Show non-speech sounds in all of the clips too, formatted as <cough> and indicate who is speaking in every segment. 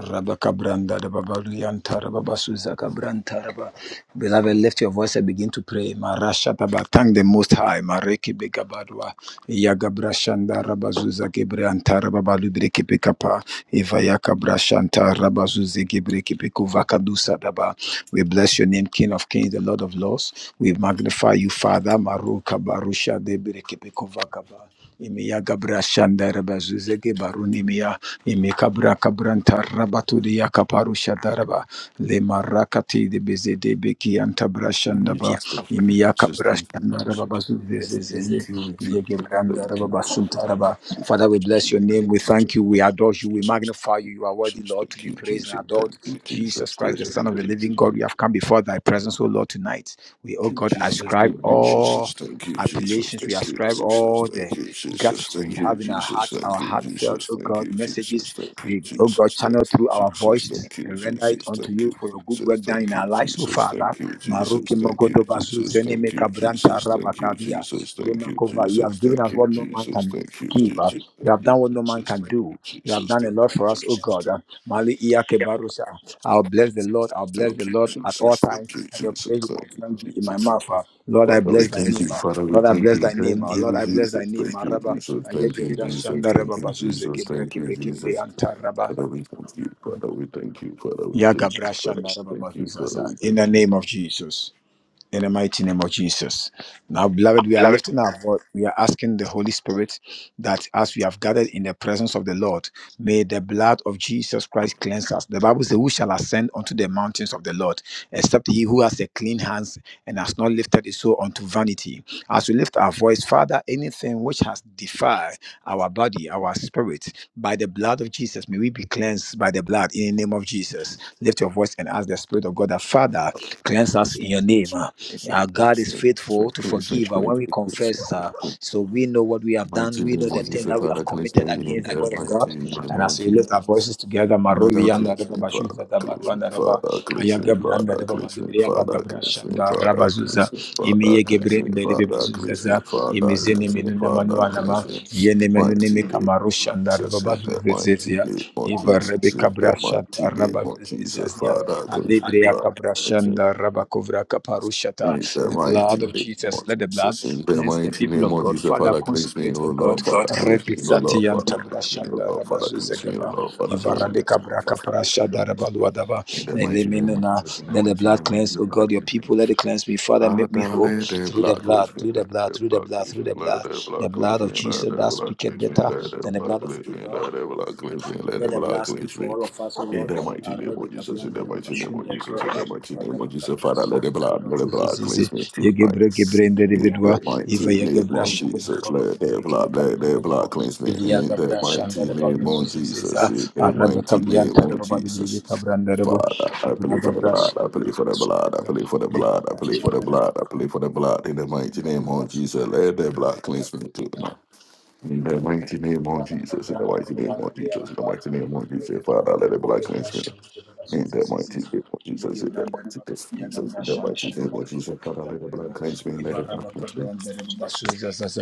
Speaker 1: Rabakabranda Rababarianta Rababasuza Kabranta Rabba. Beloved, lift your voice and begin to pray. Marasha Taba, thank the Most High. Mareki Begabadwa, Yagabrashanda Rabazuza Gibranta Rababalubreki Pekapa, Ivayaka Brashanta Rabazuzi Gibreki Pekuvakadusa Daba. We bless your name, King of Kings, the Lord of Lords. We magnify you, Father. Maruka Barusha De Bereki Pekuvakaba. Imiya Gabrashanda Rabazuze Gibarunimia. Imekabra kabranta rabaturi yakaparu shadaraba. Le marakati de bezede beki
Speaker 2: Yes, thank you,
Speaker 1: antabrashandaba.
Speaker 2: Thank you,
Speaker 1: Imiyakabrashandaraba
Speaker 2: Thank you, Jesus.
Speaker 1: bazuzezezeze.
Speaker 2: Thank you,
Speaker 1: Yegebrandaraba basuntaraba. Father, we
Speaker 2: Jesus.
Speaker 1: bless your
Speaker 2: Thank
Speaker 1: name. We thank you. We adore you.
Speaker 2: you,
Speaker 1: We
Speaker 2: Jesus.
Speaker 1: magnify you. You are worthy, Lord, to
Speaker 2: Thank
Speaker 1: be
Speaker 2: you,
Speaker 1: praised
Speaker 2: Jesus.
Speaker 1: and adored.
Speaker 2: Thank you, Jesus.
Speaker 1: Jesus Christ, the Son of
Speaker 2: Thank
Speaker 1: the
Speaker 2: you, Jesus.
Speaker 1: living God, we have come before thy presence, O Lord, tonight. We, O God, ascribe all appellations. We ascribe all the gratitude we have in our hearts, our heartfelt, oh God, messages, the, oh God, channel through our voices and render it unto you for your good work done in our lives, oh Father. Maruki Mogodo Basu Zeneme Kabranta Rabakadia. Yemakova, you have given us what no man can give. uh, You have done what no man can do. You have done a lot for us. Yes, oh God. uh, Mali Iyake Barusa. I'll bless the Lord. I'll bless the Lord at all times, and your praise will continually be in my mouth. uh. Lord, I
Speaker 2: Father, we
Speaker 1: bless thy
Speaker 2: thank
Speaker 1: name.
Speaker 2: you.
Speaker 1: uh.
Speaker 2: Father, we
Speaker 1: Lord, I
Speaker 2: thank
Speaker 1: bless
Speaker 2: you.
Speaker 1: thy name.
Speaker 2: Thank
Speaker 1: uh. Lord,
Speaker 2: you,
Speaker 1: I bless
Speaker 2: Jesus.
Speaker 1: thy name.
Speaker 2: Thank you,
Speaker 1: Maraba,
Speaker 2: Jesus.
Speaker 1: Aye
Speaker 2: Thank you,
Speaker 1: Gebra
Speaker 2: Jesus.
Speaker 1: Shanda
Speaker 2: Thank
Speaker 1: Reba
Speaker 2: you,
Speaker 1: Bazuze
Speaker 2: Jesus.
Speaker 1: Gebra
Speaker 2: Thank you,
Speaker 1: Kipe Kipe
Speaker 2: Jesus.
Speaker 1: Antaraba.
Speaker 2: Father, we thank you. Father, we thank you. Father, we
Speaker 1: Ya
Speaker 2: thank you.
Speaker 1: Gabra
Speaker 2: Father, we
Speaker 1: Shanda Reba
Speaker 2: thank you. Father,
Speaker 1: Bazuzaza.
Speaker 2: we
Speaker 1: In the
Speaker 2: thank you.
Speaker 1: name of Jesus. In the mighty name of Jesus. Now, beloved, we are
Speaker 2: Beloved,
Speaker 1: lifting our voice. We are asking the Holy Spirit that as we have gathered in the presence of the Lord, may the blood of Jesus Christ cleanse us. The Bible says, Who shall ascend unto the mountains of the Lord, except he who has a clean hands and has not lifted his soul unto vanity? As we lift our voice, Father, anything which has defiled our body, our spirit, by the blood of Jesus, may we be cleansed by the blood in the name of Jesus. Lift your voice and ask the Spirit of God, that Father, cleanse us
Speaker 2: Yes,
Speaker 1: in your name.
Speaker 2: yes,
Speaker 1: uh.
Speaker 2: yes, yes,
Speaker 1: Our God
Speaker 2: yes,
Speaker 1: is
Speaker 2: yes,
Speaker 1: faithful
Speaker 2: yes,
Speaker 1: to
Speaker 2: yes. yes,
Speaker 1: forgive uh, when we
Speaker 2: yes, yes,
Speaker 1: confess. uh,
Speaker 2: yes.
Speaker 1: so we know what we
Speaker 2: The
Speaker 1: have done.
Speaker 2: mighty
Speaker 1: We know
Speaker 2: name
Speaker 1: the
Speaker 2: of
Speaker 1: things
Speaker 2: Jesus,
Speaker 1: that we have
Speaker 2: Father, cleanse me
Speaker 1: committed
Speaker 2: in
Speaker 1: against the
Speaker 2: the
Speaker 1: word of
Speaker 2: mighty
Speaker 1: God.
Speaker 2: name
Speaker 1: And as
Speaker 2: of
Speaker 1: we lift our
Speaker 2: Jesus.
Speaker 1: voices together,
Speaker 2: Father,
Speaker 1: Marovi and
Speaker 2: cleanse
Speaker 1: Reba
Speaker 2: me, Father,
Speaker 1: Bashuza,
Speaker 2: cleanse me,
Speaker 1: Baruanda Reba,
Speaker 2: Father, cleanse
Speaker 1: Ayaga
Speaker 2: me,
Speaker 1: Branda
Speaker 2: Father,
Speaker 1: Reba,
Speaker 2: cleanse me,
Speaker 1: Libria
Speaker 2: Father,
Speaker 1: Bagabra
Speaker 2: cleanse me,
Speaker 1: Shanda
Speaker 2: Father,
Speaker 1: Rabazuza,
Speaker 2: cleanse me, Father,
Speaker 1: Imiye
Speaker 2: cleanse
Speaker 1: Gebrin,
Speaker 2: me, Father,
Speaker 1: Reba
Speaker 2: cleanse me,
Speaker 1: Bazuza,
Speaker 2: Father,
Speaker 1: Imizini
Speaker 2: cleanse me,
Speaker 1: Minuna
Speaker 2: Father,
Speaker 1: Manuanama,
Speaker 2: cleanse me.
Speaker 1: Yene
Speaker 2: Mighty
Speaker 1: Menunimi
Speaker 2: name,
Speaker 1: Kamaru Shanda Reba
Speaker 2: Jesus, in the
Speaker 1: Bazuza,
Speaker 2: mighty
Speaker 1: Zezia,
Speaker 2: name of
Speaker 1: Eva
Speaker 2: Jesus, in the
Speaker 1: Rebecca
Speaker 2: mighty
Speaker 1: shanta
Speaker 2: name
Speaker 1: raba
Speaker 2: of Jesus,
Speaker 1: zazia
Speaker 2: Father, cleanse me,
Speaker 1: alebrea
Speaker 2: Father,
Speaker 1: kabra
Speaker 2: cleanse me.
Speaker 1: shanda raba kovra kaparushata.
Speaker 2: In the
Speaker 1: The
Speaker 2: mighty
Speaker 1: blood of
Speaker 2: name
Speaker 1: Jesus,
Speaker 2: of
Speaker 1: let the blood
Speaker 2: Jesus, in the
Speaker 1: cleanse the
Speaker 2: mighty
Speaker 1: people
Speaker 2: name
Speaker 1: of
Speaker 2: of
Speaker 1: God.
Speaker 2: Jesus,
Speaker 1: Father,
Speaker 2: Father, cleanse me,
Speaker 1: consecrate
Speaker 2: O
Speaker 1: O God.
Speaker 2: Lord, Father, cleanse me, O
Speaker 1: Repisati
Speaker 2: Lord, Father,
Speaker 1: yanta
Speaker 2: cleanse me, O
Speaker 1: brashanda
Speaker 2: Lord,
Speaker 1: raba
Speaker 2: Father, cleanse me, O
Speaker 1: zuzegaba
Speaker 2: Lord, Father,
Speaker 1: ivarabe kabra
Speaker 2: cleanse me.
Speaker 1: kaprashada raba luadaba
Speaker 2: In the mighty name of
Speaker 1: elemenona.
Speaker 2: Jesus, in the
Speaker 1: Let the
Speaker 2: mighty
Speaker 1: blood
Speaker 2: name of
Speaker 1: cleanse,
Speaker 2: Jesus,
Speaker 1: O God,
Speaker 2: blood
Speaker 1: your
Speaker 2: cleanse me.
Speaker 1: people. Let it cleanse me, Father. Make me
Speaker 2: Father,
Speaker 1: whole
Speaker 2: let the
Speaker 1: through the
Speaker 2: blood cleanse
Speaker 1: blood,
Speaker 2: me,
Speaker 1: through the
Speaker 2: let
Speaker 1: blood,
Speaker 2: the
Speaker 1: through the
Speaker 2: blood
Speaker 1: blood,
Speaker 2: cleanse
Speaker 1: through
Speaker 2: me,
Speaker 1: the
Speaker 2: let
Speaker 1: blood,
Speaker 2: the
Speaker 1: the
Speaker 2: blood cleanse
Speaker 1: blood
Speaker 2: me,
Speaker 1: of
Speaker 2: let
Speaker 1: Jesus
Speaker 2: the
Speaker 1: that
Speaker 2: blood
Speaker 1: speaketh
Speaker 2: cleanse me,
Speaker 1: better
Speaker 2: let the
Speaker 1: than the
Speaker 2: blood
Speaker 1: blood of
Speaker 2: cleanse me,
Speaker 1: Abel.
Speaker 2: let the blood cleanse me, let
Speaker 1: Let
Speaker 2: the
Speaker 1: the
Speaker 2: blood
Speaker 1: last be
Speaker 2: cleanse
Speaker 1: for
Speaker 2: me.
Speaker 1: all of us, O
Speaker 2: In
Speaker 1: Lord.
Speaker 2: the mighty
Speaker 1: Uh,
Speaker 2: name
Speaker 1: Rebbe
Speaker 2: of Jesus, in
Speaker 1: Gabian,
Speaker 2: the
Speaker 1: the Rebbe
Speaker 2: mighty name
Speaker 1: Bashun,
Speaker 2: of
Speaker 1: the Rebbe,
Speaker 2: Jesus, in the mighty
Speaker 1: uh,
Speaker 2: name of
Speaker 1: Rebbe
Speaker 2: Jesus,
Speaker 1: Kabras,
Speaker 2: Father, let the
Speaker 1: the
Speaker 2: blood,
Speaker 1: Rebbe
Speaker 2: let the
Speaker 1: Zuzi,
Speaker 2: blood
Speaker 1: Zizi,
Speaker 2: cleanse me tonight.
Speaker 1: Yegebre, Gebre, and the
Speaker 2: In
Speaker 1: Rebbe Dwa,
Speaker 2: the
Speaker 1: Eva
Speaker 2: mighty name of
Speaker 1: Yegebrash, and the
Speaker 2: Jesus,
Speaker 1: Rebbe
Speaker 2: let the
Speaker 1: Bazigre, Kebe
Speaker 2: blood, let
Speaker 1: Kabra, and
Speaker 2: the
Speaker 1: the Rebbe,
Speaker 2: blood cleanse me.
Speaker 1: Eva
Speaker 2: In the
Speaker 1: Yegebrash, and the
Speaker 2: mighty name
Speaker 1: Rebbe
Speaker 2: of
Speaker 1: Zuzi,
Speaker 2: Jesus, in
Speaker 1: Ziza, uh,
Speaker 2: the
Speaker 1: Rebbe
Speaker 2: mighty
Speaker 1: Kabian,
Speaker 2: name
Speaker 1: the
Speaker 2: of
Speaker 1: Rebbe Bazigre,
Speaker 2: Jesus.
Speaker 1: Kabra, and the Rebbe,
Speaker 2: Father, I
Speaker 1: Eva
Speaker 2: plead for the
Speaker 1: Yegebrash,
Speaker 2: blood, I
Speaker 1: and the
Speaker 2: plead for
Speaker 1: Rebbe
Speaker 2: the
Speaker 1: Zuzi,
Speaker 2: blood, I
Speaker 1: Ziza,
Speaker 2: plead for the blood, I plead
Speaker 1: Yegebrash,
Speaker 2: for
Speaker 1: and
Speaker 2: the
Speaker 1: the Rebbe Zuzi,
Speaker 2: blood, I plead for the blood. In the mighty
Speaker 1: and the
Speaker 2: name
Speaker 1: Rebbe
Speaker 2: of
Speaker 1: Bashu,
Speaker 2: Jesus, let the blood
Speaker 1: the
Speaker 2: cleanse me tonight.
Speaker 1: Rebbe
Speaker 2: In the mighty name
Speaker 1: in
Speaker 2: of Jesus, in the
Speaker 1: the
Speaker 2: mighty name of Jesus, in the mighty name of Jesus, Father, let the blood cleanse me. In the mighty name of Jesus, in the mighty name of Jesus, in the mighty name of Jesus, Father, let the blood cleanse me, let the blood cleanse me.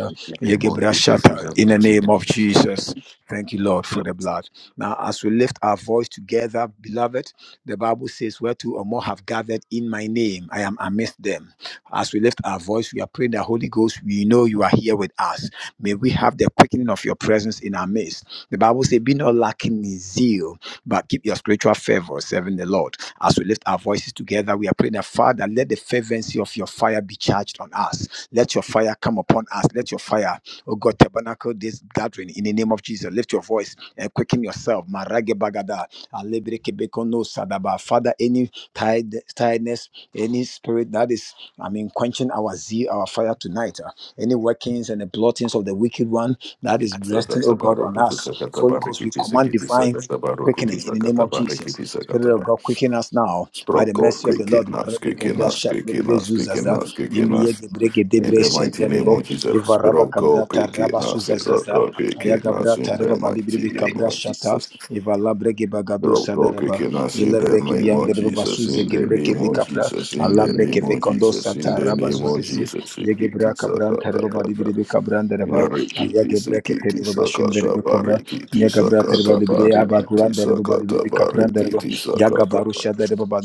Speaker 2: In the name of Jesus, in the mighty
Speaker 1: name
Speaker 2: name
Speaker 1: of
Speaker 2: of Jesus.
Speaker 1: Jesus, thank you, Lord, for the blood. Now, as we lift our voice together, beloved, the Bible says, Where two or more have gathered in my name, I am amidst them. As we lift our voice, we are praying that Holy Ghost, we know you are here with us. May we have the quickening of your presence in our midst. The Bible says, Be not lacking in zeal, but keep your spiritual fervor, serving the Lord. As we lift our voices together, we are praying that Father, let the fervency of your fire be charged on us. Let your fire come upon us. Let your fire, oh God, God, tabernacle this gathering in the name of Jesus. Lift your voice and quicken yourself. Marage bagada, alebre kebekono sadaba. Father, any tired, tiredness, any spirit that is, I mean, quenching our zeal, our fire tonight, uh, any workings and the blottings of the wicked one that is resting, oh
Speaker 2: Sakata
Speaker 1: God, on
Speaker 2: barokutu
Speaker 1: us.
Speaker 2: sakata
Speaker 1: Holy Ghost, we
Speaker 2: barikiti
Speaker 1: command
Speaker 2: sakiti
Speaker 1: divine
Speaker 2: sakata barokutu
Speaker 1: quickening in the name
Speaker 2: sakata
Speaker 1: of
Speaker 2: barikiti
Speaker 1: Jesus. Spirit of
Speaker 2: sakata
Speaker 1: God, quicken us now by
Speaker 2: Sprout
Speaker 1: the
Speaker 2: God,
Speaker 1: mercy of
Speaker 2: great
Speaker 1: the Lord.
Speaker 2: kid, not skid
Speaker 1: Rebecca
Speaker 2: kid, not
Speaker 1: Brasha,
Speaker 2: skid kid,
Speaker 1: Rebebe
Speaker 2: not skid kid,
Speaker 1: Zuzaza,
Speaker 2: not skid kid, not
Speaker 1: Imiye Gebreke
Speaker 2: in
Speaker 1: Debre
Speaker 2: the mighty name
Speaker 1: Senderebo,
Speaker 2: of Jesus.
Speaker 1: Eva
Speaker 2: Spirit
Speaker 1: Rabba
Speaker 2: of God, great
Speaker 1: Cabrata,
Speaker 2: kid,
Speaker 1: Rabba
Speaker 2: not skid rock
Speaker 1: Suzazaza,
Speaker 2: God, great kid,
Speaker 1: Ayaga
Speaker 2: not
Speaker 1: Brata,
Speaker 2: in
Speaker 1: Reba
Speaker 2: the mighty
Speaker 1: Balibribe
Speaker 2: name of
Speaker 1: Cabrashata,
Speaker 2: Jesus.
Speaker 1: Eva Labrege Bagado
Speaker 2: Spirit of God, great
Speaker 1: Sadaraba,
Speaker 2: kid, not in the
Speaker 1: breki bi
Speaker 2: name of
Speaker 1: andere baba
Speaker 2: Jesus,
Speaker 1: suze
Speaker 2: in the name of Jesus, in
Speaker 1: Allah
Speaker 2: the
Speaker 1: breki
Speaker 2: name
Speaker 1: be
Speaker 2: of
Speaker 1: kondo
Speaker 2: Jesus, in
Speaker 1: sata
Speaker 2: the
Speaker 1: raba
Speaker 2: name of
Speaker 1: suze zi
Speaker 2: Jesus. In
Speaker 1: ye ge bra
Speaker 2: Jesus, da,
Speaker 1: kabran
Speaker 2: da,
Speaker 1: tere baba di
Speaker 2: da, da.
Speaker 1: kabran dere ba aya
Speaker 2: Marikiti
Speaker 1: ge breki tere
Speaker 2: sikiti sakata
Speaker 1: kobra
Speaker 2: barikiti
Speaker 1: ye ge bra tere
Speaker 2: sakata barikiti
Speaker 1: kuran dere baba di bire
Speaker 2: sakata
Speaker 1: be kapran dere ba
Speaker 2: barikiti
Speaker 1: ya ga
Speaker 2: sakata.
Speaker 1: baru şa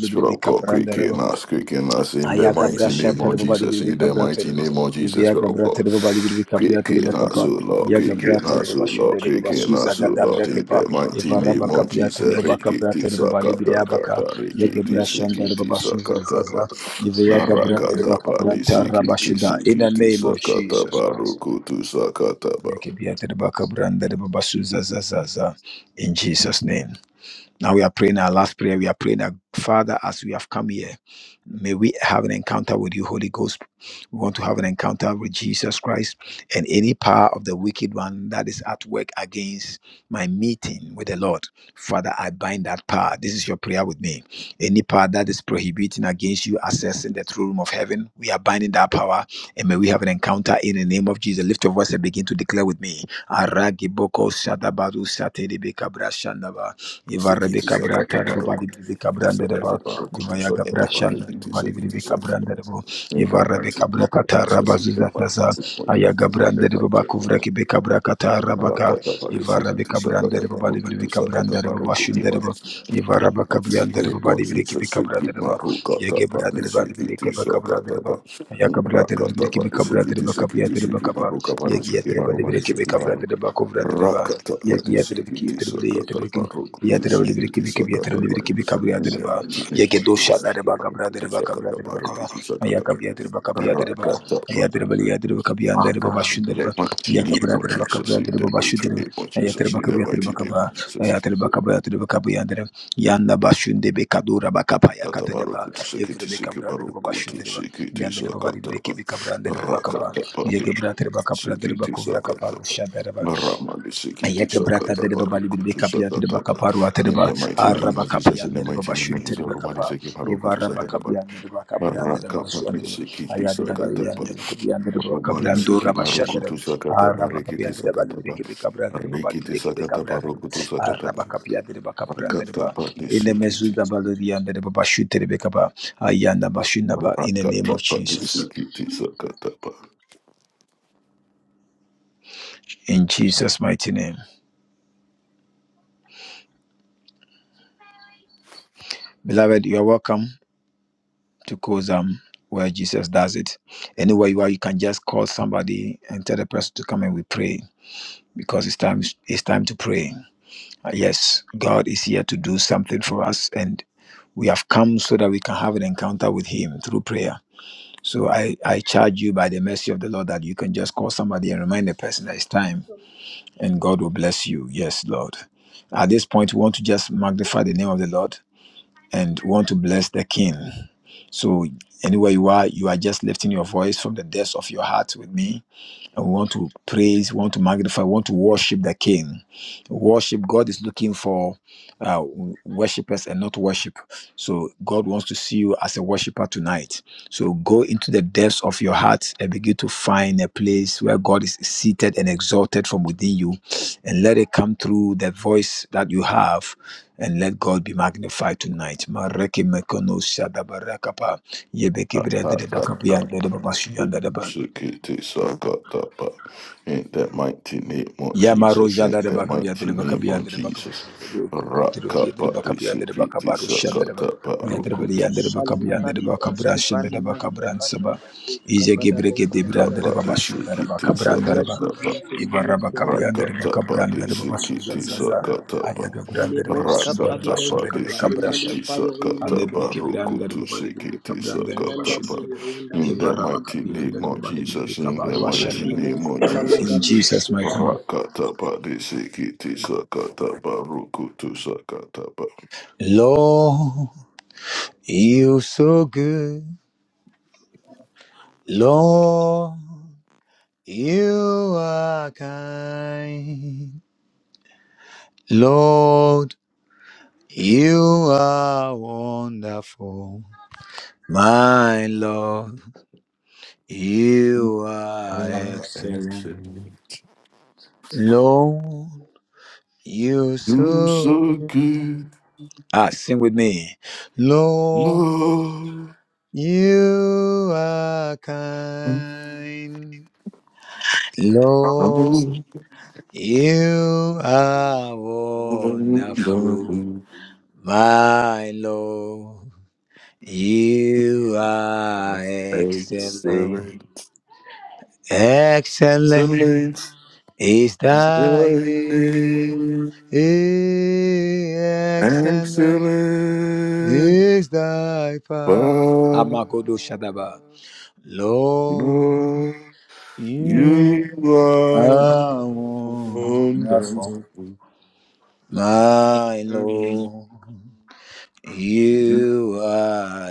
Speaker 2: Spirit of God,
Speaker 1: kapran
Speaker 2: quick
Speaker 1: dere
Speaker 2: in us, quick in us, in the
Speaker 1: Ayaga
Speaker 2: mighty
Speaker 1: brasha
Speaker 2: name of
Speaker 1: terebo bali
Speaker 2: Jesus,
Speaker 1: birbi
Speaker 2: in the
Speaker 1: kabra
Speaker 2: mighty
Speaker 1: terebo.
Speaker 2: name of Jesus,
Speaker 1: Ibiaga
Speaker 2: Spirit of
Speaker 1: bra
Speaker 2: God.
Speaker 1: terebo bali birbi kapia
Speaker 2: Quick in
Speaker 1: terebo
Speaker 2: us, O
Speaker 1: kapa.
Speaker 2: Lord,
Speaker 1: Yaga
Speaker 2: quick
Speaker 1: bra
Speaker 2: in
Speaker 1: terebo
Speaker 2: us, O
Speaker 1: bashu
Speaker 2: Lord,
Speaker 1: terebo
Speaker 2: quick in
Speaker 1: basuza
Speaker 2: us, O
Speaker 1: gada
Speaker 2: Lord,
Speaker 1: bra
Speaker 2: in
Speaker 1: kepa.
Speaker 2: the mighty
Speaker 1: Eva raba
Speaker 2: name of
Speaker 1: kapia
Speaker 2: Jesus,
Speaker 1: terebo baka bra
Speaker 2: Rikiti
Speaker 1: terebo bali biri
Speaker 2: Sakata
Speaker 1: baka
Speaker 2: Kata,
Speaker 1: Yaga
Speaker 2: Rikiti
Speaker 1: brasha terebo
Speaker 2: Sikiti
Speaker 1: basuza
Speaker 2: Sakata Ba.
Speaker 1: zaza. Ibiaga bra terebo
Speaker 2: Marakata Ba,
Speaker 1: kabra terra
Speaker 2: Nisikiti
Speaker 1: bashida. In the
Speaker 2: Sikiti
Speaker 1: name of
Speaker 2: Sakata
Speaker 1: Jesus
Speaker 2: Ba,
Speaker 1: Christ.
Speaker 2: Rukutu Sakata Ba.
Speaker 1: Yeke bia terebo kabra terebo basuza zaza. In Jesus' name. Now we are praying our last prayer. We are praying that, Father, as we have come here, may we have an encounter with you, Holy Ghost. We want to have an encounter with Jesus Christ and any power of the wicked one that is at work against my meeting with the Lord. Father, I bind that power. This is your prayer with me. Any power that is prohibiting against you accessing the throne room of heaven, we are binding that power and may we have an encounter in the name of Jesus. Lift your voice and begin to declare with me. Aragiboko shadabaru satedebekabra shandaba. Eva
Speaker 2: Sikiti
Speaker 1: Rebecca
Speaker 2: sakata
Speaker 1: Branta, the body
Speaker 2: barokutu
Speaker 1: Rebecca
Speaker 2: sikiti
Speaker 1: Branda, the
Speaker 2: sakata
Speaker 1: bar, Eva
Speaker 2: barokutu
Speaker 1: Yaga
Speaker 2: sakata
Speaker 1: Brashan, the
Speaker 2: barokutu
Speaker 1: body
Speaker 2: sikiti
Speaker 1: Rebecca
Speaker 2: sakata.
Speaker 1: Branda, the bar,
Speaker 2: In
Speaker 1: Eva
Speaker 2: the mighty
Speaker 1: Rebecca
Speaker 2: name of
Speaker 1: Bracata,
Speaker 2: Jesus, in the
Speaker 1: Rabazuza
Speaker 2: mighty
Speaker 1: Faza,
Speaker 2: name of Jesus,
Speaker 1: Ayaga
Speaker 2: in
Speaker 1: Branda,
Speaker 2: the
Speaker 1: the
Speaker 2: mighty name
Speaker 1: Babacuvra,
Speaker 2: of
Speaker 1: Rebecca Bracata,
Speaker 2: Jesus.
Speaker 1: Rabaka,
Speaker 2: Rakata bari
Speaker 1: Eva
Speaker 2: sikiti
Speaker 1: Rebecca Branda,
Speaker 2: sakata
Speaker 1: the body
Speaker 2: barokutu
Speaker 1: Rebecca
Speaker 2: sakata
Speaker 1: Branda, the Babashun, the
Speaker 2: barokutu
Speaker 1: bar, Eva Rabaka
Speaker 2: Rakata,
Speaker 1: Brianda, the body
Speaker 2: Jesus,
Speaker 1: Rebecca
Speaker 2: in
Speaker 1: Branda, the bar, Yaga Branda, the body Rebecca Branda, the bar, Ayaka Brother, Rebecca Branda, the Rebecca Branda, the Bacapia, the Bacapa, Rebecca Branda, the Bacuvra, the bar, Rebecca. Yadreba libiriki biki biyatara libiriki bika biyadreba. Yegedo şadreba kabradreba kabradreba kaba. Ayakab yadreba kab yadreba. Ayadreba li yadreba kab
Speaker 2: the mighty name of
Speaker 1: yandreba başundreba.
Speaker 2: Jesus, in
Speaker 1: Yakabradreba
Speaker 2: the
Speaker 1: kabradreba
Speaker 2: mighty name
Speaker 1: başundreba.
Speaker 2: of Jesus,
Speaker 1: Ayadreba
Speaker 2: in
Speaker 1: kab
Speaker 2: the
Speaker 1: yadreba
Speaker 2: mighty name of
Speaker 1: kaba.
Speaker 2: Jesus.
Speaker 1: Ayadreba kab yadreba kab yandreba. Yanda başunde be kadura bakapa
Speaker 2: Katabaruku
Speaker 1: yakatadeba.
Speaker 2: to Sikiti
Speaker 1: Evre be
Speaker 2: Siki
Speaker 1: kabradreba
Speaker 2: Baruku to
Speaker 1: başundreba.
Speaker 2: Sikiti
Speaker 1: Yandreba
Speaker 2: Sakataba
Speaker 1: libiriki bika brandreba bakaba.
Speaker 2: Rakataba
Speaker 1: Yegebradreba kabradreba
Speaker 2: Sikiti
Speaker 1: kuvra kapar
Speaker 2: Sakataba
Speaker 1: şadreba.
Speaker 2: Ramadi Sikiti
Speaker 1: Ayeke braka de de
Speaker 2: Sakataba
Speaker 1: baba
Speaker 2: Ruku
Speaker 1: libi
Speaker 2: to
Speaker 1: kapia de baba
Speaker 2: Sakataba
Speaker 1: kaparu ate de
Speaker 2: In the
Speaker 1: baba
Speaker 2: mighty name
Speaker 1: araba
Speaker 2: of Jesus,
Speaker 1: kapia
Speaker 2: in the
Speaker 1: de
Speaker 2: mighty
Speaker 1: baba
Speaker 2: name of
Speaker 1: shinte
Speaker 2: Jesus,
Speaker 1: de baba
Speaker 2: Romani
Speaker 1: kapa
Speaker 2: Siki Baruku
Speaker 1: eva
Speaker 2: to
Speaker 1: araba
Speaker 2: Sakataba
Speaker 1: kapia de baba kabran de baba
Speaker 2: Rakapa
Speaker 1: suan de baba
Speaker 2: Sikiti
Speaker 1: aya de baba ya de
Speaker 2: Sakataba
Speaker 1: baba kapia de baba
Speaker 2: Romani
Speaker 1: kabran do
Speaker 2: Siki
Speaker 1: raba shan de
Speaker 2: Baruku to Sakataba
Speaker 1: araba
Speaker 2: Rikiti
Speaker 1: kapia de baba libi
Speaker 2: Sakataba
Speaker 1: kebe kabran de baba
Speaker 2: Rikiti
Speaker 1: libi kebe kabran
Speaker 2: Sakataba
Speaker 1: de
Speaker 2: Ruku to
Speaker 1: araba
Speaker 2: Sakataba
Speaker 1: kapia de baba kabran de baba
Speaker 2: Rakataba
Speaker 1: in the mezu
Speaker 2: Sikiti
Speaker 1: da baba libi ya de baba shinte de baba kapa aya na ba shinte
Speaker 2: In
Speaker 1: ba in the name of
Speaker 2: that
Speaker 1: Jesus in Jesus mighty name beloved you are welcome to cause um where Jesus does it. Anywhere you are, you can just call somebody and tell the person to come and we pray because it's time it's time to pray. Uh, Yes, God is here to do something for us and we have come so that we can have an encounter with him through prayer. So I, I charge you by the mercy of the Lord that you can just call somebody and remind the person that it's time and God will bless you. Yes, Lord. At this point, we want to just magnify the name of the Lord and want to bless the King. So, anywhere you are, you are just lifting your voice from the depths of your heart with me and we want to praise, we want to magnify, we want to worship the King. Worship, God is looking for uh, worshipers and not worship. So God wants to see you as a worshiper tonight. So go into the depths of your heart and begin to find a place where God is seated and exalted from within you and let it come through the voice that you have and let God be magnified tonight. Mareke mekono shadabarakapa, yebekebre adelebakapa, yandelebabashu, yandeleba.
Speaker 2: mighty name of
Speaker 1: Yamaro
Speaker 2: Jesus,
Speaker 1: jada
Speaker 2: in
Speaker 1: de
Speaker 2: that
Speaker 1: bakabia de
Speaker 2: mighty name
Speaker 1: bakabia
Speaker 2: of
Speaker 1: de
Speaker 2: Jesus,
Speaker 1: bakabia de
Speaker 2: Rakapati
Speaker 1: bakabia de
Speaker 2: Sikiti
Speaker 1: bakabaru shada de
Speaker 2: Sakatapa
Speaker 1: bakabia
Speaker 2: Rukutu
Speaker 1: de bakabia de bakabia de
Speaker 3: Shalalabadi
Speaker 1: bakabra
Speaker 3: broski
Speaker 1: shada
Speaker 3: pani
Speaker 1: de
Speaker 3: mazia
Speaker 1: bakabran
Speaker 3: pani
Speaker 1: saba
Speaker 3: meya broska
Speaker 1: ize
Speaker 3: pada
Speaker 1: gebreke de
Speaker 3: broska
Speaker 1: brand
Speaker 3: dada
Speaker 1: de
Speaker 3: baha.
Speaker 2: Katapati
Speaker 1: babashu de
Speaker 3: We
Speaker 1: bakabran de
Speaker 3: bless
Speaker 1: ba
Speaker 3: you,
Speaker 2: Sikiti
Speaker 3: Jesus. We
Speaker 1: ibara
Speaker 3: lift your name
Speaker 1: bakabia de
Speaker 3: in high.
Speaker 1: bakabran de
Speaker 3: Broski
Speaker 1: babashu
Speaker 3: badi
Speaker 1: zaza
Speaker 3: briyanta.
Speaker 2: Rakatapatisikitisa-katapa.
Speaker 1: ayaga brand
Speaker 3: Kole
Speaker 1: de
Speaker 3: broska
Speaker 1: babashu de
Speaker 3: pani
Speaker 1: babashu de
Speaker 3: broska pa. We
Speaker 1: bakabrasha
Speaker 3: magnify your holy name
Speaker 1: Alebre ke
Speaker 3: greatly.
Speaker 1: branda de baba libre be ka
Speaker 3: You
Speaker 1: branda de
Speaker 3: are
Speaker 1: baba shunda
Speaker 3: wonderful,
Speaker 1: de
Speaker 2: Rakatapatisikitisa-katapa-rukutusikitisa-katapa.
Speaker 3: you
Speaker 1: baba.
Speaker 3: are
Speaker 1: E
Speaker 2: In
Speaker 3: wonderful,
Speaker 2: the
Speaker 3: you are
Speaker 1: varra baka
Speaker 2: mighty
Speaker 3: wonderful, you
Speaker 1: branda
Speaker 2: name
Speaker 3: are
Speaker 1: de
Speaker 2: of
Speaker 1: baba
Speaker 3: wonderful.
Speaker 1: libre be
Speaker 2: Jesus,
Speaker 1: ka
Speaker 2: in the
Speaker 1: baru asha
Speaker 2: mighty
Speaker 3: Mandi
Speaker 1: de
Speaker 3: mo
Speaker 1: baba.
Speaker 2: name of
Speaker 1: In
Speaker 2: Jesus.
Speaker 3: shalalagadu
Speaker 1: Jesus
Speaker 3: skuda.
Speaker 1: mighty name.
Speaker 2: Rakatapati Sikiti sakatapa, rukutu sakatapa.
Speaker 1: Lord, you so good. Lord, you are kind. Lord, you are wonderful. My Lord, you are excellent. Lord, you
Speaker 2: You're
Speaker 1: so
Speaker 2: so
Speaker 1: good.
Speaker 2: good,
Speaker 1: Ah, sing with me. Lord,
Speaker 2: Lord.
Speaker 1: you are kind. Lord, You are wonderful, my Lord. You are
Speaker 2: Excellent. Excellent.
Speaker 1: excellent. Excellent
Speaker 2: Excellent.
Speaker 1: is thy name. Eh, Excellent
Speaker 2: Excellent.
Speaker 1: is thy power.
Speaker 2: But
Speaker 1: Amagodo Shadaba. Lord,
Speaker 2: Lord,
Speaker 1: you
Speaker 2: you are
Speaker 1: are wonderful,
Speaker 2: wonderful.
Speaker 1: my
Speaker 2: You
Speaker 1: Lord. You are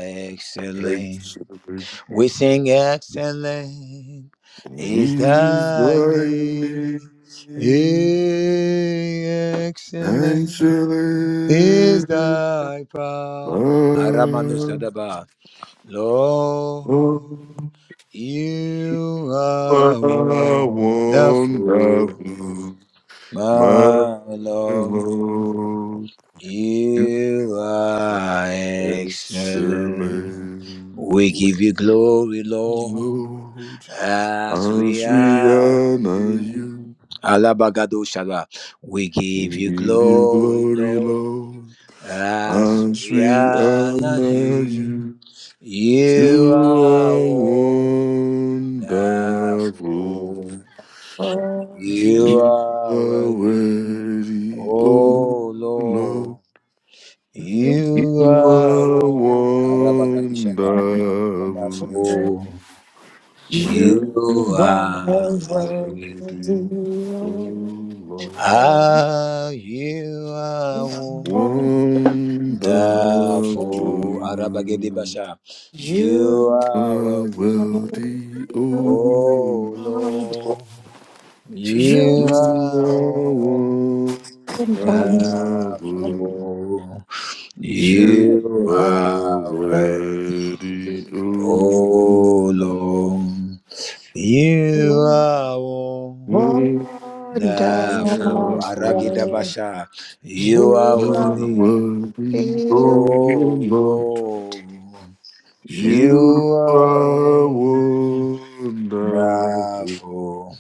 Speaker 2: are
Speaker 1: excellent.
Speaker 2: excellent.
Speaker 1: We sing excellent is
Speaker 2: He's
Speaker 1: thy
Speaker 2: thy
Speaker 1: name.
Speaker 2: name.
Speaker 1: Excellent is
Speaker 2: Excellent.
Speaker 1: thy power. Aramanu Sadaba. Lord,
Speaker 2: But
Speaker 1: you are
Speaker 2: How
Speaker 1: wonderful,
Speaker 2: wonderful, my
Speaker 1: my Lord.
Speaker 2: Lord, you
Speaker 1: You
Speaker 2: are
Speaker 1: are excellent.
Speaker 2: excellent.
Speaker 1: We give you glory, Lord,
Speaker 2: Lord,
Speaker 1: as we
Speaker 2: as we
Speaker 1: honor
Speaker 2: honor
Speaker 1: you.
Speaker 2: you,
Speaker 1: Alabagadoshala. We give
Speaker 2: we
Speaker 1: you
Speaker 2: give you
Speaker 1: glory,
Speaker 2: glory,
Speaker 1: Lord,
Speaker 2: Lord.
Speaker 1: as
Speaker 2: As
Speaker 1: we
Speaker 2: we
Speaker 1: honor
Speaker 2: honor
Speaker 1: you.
Speaker 2: you,
Speaker 1: You
Speaker 2: you are
Speaker 1: are
Speaker 2: wonderful.
Speaker 1: wonderful.
Speaker 4: Oh,
Speaker 1: You
Speaker 2: You
Speaker 1: are
Speaker 2: are
Speaker 1: worthy,
Speaker 2: worthy, oh
Speaker 1: oh
Speaker 2: Lord.
Speaker 1: Lord.
Speaker 4: you
Speaker 2: You
Speaker 1: You are
Speaker 2: are
Speaker 1: wonderful.
Speaker 2: wonderful.
Speaker 1: Arabagadishaba.
Speaker 4: are
Speaker 1: Wonderful. You
Speaker 2: You are
Speaker 1: are
Speaker 4: worthy.
Speaker 1: worthy.
Speaker 4: Oh, God, so
Speaker 2: worthy, oh
Speaker 4: You are
Speaker 2: Lord.
Speaker 4: worthy.
Speaker 1: Ah, you are
Speaker 5: Amen.
Speaker 4: Lord.
Speaker 2: Wonderful.
Speaker 1: wonderful. Arabagede Basha.
Speaker 4: You
Speaker 1: You
Speaker 4: can
Speaker 5: Amen.
Speaker 2: You
Speaker 1: are
Speaker 2: are
Speaker 1: worthy.
Speaker 4: come,
Speaker 2: worthy,
Speaker 4: you
Speaker 2: oh
Speaker 1: Oh Lord. You are
Speaker 2: Lord. You are wonderful.
Speaker 1: wonderful.
Speaker 2: You
Speaker 1: You
Speaker 2: are
Speaker 4: are
Speaker 1: are worthy.
Speaker 2: already own
Speaker 1: Oh Lord. You are wonderful. Nah, for Aragida
Speaker 4: wonderful.
Speaker 1: Basha, you
Speaker 2: You
Speaker 1: are
Speaker 4: You
Speaker 2: are
Speaker 1: worthy.
Speaker 2: worthy, O
Speaker 1: Oh
Speaker 2: Lord.
Speaker 1: Lord,
Speaker 2: You
Speaker 1: you
Speaker 2: are
Speaker 1: are nah,
Speaker 2: wonderful.
Speaker 1: for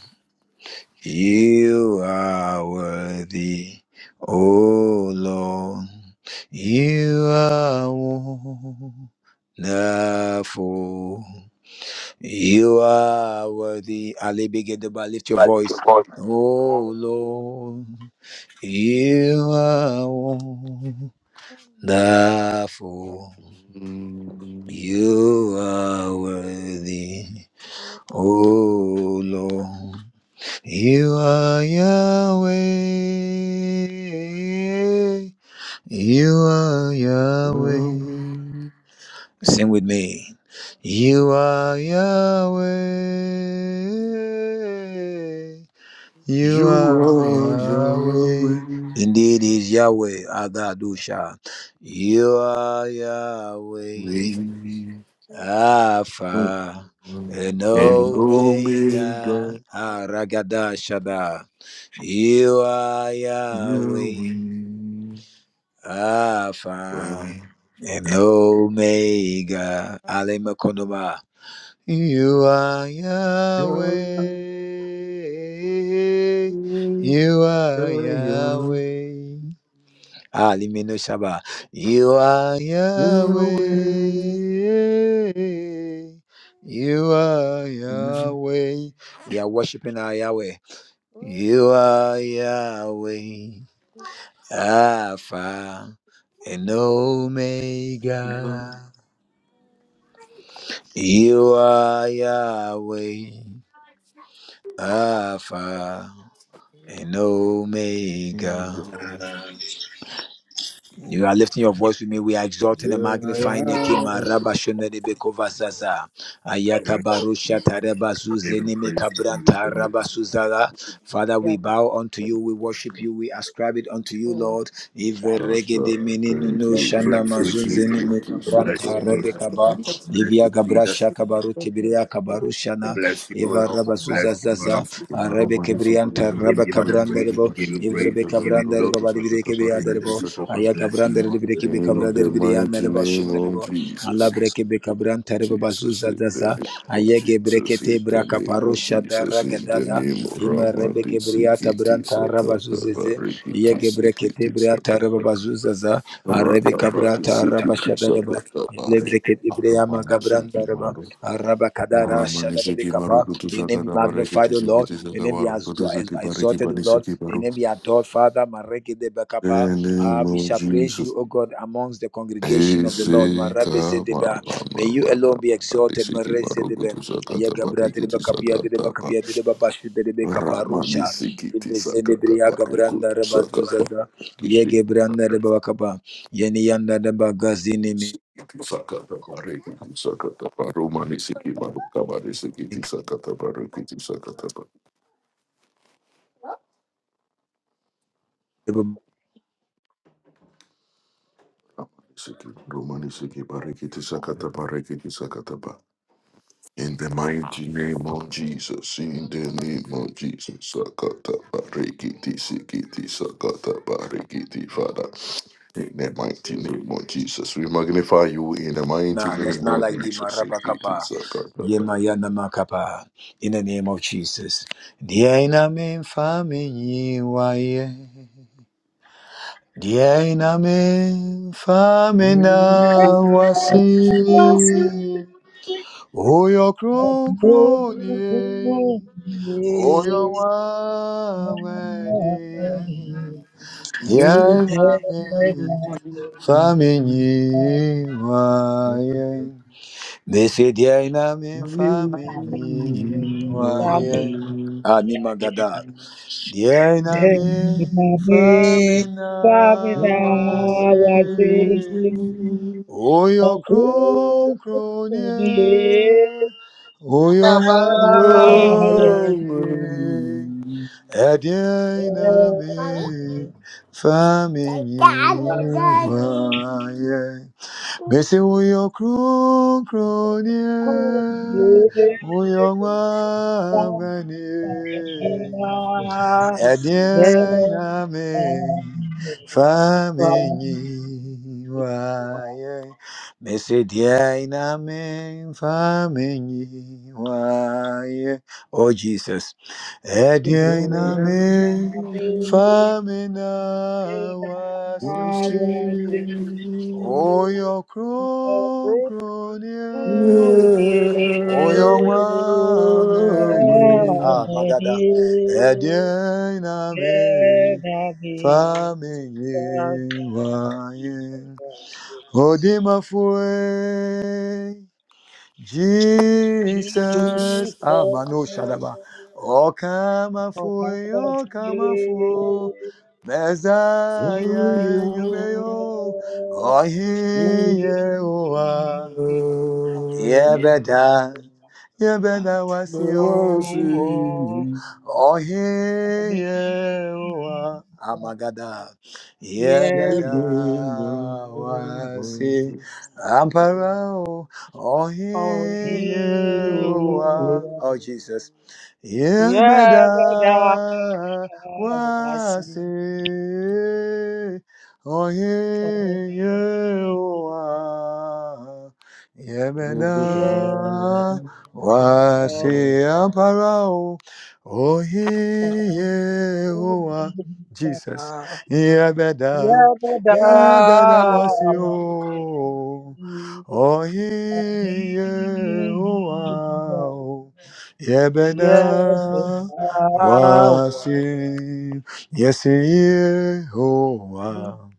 Speaker 1: you are worthy. Oh Lord, you are nah, for you are worthy. Ali begin to lift your voice.
Speaker 4: are
Speaker 1: Oh
Speaker 4: worthy.
Speaker 1: Lord. You are
Speaker 4: God
Speaker 1: wonderful. You are worthy. Oh Lord. You are Yahweh. You are Yahweh.
Speaker 2: Yahweh,
Speaker 1: Sing with me. You are Yahweh. You
Speaker 2: you
Speaker 1: are
Speaker 2: are
Speaker 1: Yahweh.
Speaker 2: Yahweh.
Speaker 1: Indeed is Yahweh Adadusha.
Speaker 4: will
Speaker 1: You are Yahweh
Speaker 2: me,
Speaker 4: be
Speaker 1: Alpha and
Speaker 2: And
Speaker 1: Omega
Speaker 2: Omega.
Speaker 1: Aragadashada. You are
Speaker 2: You
Speaker 1: Yahweh
Speaker 2: will
Speaker 1: Alpha
Speaker 2: really
Speaker 1: and Omega Alemakonoma. You are Yahweh.
Speaker 2: go. You
Speaker 1: You are Yahweh. Alimino Shaba. You are Yahweh. You are Yahweh. We are worshiping our Yahweh.
Speaker 4: for
Speaker 1: You are Yahweh. Alpha and Omega. You are Yahweh. Alpha
Speaker 4: you.
Speaker 1: and Omega.
Speaker 6: Bless
Speaker 2: will
Speaker 6: you,
Speaker 1: You are lifting your voice with me. We are
Speaker 6: give
Speaker 1: exalting and magnifying the King. Maraba shonda de bekova zaza. Ayaka barusha tareba zuze
Speaker 6: you
Speaker 1: nimi
Speaker 6: praise, give you
Speaker 1: kabranta
Speaker 6: glory.
Speaker 1: raba
Speaker 4: And
Speaker 1: suzala. Father,
Speaker 4: we are
Speaker 1: we bow unto you.
Speaker 4: grateful
Speaker 1: We worship you. We ascribe it unto you,
Speaker 4: for
Speaker 1: Lord. Ive
Speaker 2: go.
Speaker 4: that
Speaker 1: rege de mini
Speaker 2: Thank
Speaker 1: nuno
Speaker 2: you,
Speaker 1: shana
Speaker 6: Bless you,
Speaker 4: everything
Speaker 2: Jesus.
Speaker 6: Jesus.
Speaker 1: mazunze
Speaker 2: Thank you,
Speaker 1: nimi
Speaker 2: Jesus.
Speaker 4: that
Speaker 6: Bless
Speaker 4: bless
Speaker 1: kabranta
Speaker 4: you
Speaker 6: you,
Speaker 4: and
Speaker 1: rebe
Speaker 4: that
Speaker 2: Tata.
Speaker 6: Jesus.
Speaker 4: you
Speaker 1: kaba.
Speaker 4: protect us
Speaker 6: Bless
Speaker 4: in
Speaker 1: Ivia
Speaker 6: you,
Speaker 4: this
Speaker 1: gabra
Speaker 6: Jesus.
Speaker 1: shaka
Speaker 4: children of him.
Speaker 1: tibiria
Speaker 4: Thank
Speaker 1: kabaru
Speaker 4: you.
Speaker 1: shana.
Speaker 6: Bless you, O
Speaker 1: Iva
Speaker 6: Lord.
Speaker 1: raba zuza
Speaker 6: Bless you, O
Speaker 2: It
Speaker 1: zaza.
Speaker 6: Lord.
Speaker 2: is the narrow
Speaker 1: Arabe
Speaker 2: one is the
Speaker 1: Kebrianta,
Speaker 2: window,
Speaker 6: We
Speaker 2: the
Speaker 1: Rabba
Speaker 6: give you all the
Speaker 2: one is the
Speaker 6: praise. We
Speaker 1: Cabranderebo,
Speaker 6: give you
Speaker 2: barricade, the
Speaker 6: praise.
Speaker 1: Evrebe
Speaker 6: We
Speaker 2: Sakata
Speaker 6: give you
Speaker 2: Barodo,
Speaker 1: Cabranderebo,
Speaker 2: the
Speaker 6: glory.
Speaker 1: Badibre
Speaker 2: Sakata Barricade, the
Speaker 6: Bless
Speaker 1: Kebriaderebo,
Speaker 6: you, Lord.
Speaker 2: Sakata.
Speaker 1: Aya
Speaker 6: Bless you,
Speaker 1: Cabrander,
Speaker 6: Lord.
Speaker 1: Libreki
Speaker 6: Bless you,
Speaker 2: In
Speaker 6: Lord.
Speaker 1: Becabrader,
Speaker 2: the mighty
Speaker 1: Brianerebo,
Speaker 2: name of
Speaker 1: Shenderebo, Allah
Speaker 2: Jesus. In
Speaker 1: Breke
Speaker 2: the
Speaker 1: Becabranterebo, Bazuza Daza,
Speaker 2: name of
Speaker 1: Ayege
Speaker 2: Jesus.
Speaker 1: Brekete,
Speaker 2: In the
Speaker 1: Braca
Speaker 2: name of
Speaker 1: Parosha,
Speaker 2: Jesus. In the name of Jesus. In the
Speaker 1: Daragadada,
Speaker 2: name of
Speaker 1: Ima Rebe
Speaker 2: Ramadi
Speaker 1: Kebriata,
Speaker 2: Sikiti
Speaker 1: Branta,
Speaker 2: Sakata
Speaker 1: Rabazuzeze,
Speaker 2: Barikiti
Speaker 1: Yege
Speaker 2: Sikiti
Speaker 1: Brekete, Briata,
Speaker 2: Sakata.
Speaker 1: Rabazuzaza, Arabe
Speaker 2: Rakapati
Speaker 1: Cabrata,
Speaker 2: Sikiti
Speaker 1: Rabashadareba,
Speaker 2: Sakata Bari.
Speaker 1: Lebrekete, Breama
Speaker 2: Arumani
Speaker 1: Gabrandereba,
Speaker 2: Sikimaru.
Speaker 1: Araba Kadara,
Speaker 2: Ramani
Speaker 1: Shadarebe
Speaker 2: Sikimaru
Speaker 1: Capa,
Speaker 2: Kutu
Speaker 1: your name be
Speaker 2: Sakata
Speaker 1: magnified,
Speaker 2: Barikiti
Speaker 1: O Lord.
Speaker 2: Sikiti
Speaker 1: Your name be
Speaker 2: Sakavaru
Speaker 1: exo-
Speaker 2: Kutu
Speaker 1: ex-
Speaker 2: Sakibari
Speaker 1: exalted, O
Speaker 2: Kibani
Speaker 1: Lord. Your
Speaker 2: Sikimaru.
Speaker 1: name be adored, Father. Mareke de Bekapa.
Speaker 2: In the
Speaker 1: Ah, we
Speaker 2: name of
Speaker 1: shall praise
Speaker 2: Jesus.
Speaker 1: you, O God, amongst the congregation
Speaker 2: He
Speaker 1: of
Speaker 2: is
Speaker 1: the Lord. Marabe se
Speaker 2: my
Speaker 1: de
Speaker 2: my
Speaker 1: ba.
Speaker 2: my
Speaker 1: May
Speaker 2: my
Speaker 1: you
Speaker 2: my
Speaker 1: alone be
Speaker 2: my.
Speaker 1: exalted.
Speaker 2: Disiki
Speaker 1: Mare de be. Aya
Speaker 2: marugutusagata
Speaker 1: gabra de de de de
Speaker 2: barangkutisagata pa.
Speaker 1: de de de de
Speaker 2: Rama
Speaker 1: Bekaparusha.
Speaker 2: disiki
Speaker 1: de bre
Speaker 2: tisagata
Speaker 1: gabranda re
Speaker 2: barangkutisagata
Speaker 1: bazuzaza.
Speaker 2: pa.
Speaker 1: Ye gebranda
Speaker 2: Kishikara
Speaker 1: bakapa. Yeni yanda de bagazini
Speaker 2: kishikara tisagata barangkutisagata pa. Romani disiki barangkutisagata barangkutisagata pa. Romani disiki barangkutisagata barangkutisagata pa. In the mighty name of Jesus, in the name of Jesus, Sakata Barikiti Sikiti Sakata Barikiti Father, in the mighty name of Jesus, we magnify you in the mighty
Speaker 1: Nah, that's
Speaker 2: name
Speaker 1: not
Speaker 2: of
Speaker 1: like the
Speaker 2: Jesus, Sikiti
Speaker 1: Marabakapa.
Speaker 2: Sakata.
Speaker 1: Yema yana makapa. In the name of Jesus. Dia ina me fami waye. Dia ina me fami na wasi. Oyo kron kron ye. Oyo waweni. Dia ina me fami waye. Besediai na mefame waye
Speaker 7: Bye-bye.
Speaker 1: animagada.
Speaker 2: Barikiti.
Speaker 1: Diai na mefame na wase. Oyo kron kronie. Oyo ameni.
Speaker 2: Mommy.
Speaker 1: Ediai na
Speaker 2: Mommy,
Speaker 1: mefame
Speaker 2: say daddy, daddy.
Speaker 1: waye. Bese uyo kron kronie,
Speaker 7: Oh, you did
Speaker 1: uyo
Speaker 7: something
Speaker 1: mwamganie,
Speaker 7: I didn't
Speaker 1: edien name,
Speaker 7: know.
Speaker 1: famenyi waye. Bese dien name, famenyi waye. Oh Jesus, edye na edien
Speaker 7: You
Speaker 1: name,
Speaker 7: are busy,
Speaker 1: famina
Speaker 7: and
Speaker 2: Wanna
Speaker 7: I
Speaker 2: see you.
Speaker 7: was
Speaker 1: wasi. Oh, your crown, crown me.
Speaker 2: Mommy.
Speaker 1: Oh, your love, love me. Ah, my God, that adi na me, family,
Speaker 7: Yeah,
Speaker 1: why? Oh, they must wait.
Speaker 2: Just
Speaker 1: Jesus,
Speaker 7: Jesus, how
Speaker 1: Amano Shadaba, O Kamafui,
Speaker 7: about
Speaker 1: O
Speaker 7: you?
Speaker 1: Kamafu,
Speaker 7: Jesus, Jesus,
Speaker 2: for you.
Speaker 1: Messiah, Yumeyo, O
Speaker 7: for me,
Speaker 1: Hiyewa yɛbɛda
Speaker 7: I
Speaker 1: yɛbɛda
Speaker 2: But I
Speaker 1: wase
Speaker 7: feel I
Speaker 2: wanna see
Speaker 1: oo
Speaker 7: see
Speaker 2: you.
Speaker 1: ɔhe
Speaker 7: for me,
Speaker 1: yehowa
Speaker 7: I
Speaker 1: amagada
Speaker 7: feel
Speaker 1: yɛbɛda
Speaker 7: the
Speaker 1: wasi ampara
Speaker 7: fear.
Speaker 1: o ɔhe
Speaker 7: Only
Speaker 1: yehowa
Speaker 7: you,
Speaker 1: oh jesus يا مدى
Speaker 7: yeah, but I see
Speaker 1: واسع
Speaker 7: only you,
Speaker 1: يهوى يا
Speaker 7: yeah, but
Speaker 1: مدى
Speaker 7: I
Speaker 1: واسع براو Oh,
Speaker 7: Yeah.
Speaker 1: Yehovah, Jesus, Yabeda, Yabeda was you. Oh, Yehovah, Yebeda wasim Yehowa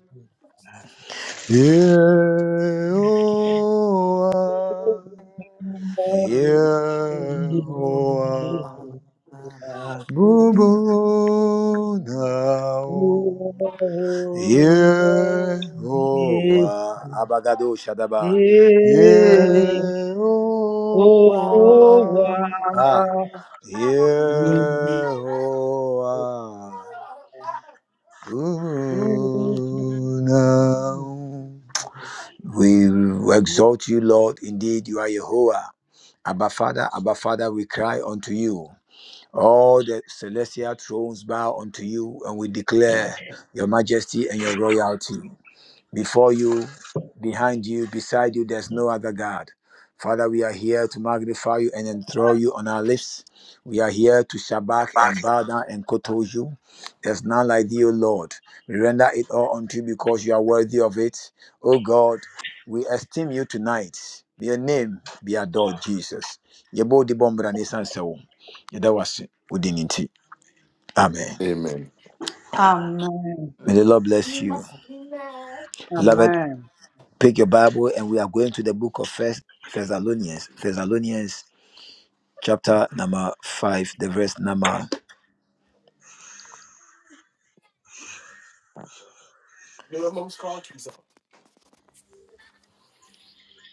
Speaker 1: Yehowa Yehowa
Speaker 4: Lord,
Speaker 1: Bubu nao
Speaker 4: you are the Lord.
Speaker 1: Yehoah, Abagado Shadaba.
Speaker 4: Jehovah.
Speaker 7: Oh,
Speaker 1: Yehoah, ah,
Speaker 7: wow.
Speaker 1: Yehoah,
Speaker 7: Amen.
Speaker 1: Unah. we exalt you, Lord. Indeed, you are Yehovah. Abba Father, Abba Father, we cry unto you. All the celestial thrones bow unto you, and we declare your majesty and your royalty. Before you, behind you, beside you, there's no other God. Father, we are here to magnify you and enthrall you on our lips. We are here to shabak and bow down and kowtow you. There's none like thee, O Lord. We render it all unto you because you are worthy of it. O God, we esteem you tonight. May Your name be adored, Jesus. Yɛbɔ di din bɔ mmara ne san sɛ wo. Amen.
Speaker 2: Amen.
Speaker 1: May the Lord bless you. Beloved,
Speaker 7: Amen.
Speaker 1: Pick your Bible, and we are going to the book of First Thessalonians. Thessalonians chapter number five, the verse number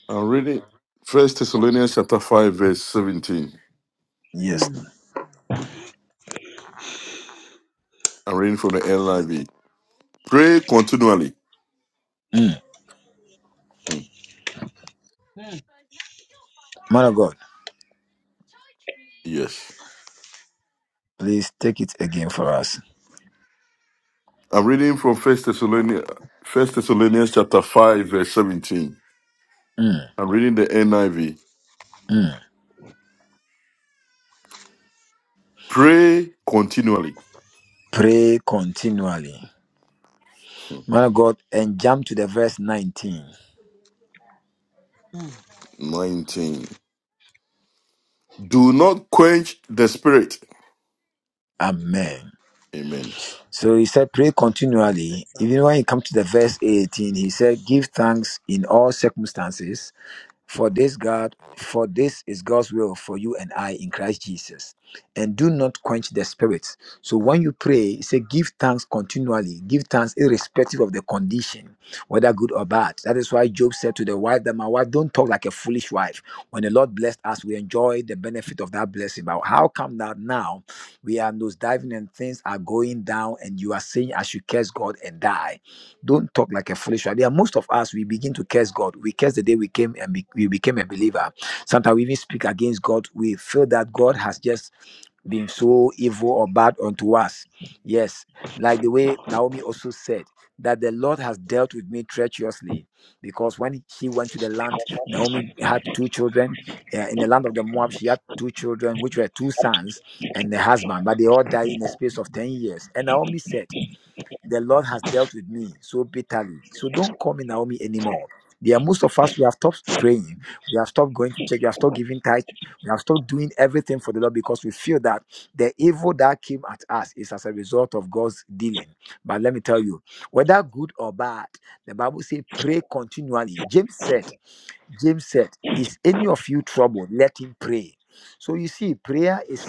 Speaker 2: I'm reading First Thessalonians chapter 5, verse 17.
Speaker 1: yes.
Speaker 7: Mm.
Speaker 2: I'm reading from the NIV. Pray continually.
Speaker 1: Mm.
Speaker 2: Hmm,
Speaker 7: Mm.
Speaker 1: Man of God,
Speaker 2: Yes.
Speaker 1: please take it again for us.
Speaker 2: I'm reading from First Thessalonians, First Thessalonians chapter five, verse seventeen. I'm reading the NIV. Pray continually.
Speaker 1: Pray continually.
Speaker 7: Mm.
Speaker 2: Nineteen. Do not quench the spirit.
Speaker 1: Amen.
Speaker 2: Amen.
Speaker 1: So he said, pray
Speaker 7: That's the
Speaker 1: continually.
Speaker 7: fact.
Speaker 1: Even when you come to the verse 18, he said, give thanks in all circumstances. For this God, for this is God's will for you and I in Christ Jesus. And do not quench the spirit. So when you pray, say give thanks continually, give thanks irrespective of the condition, whether good or bad. That is why Job said to the wife that my wife don't talk like a foolish wife. When the Lord blessed us, we enjoy the benefit of that blessing. But how come that now we are nose diving and things are going down and you are saying I should curse God and die? Don't talk like a foolish one. There are most of us, we begin to curse God. We curse the day we came and be, we became a believer. Sometimes we even speak against God. We feel that God has just been so evil or bad unto us. Yes, like the way Naomi also said that the Lord has dealt with me treacherously because when she went to the land, Naomi had two children. Uh, in the land of the Moab, she had two children, which were two sons and a husband, but they all died in the space of 10 years. And Naomi said, the Lord has dealt with me so bitterly. So don't call me Naomi anymore. There are most of us, we have stopped praying. We have stopped going to church. We have stopped giving tithe. We have stopped doing everything for the Lord because we feel that the evil that came at us is as a result of God's dealing. But let me tell you, whether good or bad, the Bible says pray continually. James said, James said, Is any of you troubled? Let him pray. So you see, prayer is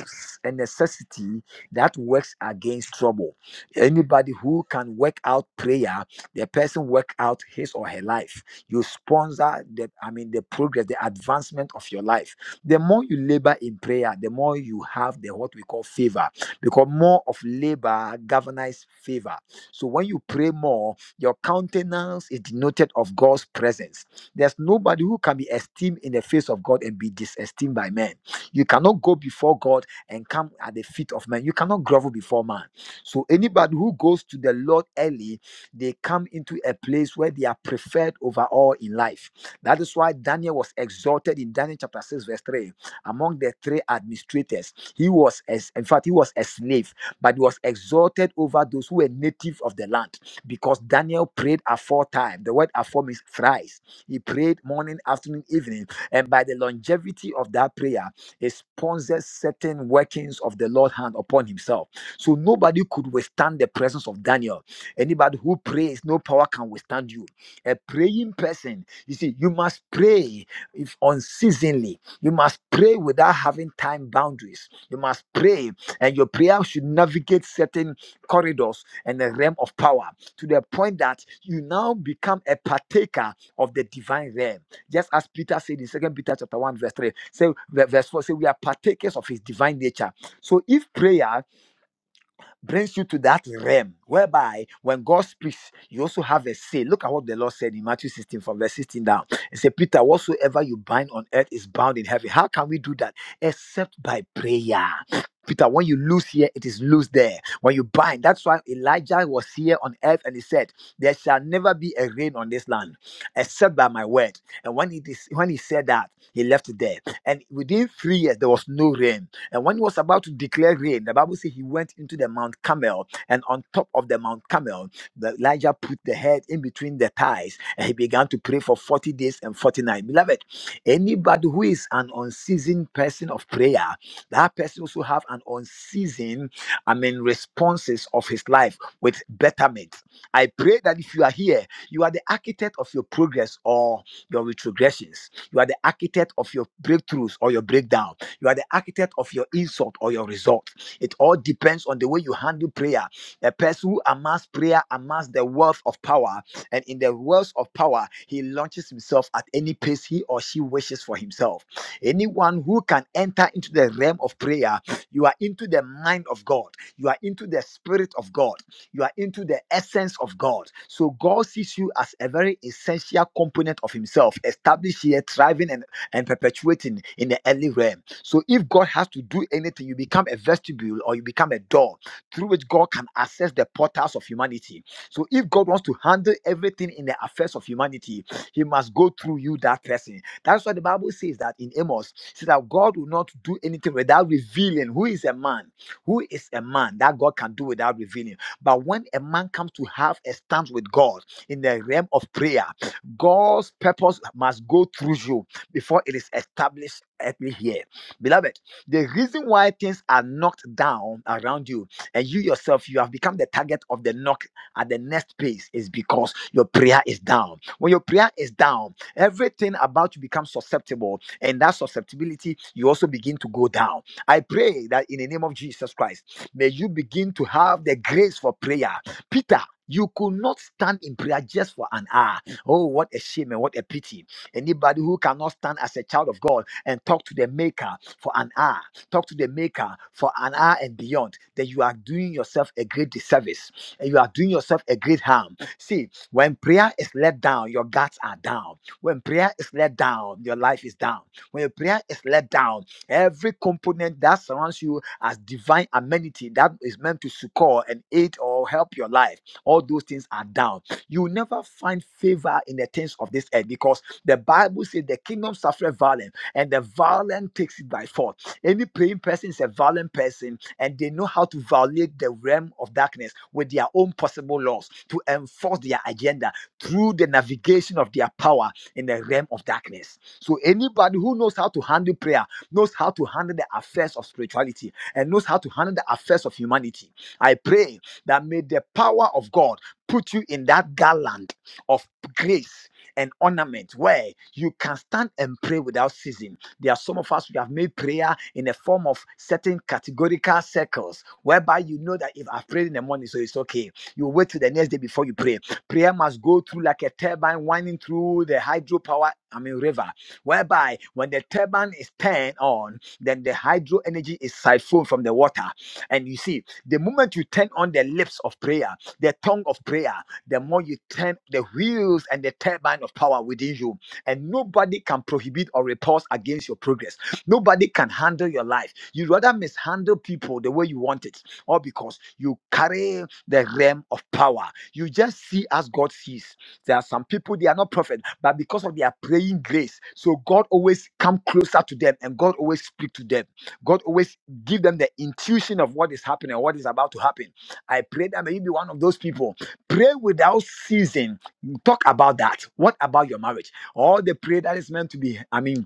Speaker 1: a necessity that works against trouble. Anybody who can work out prayer, the person work out his or her life. You sponsor the, I mean, the progress, the advancement of your life. The more you labor in prayer, the more you have the what we call favor, because more of labor governs favor. So when you pray more, your countenance is denoted of God's presence there's nobody who can be esteemed in the face of God and be disesteemed by men. You cannot go before God and come at the feet of men. You cannot grovel before man. So anybody who goes to the Lord early, they come into a place where they are preferred over all in life. That is why Daniel was exalted in Daniel chapter 6, verse 3. Among the three administrators, he was as in fact, he was a slave, but he was exalted over those who were native of the land because Daniel prayed aforetime. The word afore means thrice he prayed morning, afternoon, evening. And by the longevity of that prayer, it sponsors certain workings of the Lord's hand upon himself. So nobody could withstand the presence of Daniel. Anybody who prays, no power can withstand you. A praying person, you see, you must pray if unceasingly. You must pray without having time boundaries. You must pray, and your prayer should navigate certain corridors and the realm of power to the point that you now become a partaker of the divine realm. Just as Peter said in Second Peter chapter 1, verse 3, say verse 4, say we are partakers of his divine nature. So if prayer brings you to that realm whereby when God speaks, you also have a say. Look at what the Lord said in Matthew 16 from verse 16 down. He said, Peter, whatsoever you bind on earth is bound in heaven. How can we do that? Except by prayer. Peter, when you loose here, it is loose there. When you bind, that's why Elijah was here on earth and he said, There shall never be a rain on this land except by my word. And when he dis- when he said that, he left it there. And within three years, there was no rain and when he was about to declare rain, the Bible says he went into the Mount Camel, and on top of the Mount Camel, the Elijah put the head in between the thighs, and he began to pray for 40 days and 40 nights. Beloved, anybody who is an unseasoned person of prayer, that person also have an unseasoned, I mean, responses of his life with betterment. I pray that if you are here, you are the architect of your progress or your retrogressions. You are the architect of your breakthroughs or your breakdown. You are the architect of your insult or your result. It all depends on the way you handle prayer. A person who amass prayer amass the wealth of power, and in the wealth of power, he launches himself at any pace he or she wishes for himself. Anyone who can enter into the realm of prayer, you are into the mind of God, you are into the spirit of God, you are into the essence of God. So God sees you as a very essential component of Himself, established here, thriving and, and perpetuating in the early realm. So if God has to do anything, you become a vestibule or you become a door through which God can access the portals of humanity. So if God wants to handle everything in the affairs of humanity, he must go through you, that person. That's why the Bible says that in Amos, it says that God will not do anything without revealing who is a man, who is a man that God can do without revealing. But when a man comes to have a stance with God in the realm of prayer, God's purpose must go through you before it is established earthly here. Beloved, the reason why things are knocked down around you and you yourself, you have become the target of the knock at the next place is because your prayer is down. When your prayer is down, everything about you becomes susceptible, and that susceptibility, you also begin to go down. I pray that in the name of Jesus Christ, may you begin to have the grace for prayer. Peter, you could not stand in prayer just for an hour. Oh, what a shame and what a pity. Anybody who cannot stand as a child of God and talk to the maker for an hour, talk to the maker for an hour and beyond, then you are doing yourself a great disservice and you are doing yourself a great harm. See, when prayer is let down, your guards are down. When prayer is let down, your life is down. When your prayer is let down, every component that surrounds you as divine amenity that is meant to succor and aid or help your life, all those things are down. You will never find favor in the things of this earth because the Bible says the kingdom suffered violence and the violent takes it by force. Any praying person is a violent person, and they know how to violate the realm of darkness with their own possible laws to enforce their agenda through the navigation of their power in the realm of darkness. So, anybody who knows how to handle prayer knows how to handle the affairs of spirituality and knows how to handle the affairs of humanity. I pray that may the power of God put you in that garland of grace and ornament where you can stand and pray without ceasing. There are some of us who have made prayer in a form of certain categorical circles whereby you know that if I've prayed in the morning, so it's okay. You wait till the next day before you pray. Prayer must go through like a turbine winding through the hydropower, I mean, river, whereby when the turbine is turned on, then the hydro energy is siphoned from the water. And you see, the moment you turn on the lips of prayer, the tongue of prayer the more you turn the wheels and the turbine of power within you. And nobody can prohibit or repulse against your progress. Nobody can handle your life. You rather mishandle people the way you want it, all because you carry the realm of power. You just see as God sees. There are some people they are not prophets, but because of their praying grace, so God always come closer to them, and God always speak to them. God always give them the intuition of what is happening, or what is about to happen. I pray that may you be one of those people Pray without ceasing. Talk about that. What about your marriage? All the prayer that is meant to be, I mean,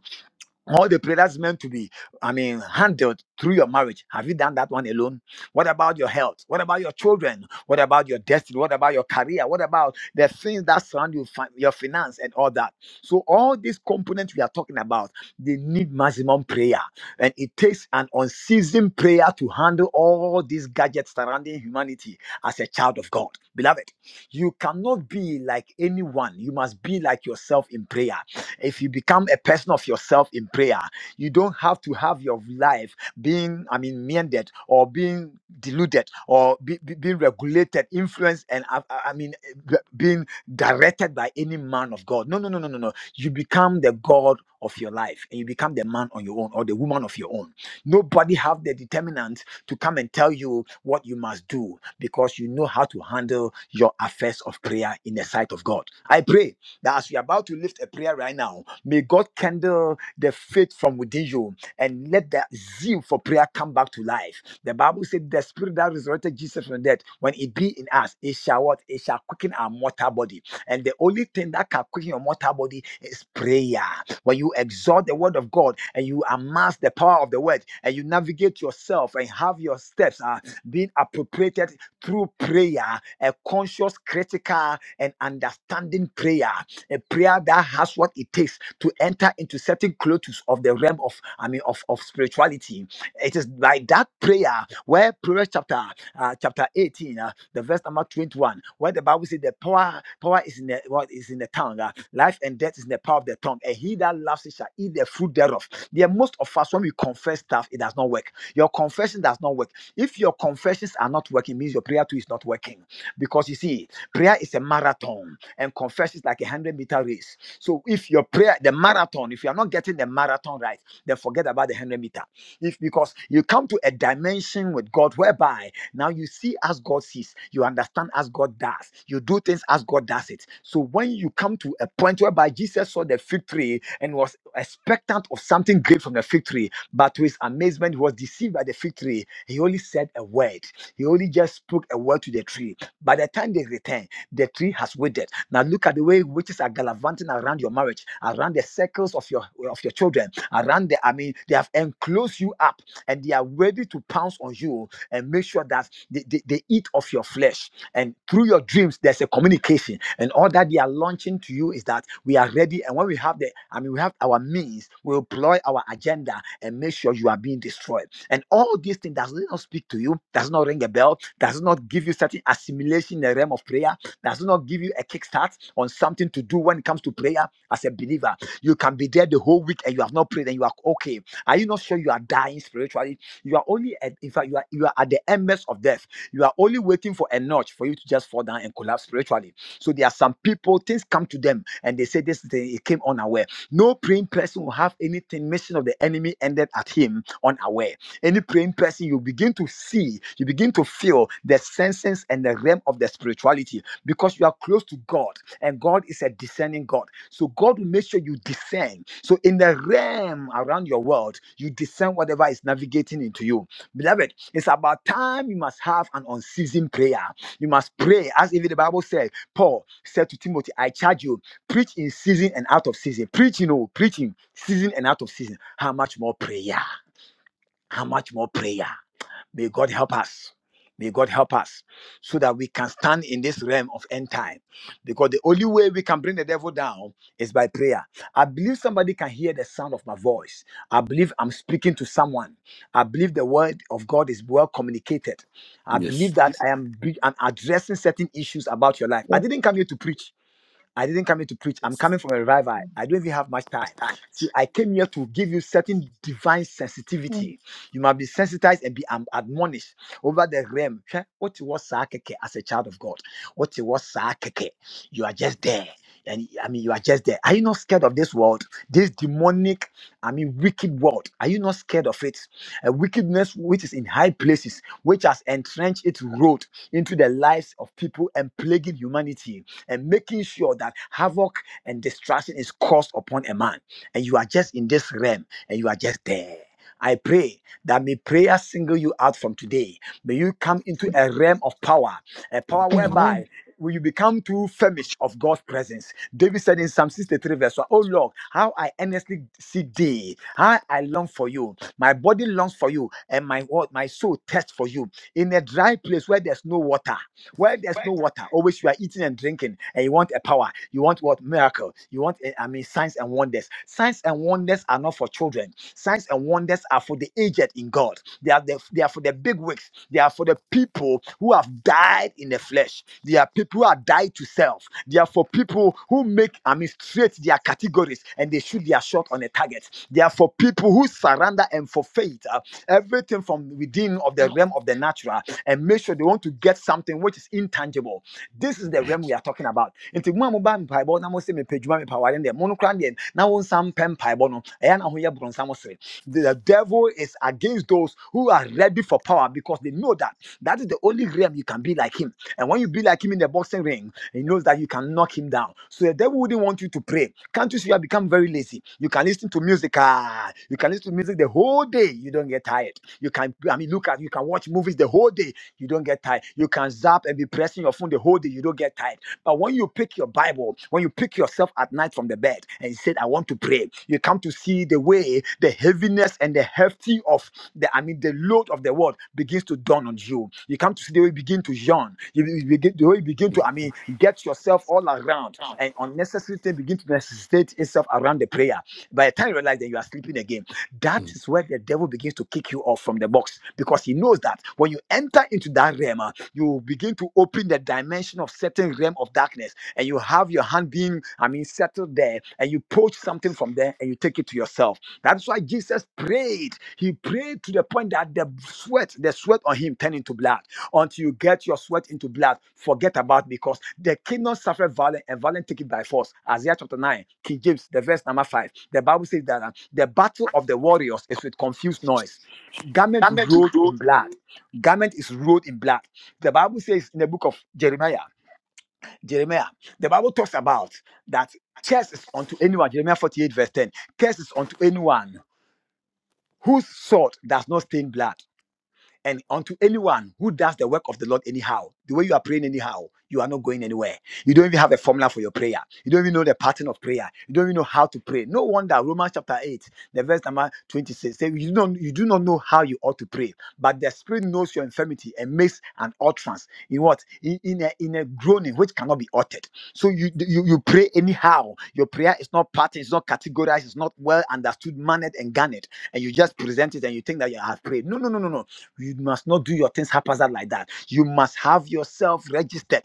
Speaker 1: all the prayer that's meant to be, I mean, handled through your marriage. Have you done that one alone? What about your health? What about your children? What about your destiny? What about your career? What about the things that surround you, fi- your finance and all that? So all these components we are talking about, they need maximum prayer, and it takes an unceasing prayer to handle all these gadgets surrounding humanity as a child of God, beloved. You cannot be like anyone. You must be like yourself in prayer. If you become a person of yourself in prayer, you don't have to have your life being, I mean, mended or being deluded or be, be- being regulated, influenced, and I, I I mean, eh, being directed by any man of God. No, no, no, no, no, no. You become the God of your life and you become the man on your own or the woman of your own. Nobody have the determinant to come and tell you what you must do because you know how to handle your affairs of prayer in the sight of God. I pray that as you're about to lift a prayer right now, may God kindle the faith from within you and let that zeal for prayer come back to life. The Bible said the spirit that resurrected Jesus from death, when it be in us, it shall what? It shall quicken our mortal body. And the only thing that can quicken your mortal body is prayer. When you exalt the word of God and you amass the power of the word and you navigate yourself and have your steps uh, being appropriated through prayer, a conscious, critical, and understanding prayer a prayer that has what it takes to enter into certain clothes of the realm of I mean of, of spirituality. It is by that prayer where Proverbs chapter uh, chapter 18, uh, the verse number 21, where the Bible says the power power is in the what is in the tongue, uh, life and death is in the power of the tongue, and he that loves it shall eat the fruit thereof. There most of us when we confess stuff, it does not work. Your confession does not work. If your confessions are not working, means your prayer too is not working. Because you see, Prayer is a marathon, and confession is like a hundred meter race. So if your prayer, the marathon, if you are not getting the marathon right, then forget about the hundred meter. If because you come to a dimension with God whereby now you see as God sees, you understand as God does, you do things as God does it. So when you come to a point whereby Jesus saw the fig tree and was expectant of something great from the fig tree, but to his amazement, he was deceived by the fig tree. He only said a word. He only just spoke a word to the tree by the time they return, the tree has withered. Now look at the way witches are gallivanting around your marriage, around the circles of your of your children, around the. I mean, they have enclosed you up, and they are ready to pounce on you and make sure that they, they, they eat of your flesh. And through your dreams, there's a communication, and all that they are launching to you is that we are ready. And when we have the, I mean, we have our means, we'll employ our agenda and make sure you are being destroyed. And all these things does not speak to you, does not ring a bell does not give you certain assimilation in the realm of prayer, does not give you a kickstart on something to do when it comes to prayer as a believer. You can be there the whole week and you have not prayed and you are okay. Are you not sure you are dying spiritually? You are only at, in fact, you are you are at the embers of death. You are only waiting for a notch for you to just fall down and collapse spiritually. So there are some people, things come to them and they say this thing it came unaware. No praying person will have anything mission of the enemy ended at him unaware any praying person, you begin to see, you begin to feel the senses and the realm of the spirituality because you are close to God and God is a discerning God. So God will make sure you discern. So in the realm around your world, you discern whatever is navigating into you. Beloved, it's about time you must have an unceasing prayer. You must pray, as even the Bible said, Paul said to Timothy, I charge you, preach in season and out of season. Preaching, oh, preaching, season and out of season. How much more prayer? How much more prayer? May God help us. May God help us so that we can stand in this realm of end time. Because the only way we can bring the devil down is by prayer. I believe somebody can hear the sound of my voice. I believe I'm speaking to someone. I believe the word of God is well communicated. I
Speaker 2: Yes.
Speaker 1: believe that I am, be- I'm addressing certain issues about your life. I
Speaker 8: Yes.
Speaker 1: didn't come here to preach. I didn't come here to preach. I'm coming from a revival. I don't even have much time. See, I came here to give you certain divine sensitivity. You must be sensitized and be um, admonished over the realm. Hwɛ, What was keke as a child of God? What was keke? You are just there. And I mean, you are just there. Are you not scared of this world? This demonic, I mean, wicked world. Are you not scared of it? A wickedness which is in high places, which has entrenched its road into the lives of people and plaguing humanity and making sure that havoc and destruction is caused upon a man. And you are just in this realm and you are just there. I pray that may prayer single you out from today. May you come into a realm of power, a power
Speaker 2: Mm,
Speaker 8: Amen.
Speaker 1: whereby will you become too famished of God's presence. David said in Psalm 63, verse 1, Oh Lord, how I earnestly seek thee, how I long for you. My body longs for you, and my what my soul thirsts for you. In a dry place where there's no water, where there's no water, always you are eating and drinking, and you want a power. You want what miracle? You want eh, I mean signs and wonders. Signs and wonders are not for children. Signs and wonders are for the aged in God. They are the, they are for the big wigs. They are for the people who have died in the flesh. They are people who are died to self. They are for people who make I mean straight their categories and they shoot their shot on a target. They are for people who surrender and forfeit uh, everything from within of the realm of the natural and make sure they want to get something which is intangible. This is the realm we are talking about. Nti mo a mo ba mpae bɔ na mo se me pejuma me paware ndɛ mo no no The devil is against those who are ready for power because they know that that is the only realm you can be like him. And when you be like him in the boxing ring, he knows that you can knock him down. So the devil wouldn't want you to pray. Can't you see you have become very lazy? You can listen to music. Ah, you can listen to music the whole day. You don't get tired. You can, I mean, look at, you can watch movies the whole day you don't get tired. You can zap and be pressing your phone the whole day, you don't get tired. But when you pick your Bible, when you pick yourself at night from the bed and you said, I want to pray, you come to see the way the heaviness and the hefty of the, I mean, the load of the world begins to dawn on you. You come to see the way you begin to yawn. You, you begin, the way you begin to, I mean, get yourself all around and unnecessary thing begin to necessitate itself around the prayer. By the time you realize that you are sleeping again, that is where the devil begins to kick you off from the box because he knows that when you enter into that realm, ah, you begin to open the dimension of certain realm of darkness and you have your hand being, I mean, settled there and you poach something from there and you take it to yourself. That's why Jesus prayed. He prayed to the point that the sweat, the sweat on him turned into blood until you get your sweat into blood. Forget about it, because the kingdom suffered violence and violence take it by force. Isaiah chapter 9, King James, the verse number 5. The Bible says that uh, the battle of the warriors is with confused noise. Garment rolled in blood. Garment is rolled in blood. The Bible says in the book of Jeremiah, Jeremiah, the Bible talks about that curse is unto anyone. Jeremiah 48, verse 10. Curse is unto anyone whose sword does not stain blood. And unto anyone who does the work of the Lord anyhow, the way you are praying anyhow, you are not going anywhere. You don't even have a formula for your prayer. You don't even know the pattern of prayer. You don't even know how to pray. No wonder Romans chapter 8, the verse number 26 says, you, don't, you do not know how you ought to pray, but the Spirit knows your infirmity and makes an utterance in what? In, in, a, in a groaning which cannot be uttered. So you, you, you pray anyhow. Your prayer is not patterned, it's not categorized, it's not well understood, mannered, and garnered. And you just present it and you think that you have prayed. No, no, no, no, no. You must not do your things haphazard like that. You must have yourself registered.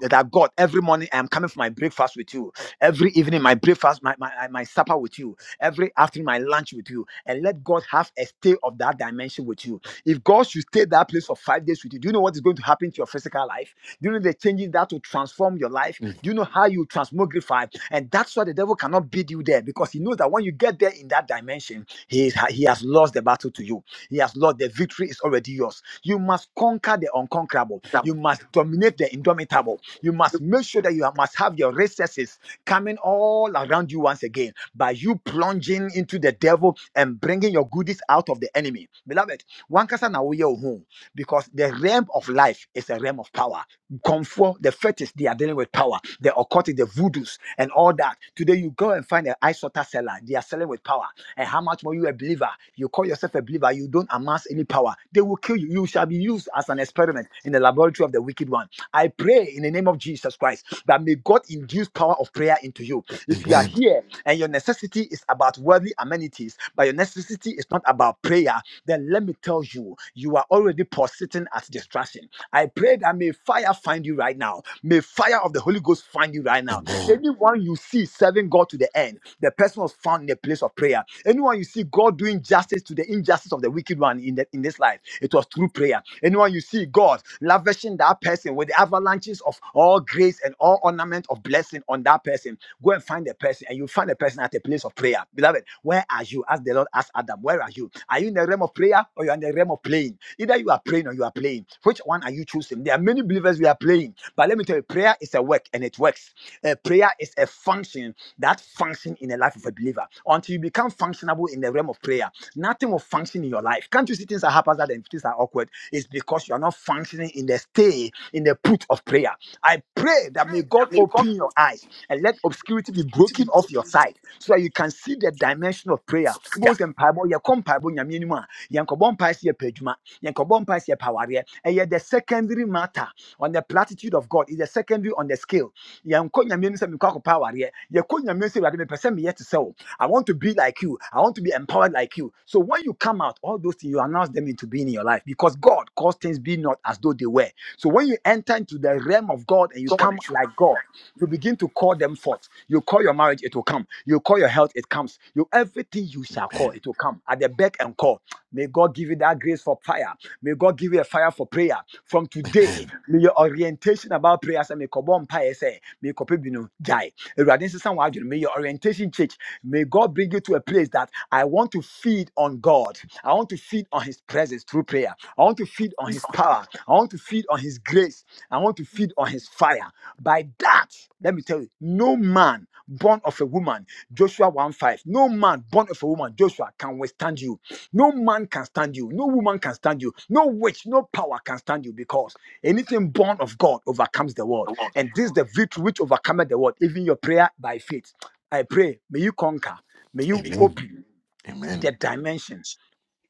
Speaker 1: That God, every morning I am coming for my breakfast with you. Every evening, my breakfast, my, my, uh, my supper with you. Every afternoon, my lunch with you. And let God have a stay of that dimension with you. If God should stay that place for five days with you, do you know what is going to happen to your physical life? Do you know the changes that will transform your life? Do you know how you transmogrify? And that's why the devil cannot beat you there because he knows that when you get there in that dimension, he, is, he has lost the battle to you. He has lost. The victory is already yours. You must conquer the unconquerable. You must dominate the indomitable. You must make sure that you must have your recesses coming all around you once again by you plunging into the devil and bringing your goodies out of the enemy. Beloved, wankasa na woyɛ wo ho, because the realm of life is a realm of power. Comfort, the fetish, they are dealing with power. The occult, the voodoos, and all that. Today, you go and find an ice water seller. They are selling with power. And how much more you a believer? You call yourself a believer, you don't amass any power. They will kill you. You shall be used as an experiment in the laboratory of the wicked one. I pray in the name of Jesus Christ that may God induce power of prayer into you. If you are here and your necessity is about worldly amenities, but your necessity is not about prayer, then let me tell you, you are already sitting at distraction. I pray that may fire find you right now. May fire of the Holy Ghost find you right now Anyone you see serving God to the end, the person was found in a place of prayer. Anyone you see God doing justice to the injustice of the wicked one in, the, in this life, it was through prayer. Anyone you see God lavishing that person with the avalanches of all grace and all ornament of blessing on that person, go and find the person and you find the person at a place of prayer. Beloved, where are you? Ask the Lord, ask Adam, where are you? Are you in the realm of prayer or you are in the realm of playing? Either you are praying or you are playing. Which one are you choosing? There are many believers we are playing, but let me tell you, prayer is a work and it works. Uh, prayer is a function that function in the life of a believer. Until you become functionable in the realm of prayer, nothing will function in your life. Can't you see things are haphazard and things are awkward? It's because you are not functioning in the stay, in the put of prayer. I pray that may God open
Speaker 2: mm,
Speaker 1: your eyes and let obscurity be broken off your side so that you can see the dimension of prayer. Wobɛhu sɛ mpaebɔ, yɛkɔ mpaebɔ Nyame anim a, yɛnkɔbɔ mpae sɛ yɛpɛ adwuma, yɛnkɔbɔ mpae sɛ yɛpɛ awareɛ. Ɛyɛ the secondary matter on the platitude of God is the secondary on the scale yɛnkɔ nyame anim sɛ power. akɔpɛ awareɛ yɛkɔ nyame anim sɛ awurade mepɛ sɛ meyɛ te sɛ wo i want to be like you i want to be empowered like you so when you come out all those things you announce them into being in your life because god caused things be not as though they were so when you enter into the realm of god and you
Speaker 2: mm, mm.
Speaker 1: come like god you begin to call them forth you call your marriage it will come you call your health it comes you everything you shall call
Speaker 2: Amen. Amen.
Speaker 1: it will come at the beck and call may god give you that grace for prayer May God give you a fire for prayer. From
Speaker 2: Amen.
Speaker 1: today,
Speaker 2: Amen.
Speaker 1: may your orientation about prayer say, may Kobom Pai say, may Kopebino die. Awurade nsesa wo adwene. May your orientation change. May God bring you to a place that I want to feed on God. I want to feed on His presence through prayer. I want to feed on His power. I want to feed on His grace. I want to feed on His fire. By that, let me tell you, no man born of a woman, Joshua 1 5, no man born of a woman, Joshua, can withstand you. No man can stand you. No woman can stand you. No witch, no power can stand you because anything born of God overcomes the world. And this is the victory which overcometh the world, even your prayer by faith. I pray, may you conquer, may you open
Speaker 2: Amen.
Speaker 1: the dimension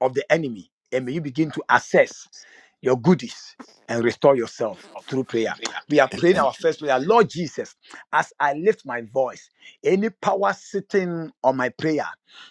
Speaker 1: of the enemy. And may you begin to assess your goodies and restore yourself through prayer.
Speaker 2: Amen.
Speaker 1: We are praying
Speaker 2: Amen.
Speaker 1: our first prayer. Lord Jesus, as I lift my voice, any power sitting on my prayer,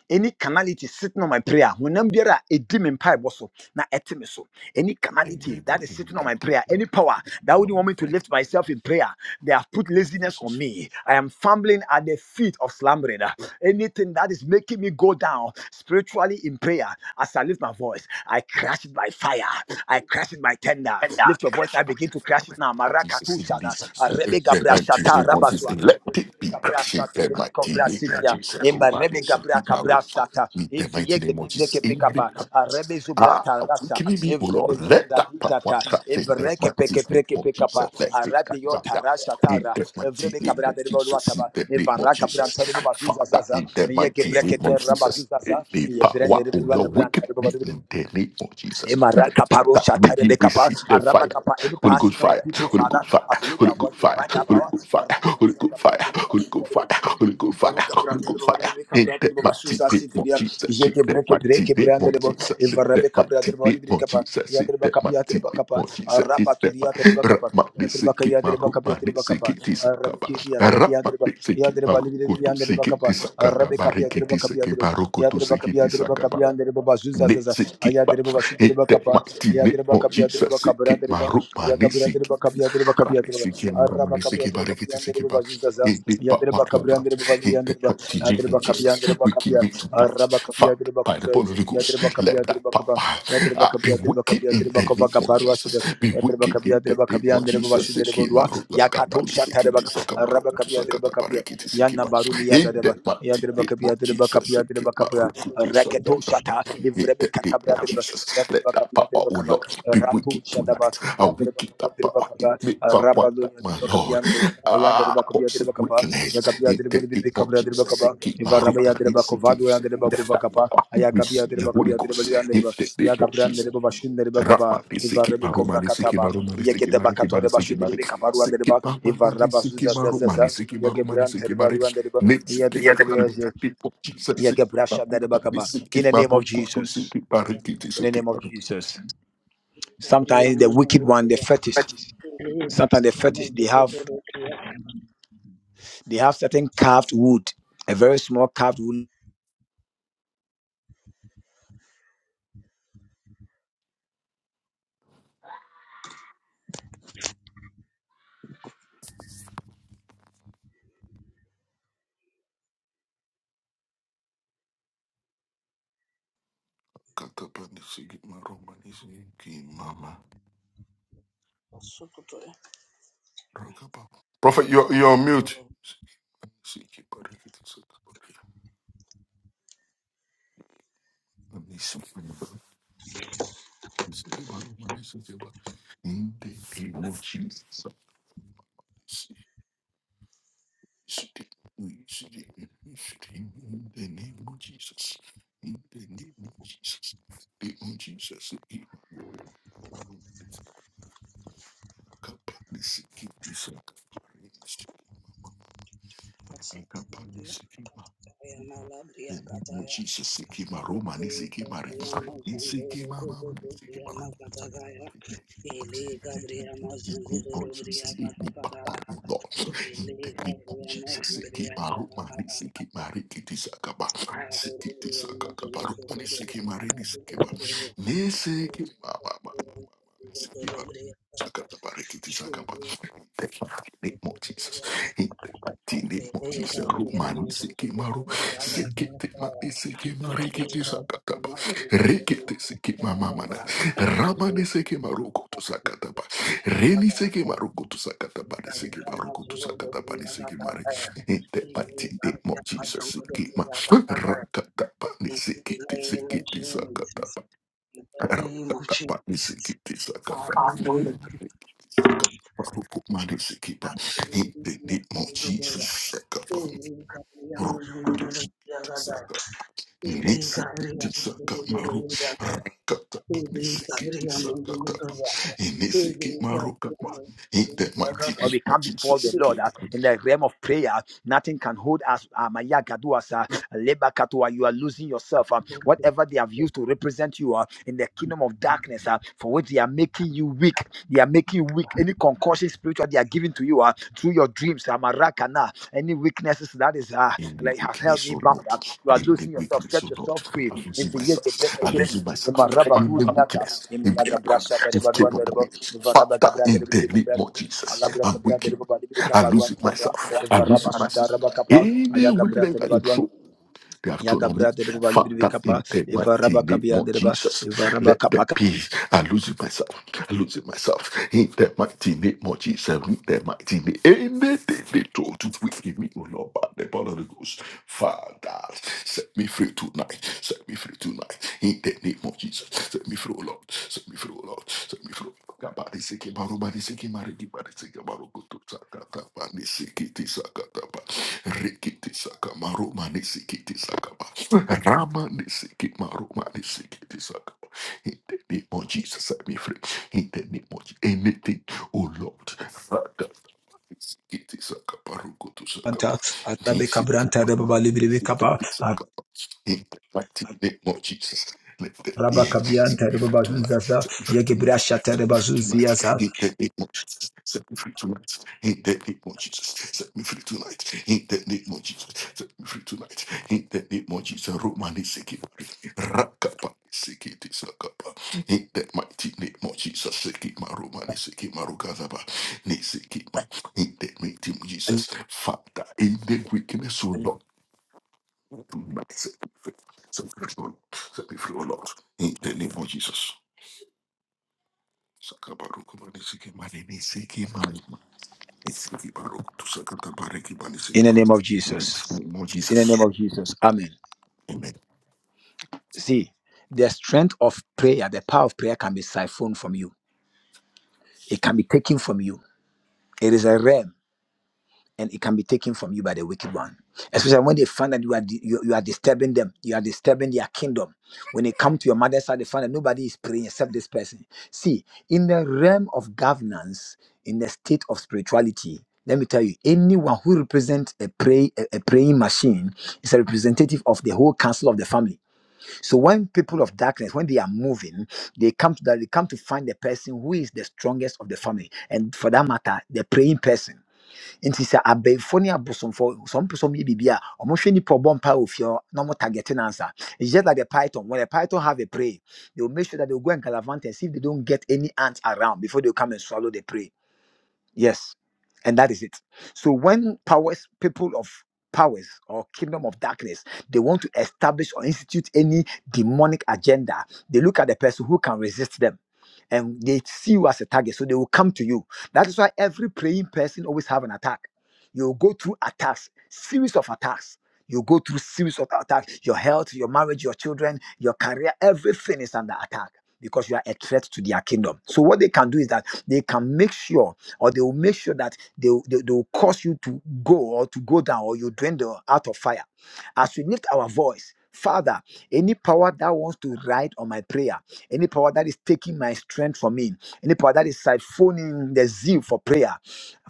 Speaker 1: any canality sitting on my prayer, hunambiara edim empire boso na etime so. Any canality
Speaker 2: enable
Speaker 1: that is
Speaker 2: him
Speaker 1: sitting on
Speaker 2: the
Speaker 1: my prayer, any power that wouldn't
Speaker 2: platinum
Speaker 1: want me to
Speaker 2: break
Speaker 1: lift myself in prayer, they have put
Speaker 2: in
Speaker 1: laziness on
Speaker 2: Jesus.
Speaker 1: me. I am fumbling at the feet of slumbering. Anything that is making me go down spiritually in prayer, as I lift my voice, I crash it by fire. I crash it by tender.
Speaker 2: And that.
Speaker 1: Lift your voice. I
Speaker 2: But
Speaker 1: begin to crash it now.
Speaker 2: what Jesus
Speaker 1: Marakatu
Speaker 2: in
Speaker 1: shada.
Speaker 2: this
Speaker 1: Arebe
Speaker 2: the
Speaker 1: gabra
Speaker 2: mighty
Speaker 1: shata
Speaker 2: name of Jesus.
Speaker 1: rabazwa.
Speaker 2: Let it be
Speaker 1: Cabrasate,
Speaker 2: the
Speaker 1: Rebe
Speaker 2: mighty name of
Speaker 1: Cabrasitia,
Speaker 2: Jesus.
Speaker 1: Emma
Speaker 2: Over the
Speaker 1: Rebe Gabra Cabrasata,
Speaker 2: the mighty
Speaker 1: Eviege de
Speaker 2: name of Jesus.
Speaker 1: Breke Pecapa, a Rebe
Speaker 2: Ah,
Speaker 1: Zubrata Rasa,
Speaker 2: quickly be, O Lord,
Speaker 1: Evrebe
Speaker 2: let
Speaker 1: Zunda
Speaker 2: that part one
Speaker 1: Ditata,
Speaker 2: in the
Speaker 1: Ebreke
Speaker 2: mighty
Speaker 1: Peke
Speaker 2: name
Speaker 1: Preke
Speaker 2: of Jesus,
Speaker 1: Pecapa,
Speaker 2: let
Speaker 1: a
Speaker 2: it fire
Speaker 1: Rabiota Rasa
Speaker 2: in
Speaker 1: Tara,
Speaker 2: the mighty
Speaker 1: Evrebe
Speaker 2: name
Speaker 1: Cabra
Speaker 2: of
Speaker 1: de
Speaker 2: Jesus, in
Speaker 1: Rotaba,
Speaker 2: the name of
Speaker 1: Evara Cabra
Speaker 2: Jesus,
Speaker 1: Taribazuza
Speaker 2: Father,
Speaker 1: Zaza,
Speaker 2: in the
Speaker 1: Yeke
Speaker 2: mighty
Speaker 1: Breke
Speaker 2: name of
Speaker 1: Terra
Speaker 2: Jesus, in
Speaker 1: Bazuza,
Speaker 2: the
Speaker 1: Yebrende
Speaker 2: power
Speaker 1: Rebe
Speaker 2: of your
Speaker 1: Branta
Speaker 2: wicked
Speaker 1: de
Speaker 2: be
Speaker 1: Babu,
Speaker 2: in the name of Jesus,
Speaker 1: Emaraka paro
Speaker 2: Father, may
Speaker 1: shatere
Speaker 2: you
Speaker 1: kapa,
Speaker 2: receive the
Speaker 1: araba
Speaker 2: fire,
Speaker 1: kapa. Any
Speaker 2: Holy Ghost
Speaker 1: passes on your
Speaker 2: fire,
Speaker 1: people,
Speaker 2: Holy
Speaker 1: Father,
Speaker 2: Ghost fire,
Speaker 1: as you lift
Speaker 2: Holy
Speaker 1: our voice,
Speaker 2: Ghost
Speaker 1: we
Speaker 2: fire,
Speaker 1: bind
Speaker 2: Holy
Speaker 1: that power.
Speaker 2: Ghost fire,
Speaker 1: Arabe
Speaker 2: Holy
Speaker 1: kofra
Speaker 2: Ghost fire,
Speaker 1: kapra, nderebo
Speaker 2: Holy
Speaker 1: basu,
Speaker 2: Ghost fire,
Speaker 1: terebo.
Speaker 2: Holy Ghost fire,
Speaker 1: Baruka bra,
Speaker 2: Holy Ghost
Speaker 1: terebo,
Speaker 2: fire,
Speaker 1: walibebe
Speaker 2: in
Speaker 1: kapra,
Speaker 2: that
Speaker 1: terebo basu,
Speaker 2: mighty name
Speaker 1: zasi,
Speaker 2: of
Speaker 1: teria.
Speaker 2: Jesus, in
Speaker 1: Jeke
Speaker 2: that
Speaker 1: breke,
Speaker 2: mighty
Speaker 1: breke,
Speaker 2: name
Speaker 1: bra,
Speaker 2: of
Speaker 1: nderebo.
Speaker 2: Jesus, in
Speaker 1: Evarabe
Speaker 2: that
Speaker 1: kapra,
Speaker 2: mighty
Speaker 1: terebo,
Speaker 2: name
Speaker 1: walibebe
Speaker 2: of
Speaker 1: kapa.
Speaker 2: Jesus,
Speaker 1: Ya
Speaker 2: in
Speaker 1: terebo
Speaker 2: that
Speaker 1: kapa, ya
Speaker 2: mighty
Speaker 1: terebo
Speaker 2: name
Speaker 1: kapa.
Speaker 2: of Jesus, in
Speaker 1: Araba tu
Speaker 2: that
Speaker 1: ya
Speaker 2: mighty
Speaker 1: terebo kapa.
Speaker 2: Ramadi
Speaker 1: Ya terebo kapa,
Speaker 2: Siki
Speaker 1: ya terebo kapa, ya
Speaker 2: Marupani
Speaker 1: terebo kapa.
Speaker 2: Siki
Speaker 1: Arabe
Speaker 2: Tisakaba,
Speaker 1: kiti, ya tereki, ya terebo.
Speaker 2: Ramadi
Speaker 1: Ya
Speaker 2: Siki
Speaker 1: terebo, walibebe, ya
Speaker 2: Marukutu
Speaker 1: terebo
Speaker 2: Siki
Speaker 1: kapa.
Speaker 2: Tisakata,
Speaker 1: Arabe kapa, ya terebo
Speaker 2: Barikiti
Speaker 1: kapa, ya
Speaker 2: Siki
Speaker 1: terebo. Ya
Speaker 2: Barukutu
Speaker 1: terebo kapa,
Speaker 2: Siki
Speaker 1: ya terebo kapa,
Speaker 2: Tisakaba.
Speaker 1: ya terebo basu, zasi,
Speaker 2: Nitsi kipa,
Speaker 1: Ayadiriba
Speaker 2: In
Speaker 1: Bashidiriba
Speaker 2: that
Speaker 1: Kappa,
Speaker 2: mighty name
Speaker 1: Ayadiriba
Speaker 2: of
Speaker 1: Kapiadiriba
Speaker 2: Jesus, it marupani my
Speaker 1: Kabradiriba, Yakabradiriba Kapiadiriba Kapiadiriba,
Speaker 2: Siki Moroma,
Speaker 1: Araba
Speaker 2: Siki
Speaker 1: Kapiadiriba
Speaker 2: Barikiti, Siki
Speaker 1: Kapiandiriba
Speaker 2: Bar,
Speaker 1: Bazuzaza,
Speaker 2: in the Papa
Speaker 1: Yadiriba
Speaker 2: Hola,
Speaker 1: Kabrandiriba
Speaker 2: in the
Speaker 1: Baliandiriba,
Speaker 2: mighty name of
Speaker 1: Yadiriba
Speaker 2: Jesus,
Speaker 1: Kapiandiriba
Speaker 2: we give
Speaker 1: Kapia,
Speaker 2: it tonight,
Speaker 1: Araba
Speaker 2: Father,
Speaker 1: Kapiadiriba
Speaker 2: by the
Speaker 1: Kuvred,
Speaker 2: Holy
Speaker 1: Yadiriba
Speaker 2: Ghost, let that
Speaker 1: Kapiadiriba Kappa,
Speaker 2: Papa
Speaker 1: Yadiriba
Speaker 2: uh, be
Speaker 1: Kapiadiriba
Speaker 2: wicked in
Speaker 1: Kapiadiriba
Speaker 2: the name
Speaker 1: Kovaka
Speaker 2: of Jesus,
Speaker 1: Baruasid,
Speaker 2: be
Speaker 1: Yadiriba
Speaker 2: wicked in the
Speaker 1: Kapiadiriba
Speaker 2: name of
Speaker 1: Kapiandiriba
Speaker 2: Jesus,
Speaker 1: Bashidiriba
Speaker 2: Siki
Speaker 1: Dua,
Speaker 2: Maruga,
Speaker 1: Yakato
Speaker 2: Kabani, Siki
Speaker 1: Shatariba,
Speaker 2: Tisakamaru,
Speaker 1: Araba Kapiadiriba
Speaker 2: Tusakata
Speaker 1: Kapia,
Speaker 2: Barikiti, Siki
Speaker 1: Yana
Speaker 2: Bar,
Speaker 1: Baruli
Speaker 2: in
Speaker 1: Yadiriba,
Speaker 2: the mighty
Speaker 1: Yadiriba
Speaker 2: name of
Speaker 1: Kapiadiriba
Speaker 2: Jesus, Siki
Speaker 1: Kapiadiriba Kapia,
Speaker 2: Maruku,
Speaker 1: Reketo
Speaker 2: Tusakata Bar,
Speaker 1: Shata,
Speaker 2: in
Speaker 1: Evrebe
Speaker 2: the name
Speaker 1: Catabra,
Speaker 2: of Jesus. Let
Speaker 1: Yadriba
Speaker 2: that
Speaker 1: kapi
Speaker 2: power,
Speaker 1: Yadriba
Speaker 2: oh
Speaker 1: kapa.
Speaker 2: Lord, be
Speaker 1: Ratu
Speaker 2: wicked
Speaker 1: Shadaba,
Speaker 2: tonight. A
Speaker 1: Yandriba
Speaker 2: wicked
Speaker 1: Capi,
Speaker 2: that
Speaker 1: Yadriba
Speaker 2: power, it
Speaker 1: Capa,
Speaker 2: may power
Speaker 1: Rabalu,
Speaker 2: that my
Speaker 1: Yadriba Capi,
Speaker 2: Lord. Ah,
Speaker 1: Yandriba Capi,
Speaker 2: cause
Speaker 1: Yadriba Capa,
Speaker 2: wickedness.
Speaker 1: Yagapi,
Speaker 2: In
Speaker 1: Yadriba
Speaker 2: the name
Speaker 1: Bibi
Speaker 2: of
Speaker 1: Cabra, Yadriba
Speaker 2: Jesus, seek
Speaker 1: Capa,
Speaker 2: it, my root,
Speaker 1: Ivaraba
Speaker 2: and
Speaker 1: Yadriba
Speaker 2: seek
Speaker 1: Covado,
Speaker 2: it.
Speaker 1: Yandriba
Speaker 2: Let
Speaker 1: kapa.
Speaker 2: that
Speaker 1: Capa, Ayagapi,
Speaker 2: receive the
Speaker 1: Yadriba Capi,
Speaker 2: Holy
Speaker 1: Yadriba
Speaker 2: Ghost. In
Speaker 1: Yandriba,
Speaker 2: the name of
Speaker 1: Yagabra,
Speaker 2: Jesus.
Speaker 1: Yadriba Bashin, Yadriba Capa,
Speaker 2: Rapa, they seek it,
Speaker 1: Ivarebe
Speaker 2: my room, and
Speaker 1: Cova
Speaker 2: they seek it, my
Speaker 1: Cataba,
Speaker 2: room, and they seek it, my
Speaker 1: Yaketaba
Speaker 2: room, and
Speaker 1: Catore
Speaker 2: they seek
Speaker 1: Bashu,
Speaker 2: it, my room.
Speaker 1: Yadriba Caparu,
Speaker 2: Seek it,
Speaker 1: Yadriba,
Speaker 2: my room, and they
Speaker 1: Ivaraba
Speaker 2: seek it,
Speaker 1: Zuza
Speaker 2: my room, and they
Speaker 1: Zaza,
Speaker 2: seek it, my room, and they
Speaker 1: Yagabran,
Speaker 2: seek it, my
Speaker 1: Terriba,
Speaker 2: room.
Speaker 1: Yadriba,
Speaker 2: Let's seek it,
Speaker 1: Yadriba
Speaker 2: in the
Speaker 1: Capi,
Speaker 2: name of Jesus. Seek it, my room, and they
Speaker 1: Yakabrashadadabakapa.
Speaker 2: seek
Speaker 1: In
Speaker 2: it,
Speaker 1: the
Speaker 2: my
Speaker 1: name of
Speaker 2: room, and they
Speaker 1: Jesus.
Speaker 2: seek it, my room, and they
Speaker 1: In the
Speaker 2: seek it,
Speaker 1: name
Speaker 2: my
Speaker 1: of Jesus. Sometimes the wicked one, the
Speaker 2: room.
Speaker 1: fetish. Sometimes the fetish they have they have certain carved wood, a very small carved wood
Speaker 7: Mm.
Speaker 2: Prophet, you're, you're on mute. In the name of Jesus. In the name of Jesus. In the name of Jesus. In the name of Jesus.
Speaker 7: Gabriel
Speaker 2: The name of Jesus, Sikima Roma, Nisikima Re, Nisikima Mama, Nisikima Lord Jesus, in the power of Lord, in the name of Jesus, Sikima Roma, Nisikima Re, Kitisakaba, Sikitisakaba, Roma, Nisikima Re, Nisikima, Nisikima Mama, Nisikima Sakataba, Re, Kitisakaba, in the mighty name of Jesus, in the mighty name of Jesus, Roma, Nisikima Sikiti mati siki mariki ti sakataba. Rikiti siki mamamana. Ramani siki maruku tu sakataba. Reni siki maruku tu sakataba.
Speaker 7: name
Speaker 2: Ni siki
Speaker 7: of
Speaker 2: maruku tu sakataba. Ni siki mari. In the mighty name of Jesus. Siki ma. Rakataba. Ni siki ti siki ti
Speaker 7: Jesus.
Speaker 2: sakataba.
Speaker 7: In the name of
Speaker 2: Rakataba. Ni
Speaker 7: Jesus.
Speaker 2: siki ti
Speaker 7: God, we
Speaker 2: sakataba.
Speaker 7: will be
Speaker 2: Sakataba. Ruku mani siki ba. In
Speaker 7: absolutely
Speaker 2: the name
Speaker 7: connected to
Speaker 2: of
Speaker 7: the Lord.
Speaker 2: Jesus.
Speaker 7: We
Speaker 2: Sakataba.
Speaker 7: will be able to do
Speaker 2: Ruku.
Speaker 7: Ebe Gabriel Muguruza,
Speaker 2: Inisikitizakamaru, rakatapa,
Speaker 7: Ebe Gabriel Muguruza,
Speaker 2: nisikitizakatapa,
Speaker 7: Ebe Gabriel
Speaker 2: inisikimarukama. In the
Speaker 7: Muguruza.
Speaker 2: mighty
Speaker 1: When we
Speaker 2: name of
Speaker 1: come before the
Speaker 2: Jesus.
Speaker 1: Lord uh, in the realm of prayer, nothing can hold us. Uh, Maya Gaduas, uh, Leba Katua, you are losing yourself. uh, whatever they have used to represent you uh, in the kingdom of darkness, uh, for which they are making you weak, they are making you weak. Any concussion spiritual they are giving to you uh, through your dreams, uh, Marakana, any weaknesses that is uh,
Speaker 2: In the
Speaker 1: like has held
Speaker 2: weakness,
Speaker 1: me
Speaker 2: or
Speaker 1: bound. uh,
Speaker 2: not.
Speaker 1: you are
Speaker 2: In the
Speaker 1: losing yourself.
Speaker 2: weakness,
Speaker 1: Set
Speaker 2: or not.
Speaker 1: yourself free.
Speaker 2: I'm
Speaker 1: If
Speaker 2: losing
Speaker 1: the year they break
Speaker 2: myself.
Speaker 1: a
Speaker 2: I'm
Speaker 1: table.
Speaker 2: losing
Speaker 1: In
Speaker 2: myself.
Speaker 1: my rubber
Speaker 2: In
Speaker 1: two
Speaker 2: the
Speaker 1: theater.
Speaker 2: weakness,
Speaker 1: In my
Speaker 2: in the
Speaker 1: yaga
Speaker 2: power,
Speaker 1: brasha that
Speaker 2: they've
Speaker 1: about
Speaker 2: put
Speaker 1: one that
Speaker 2: upon me.
Speaker 1: about. In the Rabba, if a Rabba
Speaker 2: Father,
Speaker 1: gabra that
Speaker 2: in
Speaker 1: about the
Speaker 2: the
Speaker 1: Rebbe
Speaker 2: name of
Speaker 1: cabra. Allah
Speaker 2: Jesus,
Speaker 1: break
Speaker 2: I'm
Speaker 1: a brother
Speaker 2: weak.
Speaker 1: about the
Speaker 2: I'm
Speaker 1: cabaruan
Speaker 2: losing
Speaker 1: tabra.
Speaker 2: myself.
Speaker 1: In the
Speaker 2: I'm
Speaker 1: rubber
Speaker 2: losing
Speaker 1: suta
Speaker 2: myself.
Speaker 1: rubber capa.
Speaker 2: In the
Speaker 1: Ayaga
Speaker 2: weakness
Speaker 1: brother
Speaker 2: that you
Speaker 1: about one.
Speaker 2: throw, they have thrown
Speaker 1: Yaga
Speaker 2: on me.
Speaker 1: brother about the
Speaker 2: Father,
Speaker 1: capa.
Speaker 2: in the
Speaker 1: In the
Speaker 2: mighty
Speaker 1: rubber
Speaker 2: name
Speaker 1: cabia
Speaker 2: of
Speaker 1: that about.
Speaker 2: Jesus,
Speaker 1: if the rabba
Speaker 2: let them
Speaker 1: capa.
Speaker 2: be. I'm losing myself. I'm losing myself. In the mighty name of Jesus, in the mighty name, anything they told to wicked me, oh Lord, by the power of the Ghost, Father, set me free tonight, set me free tonight, in the name of Jesus, set me free, oh Lord, set me free, oh Lord, set me free. oh Lord. Kabadi siki baru, badi siki mari, di badi siki baru, kutu sakata, bani siki ti sakata, ba. mani siki ti Rama ni siki maru, mani siki ti In the name of Jesus, set me free in the name of anything, oh Lord. Father, Sikiti sakapa rukutu sakapa.
Speaker 9: Anta, Arabe
Speaker 2: Nisiki
Speaker 9: Cabranta,
Speaker 2: mama
Speaker 9: Rebaba Libri Capa,
Speaker 2: sikiti sakapa. In the mighty name of Jesus, let the
Speaker 9: Araba
Speaker 2: set
Speaker 9: Cabianta,
Speaker 2: me free
Speaker 9: Rebaba
Speaker 2: tonight. Set me free tonight.
Speaker 9: Yagibrasha,
Speaker 2: Set me
Speaker 9: Tereba
Speaker 2: free tonight. In the name of Jesus, set me free tonight. In the name of Jesus, set me free tonight. In the name of Jesus, set me free tonight. In the name of Jesus, Romani sikiti rakapa sikiti sakapa. In the mighty name of Jesus, sikiti marumani sikiti in the name of Jesus, Father, in the weakness, O Lord, do not set me free. Set me free, O Lord. Set me free, O Lord. In the name of Jesus. Sakabaruku manisiki manini siki mani siki baruku tu sakata bariki manisiki
Speaker 1: In the name
Speaker 2: baruku.
Speaker 1: of Jesus.
Speaker 2: Yes, in the name of
Speaker 1: In the name
Speaker 2: Jesus.
Speaker 1: of Jesus. Amen.
Speaker 2: Amen.
Speaker 1: See, the strength of prayer, the power of prayer can be siphoned from you. It can be taken from you. It is a realm. and it can be taken from you by the wicked one. Especially when they find that you are di- you, you are disturbing them, you are disturbing their kingdom. When they come to your mother's side, they find that nobody is praying except this person. See, in the realm of governance, in the state of spirituality, let me tell you, anyone who represents a pray a, a praying machine is a representative of the whole council of the family. So when people of darkness, when they are moving, they come to that they come to find the person who is the strongest of the family, and for that matter, the praying person nti sɛ abɛɛfo ne abosomfo some people some biribi a ɔmohwɛ nipa ɔbɔ mpa ofie hɔ na ɔmo target no answer it's just like a python when a python have a prey they will make sure that they will go and galavant and see if they don't get any ants around before they will come and swallow the prey yes and that is it so when powers people of powers or kingdom of darkness they want to establish or institute any demonic agenda they look at the person who can resist them and they see you as a target, so they will come to you. That is why every praying person always have an attack. You go through attacks, series of attacks. You go through series of attacks. Your health, your marriage, your children, your career, everything is under attack because you are a threat to their kingdom. So what they can do is that they can make sure, or they will make sure that they they, they will cause you to go or to go down or you dwindle out of fire. As we lift our voice, Father, any power that wants to ride on my prayer. Any power that is taking my strength from me, any power that is siphoning the zeal for prayer,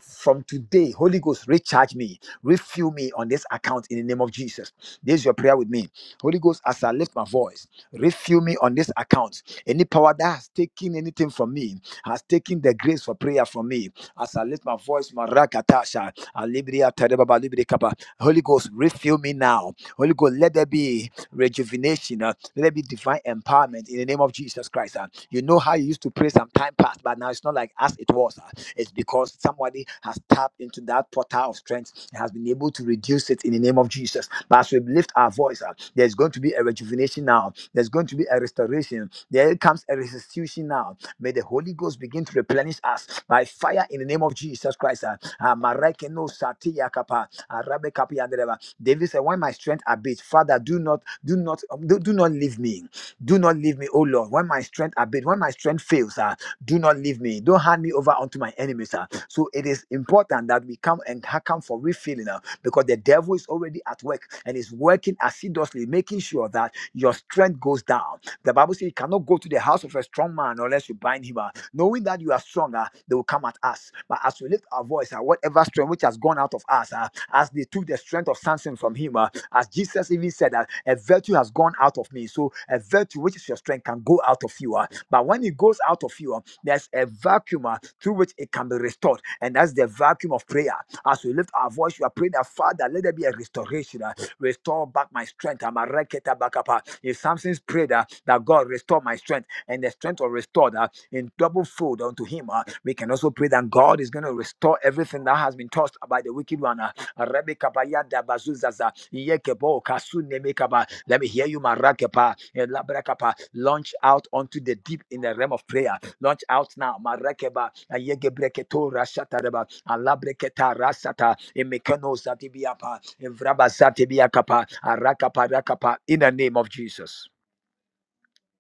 Speaker 1: from today, Holy Ghost, recharge me, refuel me on this account in the name of Jesus. This is your prayer with me. Holy Ghost, as I lift my voice, refuel me on this account. Any power that has taken anything from me, has taken the grace for prayer from me, as I lift my voice, Marakatasha, Alibria Terebaba Libri Kappa. Holy Ghost, refill me now. Holy Ghost, let there be rejuvenation. Uh, let it be divine empowerment in the name of Jesus Christ. Uh, you know how you used to pray some time past, but now it's not like as it was. Uh, it's because somebody has tapped into that portal of strength and has been able to reduce it in the name of Jesus. But as we lift our voice, uh, there's going to be a rejuvenation now. There's going to be a restoration. There comes a restitution now. May the Holy Ghost begin to replenish us by fire in the name of Jesus Christ. uh, uh, Marekeno Satiyakapa, Arabe Kapiyandeleba. David said, When my strength abates, Father, do not do not um, do, do not leave me. Do not leave me, oh Lord. When my strength abates, when my strength fails, ah, do not leave me. Don't hand me over unto my enemies. ah. So it is important that we come and ha- come for refilling ah, because the devil is already at work and is working assiduously, making sure that your strength goes down. The Bible says you cannot go to the house of a strong man unless you bind him. ah. Knowing that you are stronger, they will come at us. But as we lift our voice, ah, whatever strength which has gone out of us, ah, as they took the strength of Samson from him, ah, as Jesus even said that a virtue has gone out of me. So a virtue which is your strength can go out of you. ah. But when it goes out of you, ah, there's a vacuum ah, through which it can be restored. And that's the vacuum of prayer. As we lift our voice, we are praying that Father, let there be a restoration. ah. Restore back my strength. I'm a reketa back up. ah. If something's prayed ah, that God restore my strength and the strength of restored ah, in double fold unto him, ah, we can also pray that God is going to restore everything that has been tossed by the wicked one. ah. Rebbe Kabaya Dabazuzaza. Yekebo, kasunemekaba. Let me hear you, Marakapa. and Labrakapa. Launch out onto the deep in the realm of prayer. Launch out now, Marakeba, and Yegebreketo Rashatareba, and Labreketa Rasata, and Mekano Zatibiapa, and Vraba Zatibiakapa, and Rakapa Rakapa, in the name of Jesus.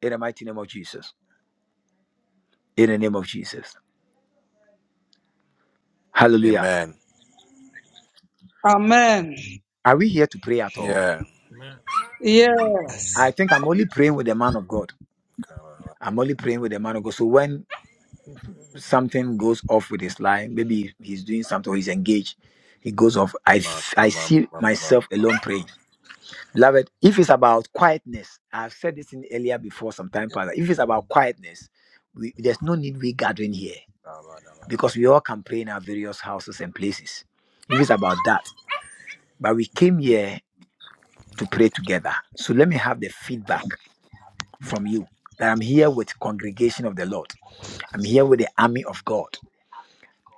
Speaker 1: In the mighty name of Jesus. In the name of Jesus. Hallelujah.
Speaker 6: Amen.
Speaker 7: Amen.
Speaker 1: Are we here to pray at all?
Speaker 6: Yeah.
Speaker 10: Man.
Speaker 7: Yes.
Speaker 1: I think I'm only praying with the man of God. I'm only praying with the man of God. So when something goes off with his life. Maybe he's doing something or he's engaged. It goes off. I I see myself alone praying. Beloved, if it's about quietness, I've said this in earlier before some time past. If it's about quietness, we, there's no need we gathering here because we all can pray in our various houses and places. If it's about that, but we came here to pray together. So let me have the feedback from you that I'm here with congregation of the Lord. I'm here with the army of God.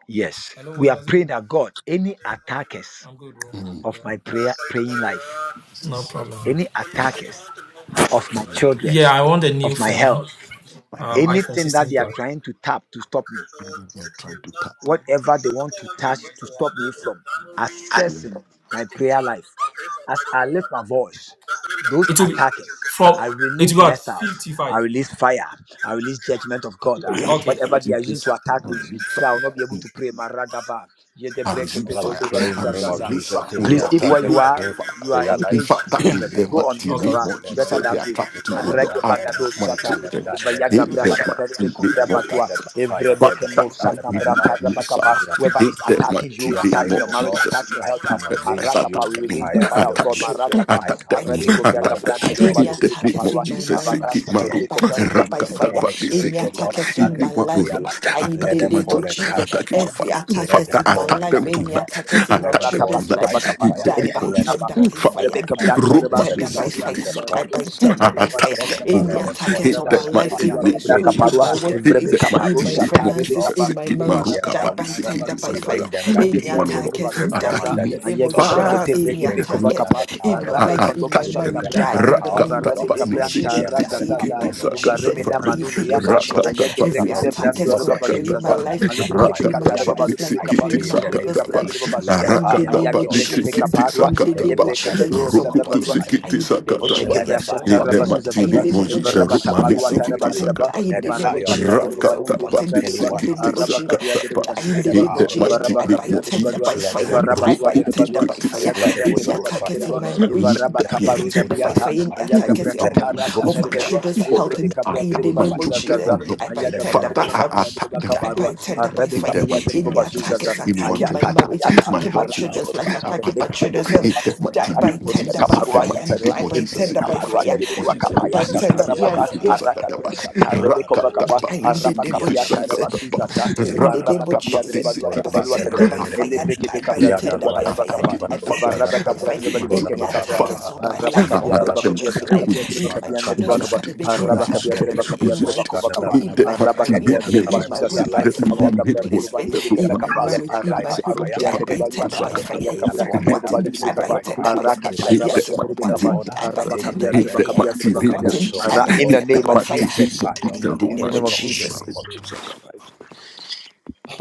Speaker 1: Yes.
Speaker 10: Hello,
Speaker 1: We are
Speaker 10: Wazim.
Speaker 1: praying that God, any attackers
Speaker 10: I'm good, bro.
Speaker 2: In the name
Speaker 10: Yeah.
Speaker 1: of
Speaker 10: Uh,
Speaker 1: my prayer
Speaker 10: sorry to
Speaker 1: praying
Speaker 10: bother
Speaker 1: life,
Speaker 2: of
Speaker 10: you. No
Speaker 2: Jesus.
Speaker 10: problem.
Speaker 1: any
Speaker 10: So you said you
Speaker 1: attackers
Speaker 10: wanted to move to
Speaker 1: of
Speaker 10: Roger,
Speaker 1: my
Speaker 2: Name
Speaker 10: right?
Speaker 2: the
Speaker 1: children,
Speaker 10: Yeah,
Speaker 2: peace.
Speaker 10: I want a
Speaker 2: The
Speaker 10: new
Speaker 1: of my
Speaker 2: children,
Speaker 10: phone.
Speaker 1: health,
Speaker 2: my
Speaker 10: Um,
Speaker 2: health,
Speaker 10: iPhone
Speaker 1: anything that
Speaker 10: 16
Speaker 1: they are
Speaker 10: Plus.
Speaker 1: trying to tap to stop
Speaker 10: Okay,
Speaker 1: me,
Speaker 10: so
Speaker 2: even they are
Speaker 10: 16
Speaker 2: trying to
Speaker 10: Plus.
Speaker 2: tap.
Speaker 10: So
Speaker 1: whatever they
Speaker 10: first of
Speaker 1: want
Speaker 10: all,
Speaker 1: to
Speaker 10: once you
Speaker 1: touch
Speaker 10: move to
Speaker 1: to stop
Speaker 10: Roger,
Speaker 1: me
Speaker 10: your
Speaker 1: from
Speaker 10: plan will be
Speaker 2: Amen.
Speaker 1: accessing my
Speaker 10: 55.
Speaker 1: prayer life.
Speaker 10: Okay, so if I
Speaker 1: As
Speaker 10: go
Speaker 1: I
Speaker 10: to
Speaker 1: lift my
Speaker 10: Roger,
Speaker 1: voice,
Speaker 10: that's going to be the minimum
Speaker 1: those
Speaker 10: plan that you
Speaker 1: attackers,
Speaker 10: get from, for
Speaker 1: I
Speaker 10: Roger. It
Speaker 1: release
Speaker 10: will be
Speaker 1: missiles,
Speaker 10: at 55.
Speaker 1: I
Speaker 10: Yeah, 55
Speaker 1: release fire, I release
Speaker 10: for
Speaker 1: judgment
Speaker 10: the
Speaker 1: of God. ah.
Speaker 2: Father,
Speaker 10: plan. Okay.
Speaker 1: whatever they
Speaker 2: give
Speaker 1: are using
Speaker 2: this
Speaker 1: to
Speaker 10: Yeah.
Speaker 1: attack me,
Speaker 10: And
Speaker 1: so that I will
Speaker 10: then
Speaker 1: not be
Speaker 10: the
Speaker 1: able
Speaker 2: relief.
Speaker 1: to pray.
Speaker 10: 16th one,
Speaker 1: Maragaba,
Speaker 10: so you
Speaker 2: I
Speaker 10: have
Speaker 1: yedebreke
Speaker 10: two
Speaker 2: receive
Speaker 6: Father, we
Speaker 2: fire.
Speaker 10: options
Speaker 1: pekodoba
Speaker 10: with
Speaker 6: pray in
Speaker 2: I
Speaker 10: the
Speaker 6: the name
Speaker 10: with
Speaker 6: of
Speaker 2: receive
Speaker 10: Rocket. So
Speaker 1: suzazaza.
Speaker 10: once
Speaker 2: missile,
Speaker 6: Jesus,
Speaker 10: you
Speaker 2: oh
Speaker 6: any
Speaker 10: move
Speaker 1: Please,
Speaker 10: to
Speaker 2: Lord.
Speaker 1: if where
Speaker 10: Rocket,
Speaker 6: attackers
Speaker 1: you
Speaker 2: Amen.
Speaker 10: Rocket
Speaker 1: are,
Speaker 10: gives
Speaker 6: against
Speaker 2: Fire.
Speaker 10: you
Speaker 1: you
Speaker 10: more
Speaker 1: are
Speaker 6: prayer
Speaker 10: options
Speaker 2: In
Speaker 6: life,
Speaker 10: and
Speaker 1: engaged,
Speaker 2: fact,
Speaker 6: <clears throat>
Speaker 2: that
Speaker 6: in the
Speaker 2: in
Speaker 1: please
Speaker 10: flexibility.
Speaker 2: the
Speaker 6: name of
Speaker 1: go on
Speaker 2: mighty
Speaker 10: So
Speaker 1: mute
Speaker 10: Okay. So
Speaker 2: name
Speaker 1: for
Speaker 6: Jesus,
Speaker 10: once
Speaker 1: us.
Speaker 10: you
Speaker 2: of
Speaker 1: It's
Speaker 10: move
Speaker 6: let
Speaker 10: to
Speaker 6: them
Speaker 1: better
Speaker 2: Jesus,
Speaker 6: die,
Speaker 10: Rocket,
Speaker 2: they
Speaker 1: that
Speaker 2: are
Speaker 10: they
Speaker 1: way.
Speaker 10: give
Speaker 2: trying
Speaker 10: you
Speaker 2: to,
Speaker 10: the
Speaker 6: let
Speaker 2: oh
Speaker 6: them
Speaker 10: option
Speaker 2: Lord,
Speaker 1: Arege
Speaker 6: die,
Speaker 10: of
Speaker 6: let
Speaker 2: attack
Speaker 10: either
Speaker 6: them
Speaker 1: bagado
Speaker 2: my
Speaker 6: die,
Speaker 10: leasing
Speaker 1: shata.
Speaker 10: the
Speaker 6: let them
Speaker 2: children.
Speaker 10: phone
Speaker 6: die, let them
Speaker 1: Ivayaga
Speaker 2: In
Speaker 6: be
Speaker 10: or
Speaker 1: bra
Speaker 2: the
Speaker 6: scattered,
Speaker 1: shata
Speaker 10: financing
Speaker 1: rebe
Speaker 10: it.
Speaker 2: mighty
Speaker 10: So
Speaker 6: let
Speaker 2: name
Speaker 10: if
Speaker 1: kubra
Speaker 6: them
Speaker 10: you
Speaker 6: be
Speaker 2: of
Speaker 10: lease
Speaker 1: batwa.
Speaker 6: scattered
Speaker 10: the
Speaker 2: Jesus.
Speaker 6: by
Speaker 10: phone, your
Speaker 6: fire,
Speaker 1: Evrebe
Speaker 6: let them
Speaker 10: monthly
Speaker 6: be
Speaker 2: Father,
Speaker 1: keno
Speaker 2: I
Speaker 6: scattered
Speaker 1: sana
Speaker 6: by
Speaker 2: give
Speaker 10: is
Speaker 2: you
Speaker 10: going to
Speaker 1: mrata
Speaker 6: fire.
Speaker 10: be
Speaker 2: missile.
Speaker 10: cheaper,
Speaker 6: Any
Speaker 1: rabakapa.
Speaker 10: but you
Speaker 1: Whoever
Speaker 6: attack
Speaker 10: have
Speaker 2: In
Speaker 1: is
Speaker 10: the
Speaker 6: on
Speaker 2: the
Speaker 10: option
Speaker 6: my
Speaker 1: attacking you,
Speaker 2: mighty
Speaker 6: prayer
Speaker 10: after
Speaker 2: name
Speaker 6: life,
Speaker 10: three
Speaker 1: attacking your
Speaker 10: years
Speaker 2: of
Speaker 6: oh
Speaker 10: to go
Speaker 1: marriage,
Speaker 6: God,
Speaker 10: with a
Speaker 2: Jesus.
Speaker 1: attacking your
Speaker 10: different
Speaker 6: I
Speaker 10: phone,
Speaker 1: health, uh,
Speaker 10: like
Speaker 6: come
Speaker 10: for
Speaker 2: Whoever
Speaker 10: example.
Speaker 2: is
Speaker 6: against you
Speaker 1: arakapa, we
Speaker 6: with the
Speaker 2: attacking
Speaker 1: release
Speaker 2: me,
Speaker 1: the
Speaker 6: fire of
Speaker 1: fire
Speaker 6: the
Speaker 1: of
Speaker 4: my
Speaker 2: attack
Speaker 1: God.
Speaker 6: Holy Ghost.
Speaker 4: children.
Speaker 2: them,
Speaker 1: Marakapa,
Speaker 6: I
Speaker 2: attack them,
Speaker 6: come
Speaker 4: I
Speaker 1: arebe
Speaker 6: against
Speaker 4: tender
Speaker 6: you
Speaker 1: govra
Speaker 4: by
Speaker 6: with the
Speaker 2: attack
Speaker 4: fire.
Speaker 1: gabra
Speaker 2: them.
Speaker 6: fire
Speaker 1: anteribo
Speaker 6: of
Speaker 4: Any
Speaker 2: In
Speaker 6: the
Speaker 2: the
Speaker 6: Holy
Speaker 1: balibi
Speaker 4: attack
Speaker 2: name
Speaker 4: is
Speaker 6: Ghost.
Speaker 2: of
Speaker 1: kaparua.
Speaker 4: in my
Speaker 2: Jesus,
Speaker 6: Father,
Speaker 2: Seki
Speaker 4: marriage.
Speaker 1: Evarasa
Speaker 6: any
Speaker 4: I
Speaker 2: Maru,
Speaker 1: teribe
Speaker 6: entity,
Speaker 4: by
Speaker 1: govra
Speaker 4: tender
Speaker 6: any
Speaker 4: by
Speaker 2: Rakata
Speaker 4: fire.
Speaker 6: demonic
Speaker 2: Padi
Speaker 6: spirit,
Speaker 4: Any
Speaker 6: oh
Speaker 2: Seki
Speaker 6: God,
Speaker 4: attack is in
Speaker 6: attacking
Speaker 4: my
Speaker 6: my
Speaker 2: Padi
Speaker 4: life.
Speaker 6: prayer life,
Speaker 4: Die in
Speaker 6: let
Speaker 4: the
Speaker 2: attacking
Speaker 6: them
Speaker 2: my
Speaker 4: name
Speaker 6: fall
Speaker 4: of
Speaker 2: children,
Speaker 6: and die by
Speaker 4: Jesus.
Speaker 2: attacking my
Speaker 6: fire.
Speaker 4: Every
Speaker 2: family.
Speaker 4: attack
Speaker 6: Let
Speaker 4: is
Speaker 2: Father,
Speaker 6: them
Speaker 4: in my
Speaker 6: fall
Speaker 2: attack
Speaker 6: and
Speaker 4: life.
Speaker 2: them
Speaker 6: die by
Speaker 4: Any
Speaker 6: fire.
Speaker 2: tonight.
Speaker 4: attack is in my
Speaker 6: Let them
Speaker 2: Attack
Speaker 1: Arata
Speaker 2: them
Speaker 6: fall
Speaker 4: children's
Speaker 6: and
Speaker 1: batuta
Speaker 6: die
Speaker 2: tonight.
Speaker 6: by
Speaker 4: life.
Speaker 1: bakapa.
Speaker 2: In
Speaker 6: fire.
Speaker 2: the
Speaker 4: Die
Speaker 1: Any
Speaker 2: name
Speaker 4: by
Speaker 2: of
Speaker 6: Let them
Speaker 2: Jesus.
Speaker 1: araba.
Speaker 4: tender
Speaker 6: fall
Speaker 4: by
Speaker 6: and
Speaker 2: Father,
Speaker 6: die by
Speaker 4: fire.
Speaker 1: Rebecca
Speaker 4: Die
Speaker 6: fire.
Speaker 1: Brato,
Speaker 4: by
Speaker 1: Reba
Speaker 6: In
Speaker 2: Roma
Speaker 6: the
Speaker 2: de
Speaker 4: tender
Speaker 6: name
Speaker 1: Suza,
Speaker 4: by
Speaker 6: of
Speaker 1: Sia,
Speaker 2: Sikiti
Speaker 4: fire.
Speaker 6: Jesus
Speaker 4: Die
Speaker 6: Christ,
Speaker 2: Sakata.
Speaker 6: the
Speaker 4: by
Speaker 1: Rebecca
Speaker 6: Son
Speaker 4: tender
Speaker 1: Branda,
Speaker 6: of the
Speaker 1: Reba
Speaker 4: by
Speaker 6: Living
Speaker 4: fire.
Speaker 2: Attack
Speaker 6: God,
Speaker 2: them,
Speaker 1: Rebecca
Speaker 2: oh
Speaker 4: Any
Speaker 6: let
Speaker 1: Barua,
Speaker 6: them
Speaker 4: attack
Speaker 6: fall
Speaker 2: Lord.
Speaker 4: is
Speaker 2: In
Speaker 6: and
Speaker 1: Evreba
Speaker 4: on
Speaker 6: die
Speaker 4: my
Speaker 2: the
Speaker 1: Shata,
Speaker 6: by
Speaker 4: life,
Speaker 2: mighty
Speaker 6: fire.
Speaker 4: in my
Speaker 1: Rebecca
Speaker 2: name of
Speaker 1: Braca
Speaker 4: school,
Speaker 6: Any
Speaker 4: in
Speaker 1: Parua,
Speaker 2: Jesus.
Speaker 4: my
Speaker 6: attackers
Speaker 2: In the
Speaker 1: Rebecca
Speaker 6: against
Speaker 4: workplace,
Speaker 6: my
Speaker 4: in
Speaker 1: Paro
Speaker 2: mighty
Speaker 4: my
Speaker 6: prayer
Speaker 2: name
Speaker 6: life,
Speaker 1: Shata,
Speaker 2: of
Speaker 6: oh God,
Speaker 1: Rebecca
Speaker 4: finances,
Speaker 2: Jesus.
Speaker 4: in
Speaker 1: Pa,
Speaker 4: my
Speaker 6: we
Speaker 2: Sikit
Speaker 6: bring
Speaker 4: marriage.
Speaker 1: Evaraba
Speaker 6: them
Speaker 2: Maruka
Speaker 4: Die
Speaker 6: down
Speaker 2: Badi
Speaker 4: by
Speaker 6: to
Speaker 1: Duata,
Speaker 6: naught.
Speaker 1: Raba
Speaker 4: tender
Speaker 2: Sikiti
Speaker 4: by
Speaker 6: We
Speaker 1: Zuzaza,
Speaker 4: fire
Speaker 6: bring
Speaker 2: Sakata.
Speaker 6: them down
Speaker 1: Ayege
Speaker 4: any
Speaker 6: to
Speaker 2: In
Speaker 6: naught.
Speaker 2: one, oh
Speaker 1: Branda,
Speaker 6: We
Speaker 1: Reba
Speaker 4: attackers
Speaker 2: Lord.
Speaker 6: bring them
Speaker 4: die
Speaker 1: Zuzaza,
Speaker 2: Attacking
Speaker 4: in
Speaker 6: under
Speaker 2: me.
Speaker 4: the
Speaker 6: the feet
Speaker 4: name
Speaker 6: feet
Speaker 4: of
Speaker 1: Ayege
Speaker 6: of the Lord.
Speaker 4: Jesus.
Speaker 2: Father,
Speaker 6: We
Speaker 1: Brekete
Speaker 4: Any
Speaker 1: regebe
Speaker 6: bring them
Speaker 4: attackers
Speaker 6: under the
Speaker 1: kovakapa
Speaker 4: in
Speaker 6: power
Speaker 4: my
Speaker 6: of the
Speaker 1: arabe
Speaker 4: life,
Speaker 2: I
Speaker 6: Lord.
Speaker 1: kondo
Speaker 4: in
Speaker 2: tap
Speaker 4: my
Speaker 6: We bring
Speaker 2: them.
Speaker 1: bashanda
Speaker 4: marriage,
Speaker 6: them under
Speaker 4: die
Speaker 1: braka
Speaker 6: the
Speaker 4: in
Speaker 2: Rat
Speaker 4: the
Speaker 6: power
Speaker 2: tat
Speaker 6: of the
Speaker 2: tat
Speaker 4: mighty
Speaker 6: Lord.
Speaker 1: varebe
Speaker 2: pat
Speaker 4: name
Speaker 2: ni
Speaker 4: of
Speaker 6: We
Speaker 2: si
Speaker 6: bring
Speaker 1: kabranta
Speaker 2: ki
Speaker 4: Jesus.
Speaker 6: them
Speaker 2: ti
Speaker 4: Die
Speaker 6: under
Speaker 2: si
Speaker 6: the
Speaker 4: in the
Speaker 2: ki
Speaker 1: razazaza
Speaker 6: power
Speaker 2: ti
Speaker 4: name
Speaker 6: of the
Speaker 2: sa
Speaker 4: of
Speaker 6: Lord.
Speaker 2: ka
Speaker 4: Jesus.
Speaker 2: tat
Speaker 4: Die
Speaker 1: vareme
Speaker 6: In
Speaker 2: pat
Speaker 6: the
Speaker 1: na
Speaker 2: ni.
Speaker 6: name
Speaker 4: in
Speaker 6: of
Speaker 4: the
Speaker 1: manuni
Speaker 4: name of
Speaker 6: Jesus
Speaker 1: yana
Speaker 2: Rat tat
Speaker 6: Christ,
Speaker 2: tat
Speaker 6: the
Speaker 4: Jesus.
Speaker 1: ayege
Speaker 2: pat ni
Speaker 4: Every
Speaker 6: Son
Speaker 1: breke
Speaker 6: of
Speaker 1: de
Speaker 2: si
Speaker 6: the
Speaker 2: ki
Speaker 4: attack
Speaker 6: Living
Speaker 2: ti
Speaker 1: brando
Speaker 4: has
Speaker 6: God,
Speaker 2: sa
Speaker 1: reba
Speaker 2: ka
Speaker 4: controlling
Speaker 2: tat
Speaker 4: my
Speaker 1: bazuzaza
Speaker 6: anyone
Speaker 2: pat.
Speaker 6: that is
Speaker 4: life,
Speaker 6: after
Speaker 2: Rat
Speaker 1: alebreke
Speaker 6: my
Speaker 2: tat
Speaker 4: controlling my
Speaker 2: tat
Speaker 1: bekata
Speaker 6: prayer
Speaker 1: reba
Speaker 2: pat ni
Speaker 6: life,
Speaker 1: balu
Speaker 4: children's
Speaker 2: si
Speaker 4: life,
Speaker 1: brebe
Speaker 6: I
Speaker 2: ki
Speaker 1: kapa
Speaker 2: ti
Speaker 6: pray
Speaker 4: controlling my
Speaker 2: sa
Speaker 6: in the
Speaker 2: ka
Speaker 1: vrebe
Speaker 6: name
Speaker 4: husband's
Speaker 2: tat
Speaker 6: of
Speaker 1: kabra
Speaker 2: pat.
Speaker 1: reba
Speaker 4: life.
Speaker 6: Jesus. Let
Speaker 4: Die
Speaker 6: the
Speaker 1: bazuza
Speaker 2: Rat
Speaker 4: in
Speaker 2: tat
Speaker 4: the
Speaker 6: fire
Speaker 2: tat
Speaker 6: of
Speaker 4: name
Speaker 6: the
Speaker 2: pat
Speaker 1: ayage
Speaker 4: of
Speaker 2: ni
Speaker 6: Lord
Speaker 1: breke
Speaker 2: si
Speaker 6: come
Speaker 4: Jesus.
Speaker 2: ki
Speaker 4: Die
Speaker 6: against
Speaker 2: ti
Speaker 6: you.
Speaker 2: sa
Speaker 1: pekaparwa
Speaker 4: in
Speaker 2: ka
Speaker 4: the
Speaker 2: tat
Speaker 4: name
Speaker 2: pat.
Speaker 4: of
Speaker 6: Anyone
Speaker 1: ayebreke
Speaker 6: that is
Speaker 4: Jesus.
Speaker 1: meru
Speaker 4: Yes,
Speaker 6: after
Speaker 4: our
Speaker 6: my
Speaker 2: Rupu tu
Speaker 6: prayer
Speaker 1: sadabadwa
Speaker 2: si
Speaker 4: button.
Speaker 6: life.
Speaker 2: ki
Speaker 4: Die
Speaker 2: ti
Speaker 4: in
Speaker 2: sa
Speaker 4: the
Speaker 2: ka
Speaker 4: name of
Speaker 2: tat
Speaker 4: Jesus.
Speaker 2: pat.
Speaker 6: Let the
Speaker 4: Yes,
Speaker 1: Yekebrasha
Speaker 4: our
Speaker 6: fire
Speaker 2: Ni
Speaker 6: of
Speaker 2: de
Speaker 6: the
Speaker 4: button.
Speaker 6: Lord
Speaker 1: tarabazuza
Speaker 4: Die in
Speaker 2: matini
Speaker 1: zaza
Speaker 6: destroy
Speaker 4: the name
Speaker 2: moji
Speaker 4: of
Speaker 2: Ah,
Speaker 1: evraba
Speaker 6: anyone
Speaker 4: Jesus.
Speaker 6: after
Speaker 1: tapadu
Speaker 4: Yes,
Speaker 6: my
Speaker 4: our
Speaker 6: prayer
Speaker 1: atarabadu
Speaker 6: life.
Speaker 4: button.
Speaker 1: daba
Speaker 4: Die in
Speaker 6: Let the
Speaker 4: the name
Speaker 1: emarebe
Speaker 4: of
Speaker 6: fire of the
Speaker 1: kabra
Speaker 4: Jesus.
Speaker 6: Lord
Speaker 1: dereba
Speaker 4: Yes,
Speaker 1: bali
Speaker 4: our
Speaker 6: overrule
Speaker 1: birbe kabra
Speaker 4: button. Die
Speaker 1: dereba
Speaker 4: in
Speaker 6: anyone
Speaker 4: the
Speaker 6: after
Speaker 4: name of
Speaker 6: my
Speaker 1: araba
Speaker 4: Jesus.
Speaker 6: prayer
Speaker 1: kabia
Speaker 6: life.
Speaker 1: dereba
Speaker 4: Die
Speaker 1: bashu
Speaker 4: in
Speaker 6: Let
Speaker 4: the
Speaker 6: the
Speaker 1: dereba
Speaker 4: name of
Speaker 6: power
Speaker 2: ah,
Speaker 6: of
Speaker 4: Jesus,
Speaker 6: the
Speaker 1: evaraba
Speaker 6: Lord
Speaker 4: die by
Speaker 1: kabia
Speaker 6: scatter.
Speaker 1: dereba
Speaker 4: tender,
Speaker 1: dua
Speaker 4: by
Speaker 6: Let
Speaker 2: Jesus.
Speaker 6: the
Speaker 4: fire,
Speaker 6: Holy
Speaker 1: evaraba
Speaker 4: die
Speaker 6: Ghost
Speaker 1: tua
Speaker 2: Rupu
Speaker 4: by
Speaker 6: fire
Speaker 2: tu
Speaker 1: dereba
Speaker 4: tender,
Speaker 1: dua
Speaker 2: ki
Speaker 4: by
Speaker 6: destroy.
Speaker 2: ti
Speaker 1: aya
Speaker 4: fire.
Speaker 2: si ki
Speaker 6: Let the
Speaker 1: gabra
Speaker 2: ti
Speaker 4: Any
Speaker 6: Holy
Speaker 2: sa ka
Speaker 6: Ghost
Speaker 1: bashu
Speaker 4: attackers
Speaker 6: fire
Speaker 4: in
Speaker 1: dereba
Speaker 4: my
Speaker 6: overrule.
Speaker 2: let
Speaker 4: marriage,
Speaker 2: there
Speaker 1: evaraba
Speaker 6: Let
Speaker 4: die
Speaker 6: the
Speaker 2: be <laughs>
Speaker 4: by
Speaker 1: kabaru
Speaker 6: Holy Ghost
Speaker 4: tender, by
Speaker 6: fire
Speaker 1: dabiata
Speaker 4: fire. Any
Speaker 6: overtake.
Speaker 1: aya gabra
Speaker 4: attackers on
Speaker 6: Let
Speaker 2: today.
Speaker 4: my,
Speaker 6: the
Speaker 1: katara
Speaker 6: Holy
Speaker 1: sha
Speaker 6: Ghost
Speaker 4: on my
Speaker 1: dereba
Speaker 6: fire
Speaker 1: dua
Speaker 4: children's
Speaker 6: scatter.
Speaker 2: Lord,
Speaker 4: health,
Speaker 1: evrebe
Speaker 6: Let
Speaker 4: and
Speaker 6: the
Speaker 4: die
Speaker 1: kabra
Speaker 6: Holy
Speaker 4: in
Speaker 2: attack
Speaker 1: dereba
Speaker 4: the
Speaker 6: Ghost
Speaker 2: my
Speaker 4: name
Speaker 6: fire
Speaker 1: bashu
Speaker 4: of
Speaker 1: zaza
Speaker 2: children,
Speaker 4: Jesus,
Speaker 2: do
Speaker 1: zaza
Speaker 6: destroy.
Speaker 2: Lord.
Speaker 4: die by
Speaker 6: In
Speaker 1: aya
Speaker 6: the
Speaker 1: gabra
Speaker 4: tender,
Speaker 6: name of
Speaker 2: Father,
Speaker 4: by
Speaker 1: dereba
Speaker 4: fire,
Speaker 2: I
Speaker 1: kabia
Speaker 2: attack
Speaker 1: dereba
Speaker 2: them back.
Speaker 4: die by
Speaker 1: kabarua
Speaker 4: tender, by
Speaker 1: arebe
Speaker 2: In the
Speaker 4: fire.
Speaker 1: kabia
Speaker 2: mighty
Speaker 1: dereba
Speaker 4: Any
Speaker 2: name of
Speaker 1: bashu
Speaker 2: Jesus,
Speaker 4: attackers
Speaker 2: anyone
Speaker 4: attacking
Speaker 6: Jesus.
Speaker 2: trying
Speaker 4: my
Speaker 2: to attack
Speaker 4: marriage,
Speaker 1: yata
Speaker 2: my
Speaker 4: attacking my
Speaker 2: helpful
Speaker 1: araka
Speaker 6: Yabara
Speaker 2: Lord,
Speaker 4: children's
Speaker 1: tore
Speaker 4: life,
Speaker 1: basha
Speaker 2: I
Speaker 4: attacking
Speaker 1: dereba
Speaker 4: my
Speaker 2: attack them.
Speaker 1: kabarua
Speaker 4: children's
Speaker 2: In
Speaker 4: health,
Speaker 2: the
Speaker 4: die
Speaker 2: mighty name
Speaker 4: by
Speaker 2: of
Speaker 1: Varakatori de
Speaker 4: tender,
Speaker 2: Jesus,
Speaker 4: by
Speaker 2: in the
Speaker 1: Caparua
Speaker 2: mighty
Speaker 4: fire,
Speaker 1: Sataro,
Speaker 2: name
Speaker 4: die
Speaker 2: of
Speaker 4: by
Speaker 2: Jesus,
Speaker 1: Evre
Speaker 2: in
Speaker 4: tender,
Speaker 2: the
Speaker 4: by
Speaker 1: Caparua
Speaker 2: mighty
Speaker 4: fire,
Speaker 1: de
Speaker 2: name of
Speaker 1: Ridua
Speaker 2: Jesus,
Speaker 4: die
Speaker 1: Capaya
Speaker 4: by
Speaker 2: Roman is the
Speaker 4: tender.
Speaker 2: same. I
Speaker 4: Yes,
Speaker 1: Satarabaka,
Speaker 2: hope you do
Speaker 6: bara
Speaker 4: yes,
Speaker 6: bara bara
Speaker 1: Aracapra
Speaker 2: Sakataba.
Speaker 6: bara,
Speaker 1: Satarebeco
Speaker 6: Makara bara bara,
Speaker 1: Vacapa,
Speaker 2: Rakataba,
Speaker 4: die in
Speaker 2: this
Speaker 4: the
Speaker 2: is
Speaker 4: name of
Speaker 1: Arabacapia
Speaker 6: Yandara bara,
Speaker 4: Jesus
Speaker 1: Taraba Suzaza,
Speaker 4: in
Speaker 2: Sakataba.
Speaker 4: the
Speaker 6: Yandara bara,
Speaker 4: name of
Speaker 1: Emarabacapia
Speaker 2: Rakataba,
Speaker 1: de
Speaker 4: Jesus,
Speaker 2: this is
Speaker 1: Balua
Speaker 6: then
Speaker 4: I
Speaker 1: de
Speaker 6: after
Speaker 4: buy
Speaker 1: Balua de
Speaker 4: tender,
Speaker 2: Kitty
Speaker 1: Reba,
Speaker 4: by
Speaker 6: my
Speaker 4: fire,
Speaker 1: Elebreke
Speaker 4: die by
Speaker 1: Becapra de
Speaker 2: it
Speaker 4: tender,
Speaker 1: Balua
Speaker 2: one
Speaker 4: by
Speaker 1: de
Speaker 4: fire,
Speaker 1: Bacapa,
Speaker 2: attacking my
Speaker 4: I buy
Speaker 2: family,
Speaker 4: tender, by
Speaker 1: Ivarabacapra
Speaker 4: fire.
Speaker 1: de
Speaker 2: attacking my
Speaker 1: Balibri
Speaker 4: Any
Speaker 2: children,
Speaker 1: Capra
Speaker 4: attack
Speaker 1: de
Speaker 4: is
Speaker 2: Father,
Speaker 4: on my life,
Speaker 2: I'm
Speaker 1: Arabacapia
Speaker 4: on my
Speaker 1: de
Speaker 2: attacking
Speaker 1: Bacopia
Speaker 4: children's
Speaker 2: them. We
Speaker 1: Bakapia
Speaker 4: life,
Speaker 1: tere
Speaker 2: used
Speaker 4: in
Speaker 2: to,
Speaker 4: my
Speaker 1: bakapia
Speaker 2: we
Speaker 1: andere
Speaker 4: children's
Speaker 1: bakapa
Speaker 2: used
Speaker 4: academy,
Speaker 2: to,
Speaker 4: in
Speaker 2: we
Speaker 4: my
Speaker 1: araba
Speaker 2: used
Speaker 1: kapia
Speaker 2: to,
Speaker 1: tere
Speaker 4: academic,
Speaker 2: we
Speaker 1: bakapia
Speaker 4: in
Speaker 1: tere
Speaker 4: my
Speaker 2: used to.
Speaker 1: bakova
Speaker 4: school,
Speaker 2: In
Speaker 4: in
Speaker 2: the
Speaker 4: my
Speaker 1: araba
Speaker 2: mighty
Speaker 4: career,
Speaker 1: kapia tere
Speaker 2: name of
Speaker 4: in my
Speaker 1: basuza
Speaker 2: Jesus,
Speaker 6: prayer
Speaker 2: in
Speaker 1: sasa
Speaker 2: the
Speaker 6: life,
Speaker 4: workplace,
Speaker 6: oh
Speaker 4: in
Speaker 1: aya
Speaker 6: God,
Speaker 4: my
Speaker 2: mighty
Speaker 6: we
Speaker 2: name
Speaker 1: kapia
Speaker 6: pray in
Speaker 1: tere
Speaker 2: of
Speaker 6: the
Speaker 2: Jesus,
Speaker 6: name
Speaker 1: babali
Speaker 2: the
Speaker 6: of
Speaker 1: bide
Speaker 4: placement,
Speaker 6: Jesus,
Speaker 1: kapa
Speaker 4: in
Speaker 2: Roman
Speaker 4: my
Speaker 1: kapa
Speaker 6: let
Speaker 4: marriage,
Speaker 6: it
Speaker 4: in
Speaker 6: die
Speaker 4: my
Speaker 6: by
Speaker 4: home,
Speaker 6: fire.
Speaker 4: die
Speaker 2: Sakatabaru
Speaker 4: by
Speaker 2: to
Speaker 6: Anyone
Speaker 4: tender,
Speaker 1: baluata
Speaker 4: by
Speaker 6: after my
Speaker 4: fire.
Speaker 1: aya
Speaker 6: prayer
Speaker 4: Yes,
Speaker 1: kapia
Speaker 6: life,
Speaker 4: I'm
Speaker 2: Sakataba,
Speaker 1: tere
Speaker 6: let
Speaker 2: Riki
Speaker 6: that
Speaker 4: wanting,
Speaker 1: babali
Speaker 2: to
Speaker 1: bide
Speaker 6: person
Speaker 4: die
Speaker 6: die
Speaker 4: by
Speaker 1: kapa
Speaker 6: by
Speaker 2: Sakatabaru
Speaker 4: tender,
Speaker 6: fire.
Speaker 4: by
Speaker 2: Suba,
Speaker 4: fire.
Speaker 6: Let
Speaker 2: in
Speaker 6: the
Speaker 1: taraba
Speaker 2: the
Speaker 4: Yes, I'm
Speaker 6: sword of
Speaker 1: shotere bide
Speaker 6: the
Speaker 2: mighty name
Speaker 1: kapa
Speaker 6: Lord
Speaker 4: wanting,
Speaker 6: uh,
Speaker 2: of
Speaker 4: die by
Speaker 2: Jesus,
Speaker 1: araba
Speaker 6: take
Speaker 4: tender,
Speaker 1: kapia
Speaker 4: by
Speaker 1: tere
Speaker 2: in
Speaker 6: vengeance.
Speaker 2: the
Speaker 4: fire.
Speaker 1: bakapia
Speaker 4: Yes,
Speaker 1: tere
Speaker 2: mighty
Speaker 4: I'm
Speaker 6: Let
Speaker 2: name
Speaker 6: the
Speaker 1: bakapia
Speaker 2: of
Speaker 4: wanting,
Speaker 6: sword
Speaker 4: die
Speaker 6: of
Speaker 2: Jesus,
Speaker 1: ara
Speaker 6: the
Speaker 2: in
Speaker 4: by
Speaker 1: in
Speaker 6: Lord
Speaker 1: the
Speaker 6: take
Speaker 2: the
Speaker 4: tender,
Speaker 1: name
Speaker 6: vengeance.
Speaker 4: by
Speaker 1: of
Speaker 2: mighty
Speaker 4: fire.
Speaker 2: name of Jesus,
Speaker 1: Jesus
Speaker 6: Fire
Speaker 4: Die
Speaker 6: of
Speaker 2: the
Speaker 6: the
Speaker 4: in the
Speaker 6: Lord
Speaker 1: in the
Speaker 2: Roman
Speaker 6: is
Speaker 4: name of
Speaker 1: name of
Speaker 2: is
Speaker 6: strong in the
Speaker 1: Jesus
Speaker 4: Jesus.
Speaker 6: name of
Speaker 2: Sakatabaru to Sakatabaru.
Speaker 6: Jesus Christ.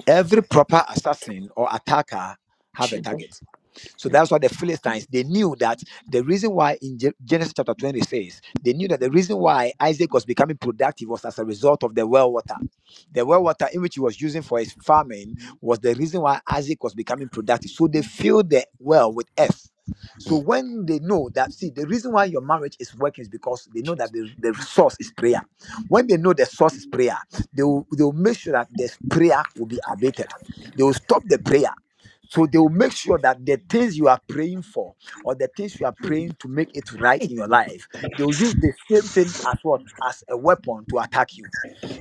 Speaker 1: every proper assassin or attacker have a
Speaker 4: Jesus.
Speaker 1: target so that's why the Philistines they knew that the reason why in Gen- Genesis chapter 26, they knew that the reason why Isaac was becoming productive was as a result of the well water. The well water in which he was using for his farming was the reason why Isaac was becoming productive. So they filled the well with earth. So when they know that, see, the reason why your marriage is working is because they know that the, the source is prayer. When they know the source is prayer, they will, they will make sure that this prayer will be abated. They will stop the prayer so they will make sure that the things you are praying for or the things you are praying to make it right in your life, they will use the same thing as what? As a weapon to attack you.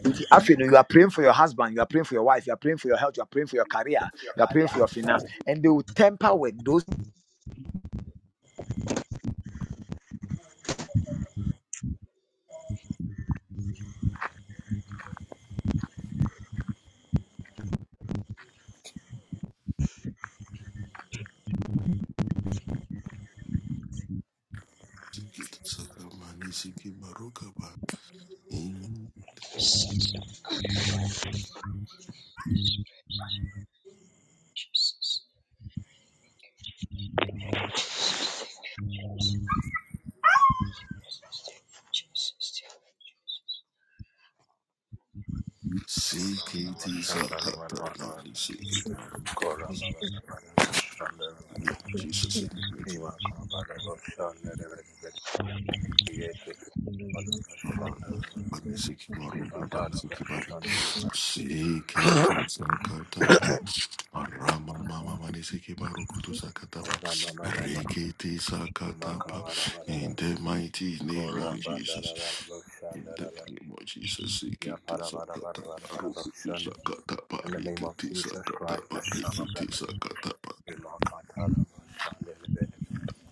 Speaker 1: Nti afei no, you are praying for your husband, you are praying for your wife, you are praying for your health, you are praying for your career, you are praying for your finance, and they will temper with those.
Speaker 2: Sikit saka mani siki maruka In CKT Sakata Mali Siki Maru Ini Jesus ini Meji Rakata Pani Siki Maru Pani Siki Bari CKT Sakata Pan Arama Mama Mani Siki Baru Kutu Sakata Ba Rekiti Sakata Ba In the mighty name of Jesus In the name of Jesus, Sikiti Sakata Barukutu Sakata
Speaker 6: In the name of
Speaker 2: Parikiti
Speaker 6: Jesus
Speaker 2: Sakata
Speaker 6: Christ, the Son of the
Speaker 2: Parikiti
Speaker 6: Living
Speaker 2: Sakata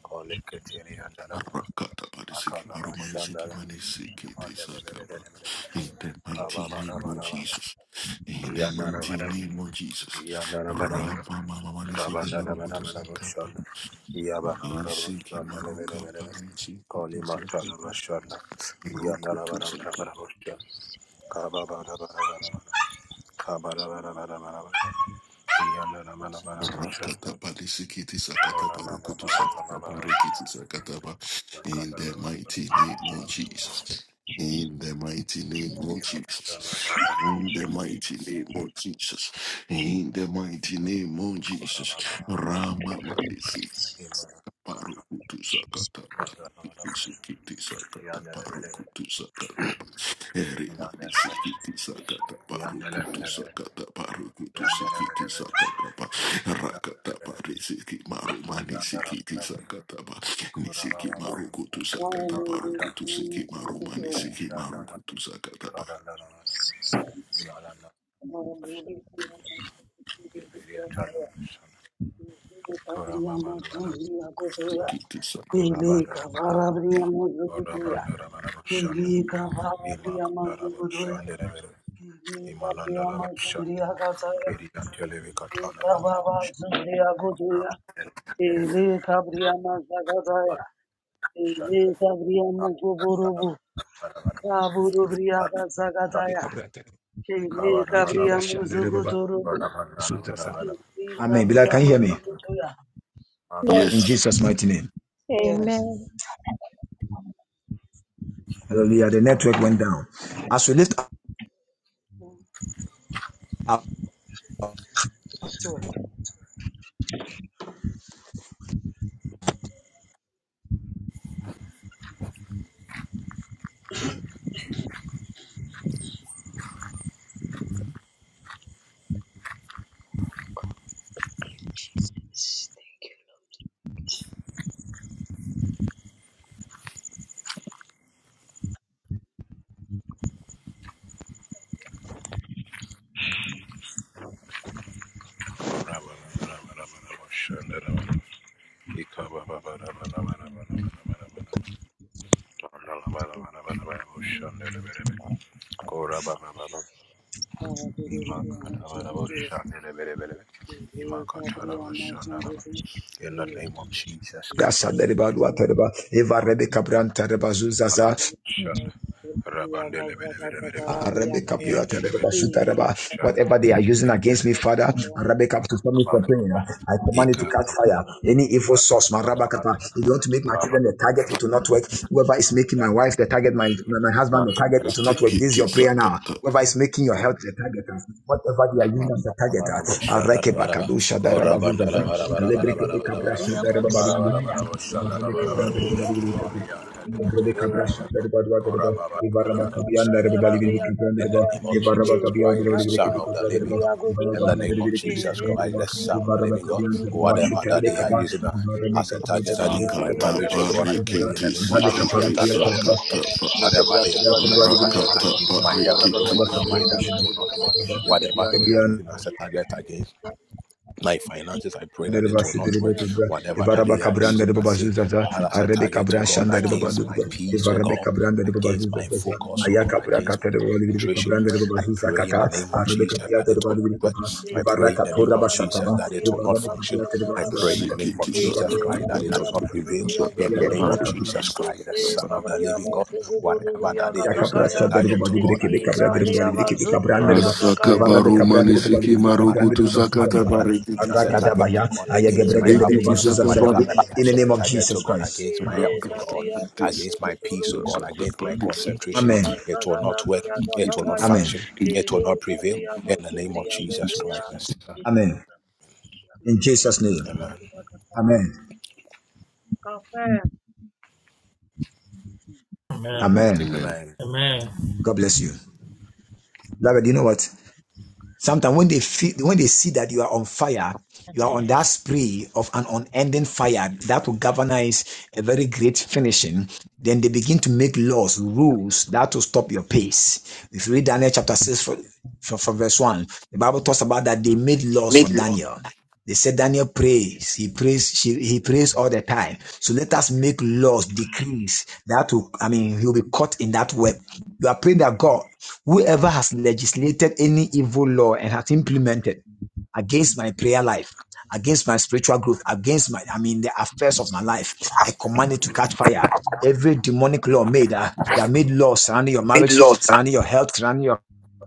Speaker 6: God.
Speaker 2: Rakata Parisiki Marumani
Speaker 6: Akalabashandala.
Speaker 2: Sikimani Sikiti Sakaba.
Speaker 6: Yupandelebelebelebelebos.
Speaker 2: In the mighty name of
Speaker 6: Kababarabaraba.
Speaker 2: Jesus, in the mighty
Speaker 6: Yandarabaraba.
Speaker 2: name of Jesus,
Speaker 6: Yandarabaraba.
Speaker 2: Rama Mama Mani Siki Marukutu Sakaba.
Speaker 6: Kabandarabarabaraboshanda.
Speaker 2: Isiki Marukapa
Speaker 6: Yabarabarabosandelebelebelebe.
Speaker 2: Sikiti Sakaba.
Speaker 6: Kolimataraboshanda.
Speaker 2: Roku
Speaker 6: Yandarabarabaraboshanda. Kababarabaraba. Kabarabarabaraba. Yandarabarabaraboshanda.
Speaker 2: Rakataba lisikiti sakataba rukutu sakataba
Speaker 6: Korababarabaraba.
Speaker 2: rikiti sakataba. In the mighty
Speaker 6: Yakandarabarabarabaraba.
Speaker 2: name of Jesus. In the mighty name of Jesus. In the mighty name of Jesus. In the mighty name of Jesus.
Speaker 6: Imashandarabaraba.
Speaker 2: Rama
Speaker 6: Shanda
Speaker 2: Parukutu sakata barukiti Sikiti sakata parukutu sakata ba- erima di sikiti sakata parukutu sakata parukutu sikiti sakata pa rakata pari siki marumani sikiti sakata pa nisiki marukutu
Speaker 7: Kabria
Speaker 2: sakata parukutu siki marumani siki marukutu sakata pa sikiti sakata
Speaker 7: mazagazaya, ele
Speaker 9: Cabranta,
Speaker 7: kabria
Speaker 9: Yagibrasha, Rebaba
Speaker 7: muzuguturubu,
Speaker 9: Zuzaza. Amen. Bila, can you hear me?
Speaker 7: Ibriyamazukutuya.
Speaker 9: In
Speaker 2: Yes.
Speaker 11: Yes.
Speaker 9: Jesus' mighty name.
Speaker 7: Yes,
Speaker 11: Amen.
Speaker 9: Hallelujah. The network went down. As we lift up.
Speaker 7: to it.
Speaker 11: Yes, thank
Speaker 6: In the name of Jesus,
Speaker 9: Rasha
Speaker 6: Kabbalah,
Speaker 9: Dereba Lua Tereba, Eva Rebe Cabranta Reba Zuzaza,
Speaker 6: Kabbalah, Shanda, Rabandele, Bele, Bele, Bele, Bele,
Speaker 9: Rebecca, Pia, to
Speaker 6: Yandele, Bele,
Speaker 9: Whatever they are using against
Speaker 6: Shana,
Speaker 9: me, Father, Rebecca, to stop me from praying, I command it to
Speaker 6: Ekam
Speaker 9: catch fire. Any evil source, my Rebecca,
Speaker 6: Bhava Bhava
Speaker 9: if you want to make my
Speaker 6: Karma.
Speaker 9: children the target, it will not work. Whoever is making my wife the target, my, my husband the target, it will not work. This is
Speaker 2: Sekete
Speaker 9: your prayer now.
Speaker 2: sakata.
Speaker 9: Whoever is making your health the target, uh, whatever they are using
Speaker 6: In
Speaker 9: as a target, uh,
Speaker 6: the
Speaker 9: Rebecca, Kadusha, Rebecca, Zuzaza, Rebecca, Prasha, Rebecca, Rebecca, Rebecca, Rebecca, Rebecca, Brasha, the Rabadu,
Speaker 7: Gabriel,
Speaker 9: Thank
Speaker 6: name of Jesus Christ, the Son of the Living God. In the name of Jesus Christ, the Son of the Living God, whatever that they are using uh, as a target against my
Speaker 2: Sakata
Speaker 6: marriage, oh God, I pray in the
Speaker 2: parikiti
Speaker 6: name of Jesus
Speaker 2: sikiti
Speaker 6: that it will not work.
Speaker 2: sakata pa.
Speaker 6: Whatever they are using as a target
Speaker 2: Rakata
Speaker 6: against my health, oh
Speaker 2: parikiti
Speaker 6: God, I
Speaker 2: sikiti
Speaker 6: pray that it will not work whatever that they are
Speaker 9: you.
Speaker 6: using as a target against my finances. I pray that
Speaker 9: Dereba
Speaker 6: it will
Speaker 9: shidere
Speaker 6: not work.
Speaker 9: bebe bebe.
Speaker 6: Whatever that
Speaker 9: Evaraba
Speaker 6: they are
Speaker 9: kabranda
Speaker 6: using
Speaker 9: de
Speaker 2: sakata.
Speaker 6: as
Speaker 9: baba
Speaker 6: say,
Speaker 9: zuzaza.
Speaker 6: Father, as a
Speaker 9: Arebe
Speaker 6: target, oh God,
Speaker 9: de baba
Speaker 7: kabo
Speaker 6: against my peace, oh
Speaker 9: Evarabe
Speaker 6: God,
Speaker 9: kabranda de baba
Speaker 6: against my
Speaker 9: zuzaza.
Speaker 6: focus, oh
Speaker 9: Aya
Speaker 6: God, against my
Speaker 9: de baba libre
Speaker 6: concentration.
Speaker 9: de baba
Speaker 6: I
Speaker 9: zuza
Speaker 6: pray in
Speaker 9: kata.
Speaker 6: the name of
Speaker 9: Arebe
Speaker 6: Jesus that
Speaker 9: de
Speaker 6: it
Speaker 9: baba
Speaker 6: will
Speaker 9: libre
Speaker 6: not work.
Speaker 9: kabra.
Speaker 6: I
Speaker 9: Evara
Speaker 6: pray in the name of Jesus that it will not
Speaker 9: Evarabe
Speaker 6: function.
Speaker 9: kapiata de baba
Speaker 6: I
Speaker 9: suata
Speaker 6: pray
Speaker 9: de
Speaker 6: in the name of
Speaker 2: Sikiti
Speaker 6: Jesus
Speaker 2: sakata.
Speaker 6: Christ
Speaker 9: de
Speaker 6: that it
Speaker 9: baba
Speaker 6: will not
Speaker 9: zuzaza.
Speaker 6: prevail.
Speaker 2: Sakata
Speaker 6: In
Speaker 9: Aya
Speaker 6: the name of
Speaker 2: parikiti
Speaker 6: Jesus Christ, the
Speaker 2: sakata.
Speaker 6: Son of the Living God, whatever that they are using
Speaker 9: Yakapra
Speaker 6: as a
Speaker 9: Shaderbo
Speaker 6: target, oh
Speaker 9: Badubre
Speaker 6: God,
Speaker 9: Kebe
Speaker 6: against
Speaker 9: Cabra de
Speaker 6: myself.
Speaker 9: Balibre Kebe
Speaker 6: Whatever they are
Speaker 9: Cabranderbo,
Speaker 6: using as a
Speaker 2: Asaka
Speaker 7: Gabriel,
Speaker 9: Ivara de
Speaker 6: target,
Speaker 2: baruma
Speaker 6: oh God,
Speaker 9: Cabranderbo
Speaker 2: nisiki
Speaker 6: against
Speaker 9: Balibre
Speaker 6: my mind.
Speaker 2: maruku tu
Speaker 9: Cabranderbo Basuza
Speaker 2: sakata
Speaker 6: Whatever
Speaker 9: Sata,
Speaker 2: bariki ti
Speaker 6: that's a
Speaker 2: sakata.
Speaker 6: target to
Speaker 9: Arakadabaya,
Speaker 6: God against my
Speaker 9: Ayagebreke
Speaker 2: Riki
Speaker 9: de
Speaker 6: family.
Speaker 2: ti
Speaker 9: Basuza
Speaker 2: sakata
Speaker 9: Sata,
Speaker 6: Whatever
Speaker 2: bariki.
Speaker 6: that I
Speaker 9: in the
Speaker 6: use as a
Speaker 9: name of
Speaker 6: target to
Speaker 9: Jesus
Speaker 6: God
Speaker 9: Christ.
Speaker 6: against my health, oh
Speaker 2: Rakata
Speaker 6: God,
Speaker 2: patisi.
Speaker 6: against my peace, oh God,
Speaker 2: Sakata
Speaker 6: against my
Speaker 2: patisi.
Speaker 6: concentration.
Speaker 9: Amen.
Speaker 6: It will not work. It will
Speaker 2: Iti
Speaker 6: not
Speaker 2: bola.
Speaker 9: Amen.
Speaker 6: function.
Speaker 2: iti
Speaker 6: It will not prevail. In the name of Jesus
Speaker 11: you,
Speaker 6: Christ. the
Speaker 11: Jesus.
Speaker 6: Son of
Speaker 9: Amen. In Jesus' name.
Speaker 6: God.
Speaker 9: Amen.
Speaker 10: Amen.
Speaker 11: Amen.
Speaker 9: Amen.
Speaker 2: Amen.
Speaker 6: Amen. Amen.
Speaker 10: Amen.
Speaker 9: God bless you. Beloved, you know what? Sometimes when they feel, when they see that you are on fire, you are on that spree of an unending fire that will galvanize a very great finishing. Then they begin to make laws, rules that will stop your pace. If you read Daniel chapter six from, from, from verse one, the Bible talks about that they made laws for
Speaker 2: Mid-Lord.
Speaker 9: Daniel. They said Daniel prays. He prays. She, he prays all the time. So let us make laws, decrees that will. I mean, he'll be caught in that web. You are praying that God. Whoever has legislated any evil law and has implemented against my prayer life, against my spiritual growth, against my, I mean, the affairs of my life, I command it to catch fire. Every demonic law made, uh, they are made laws surrounding your marriage,
Speaker 2: Mid-Lord.
Speaker 9: surrounding your health, surrounding your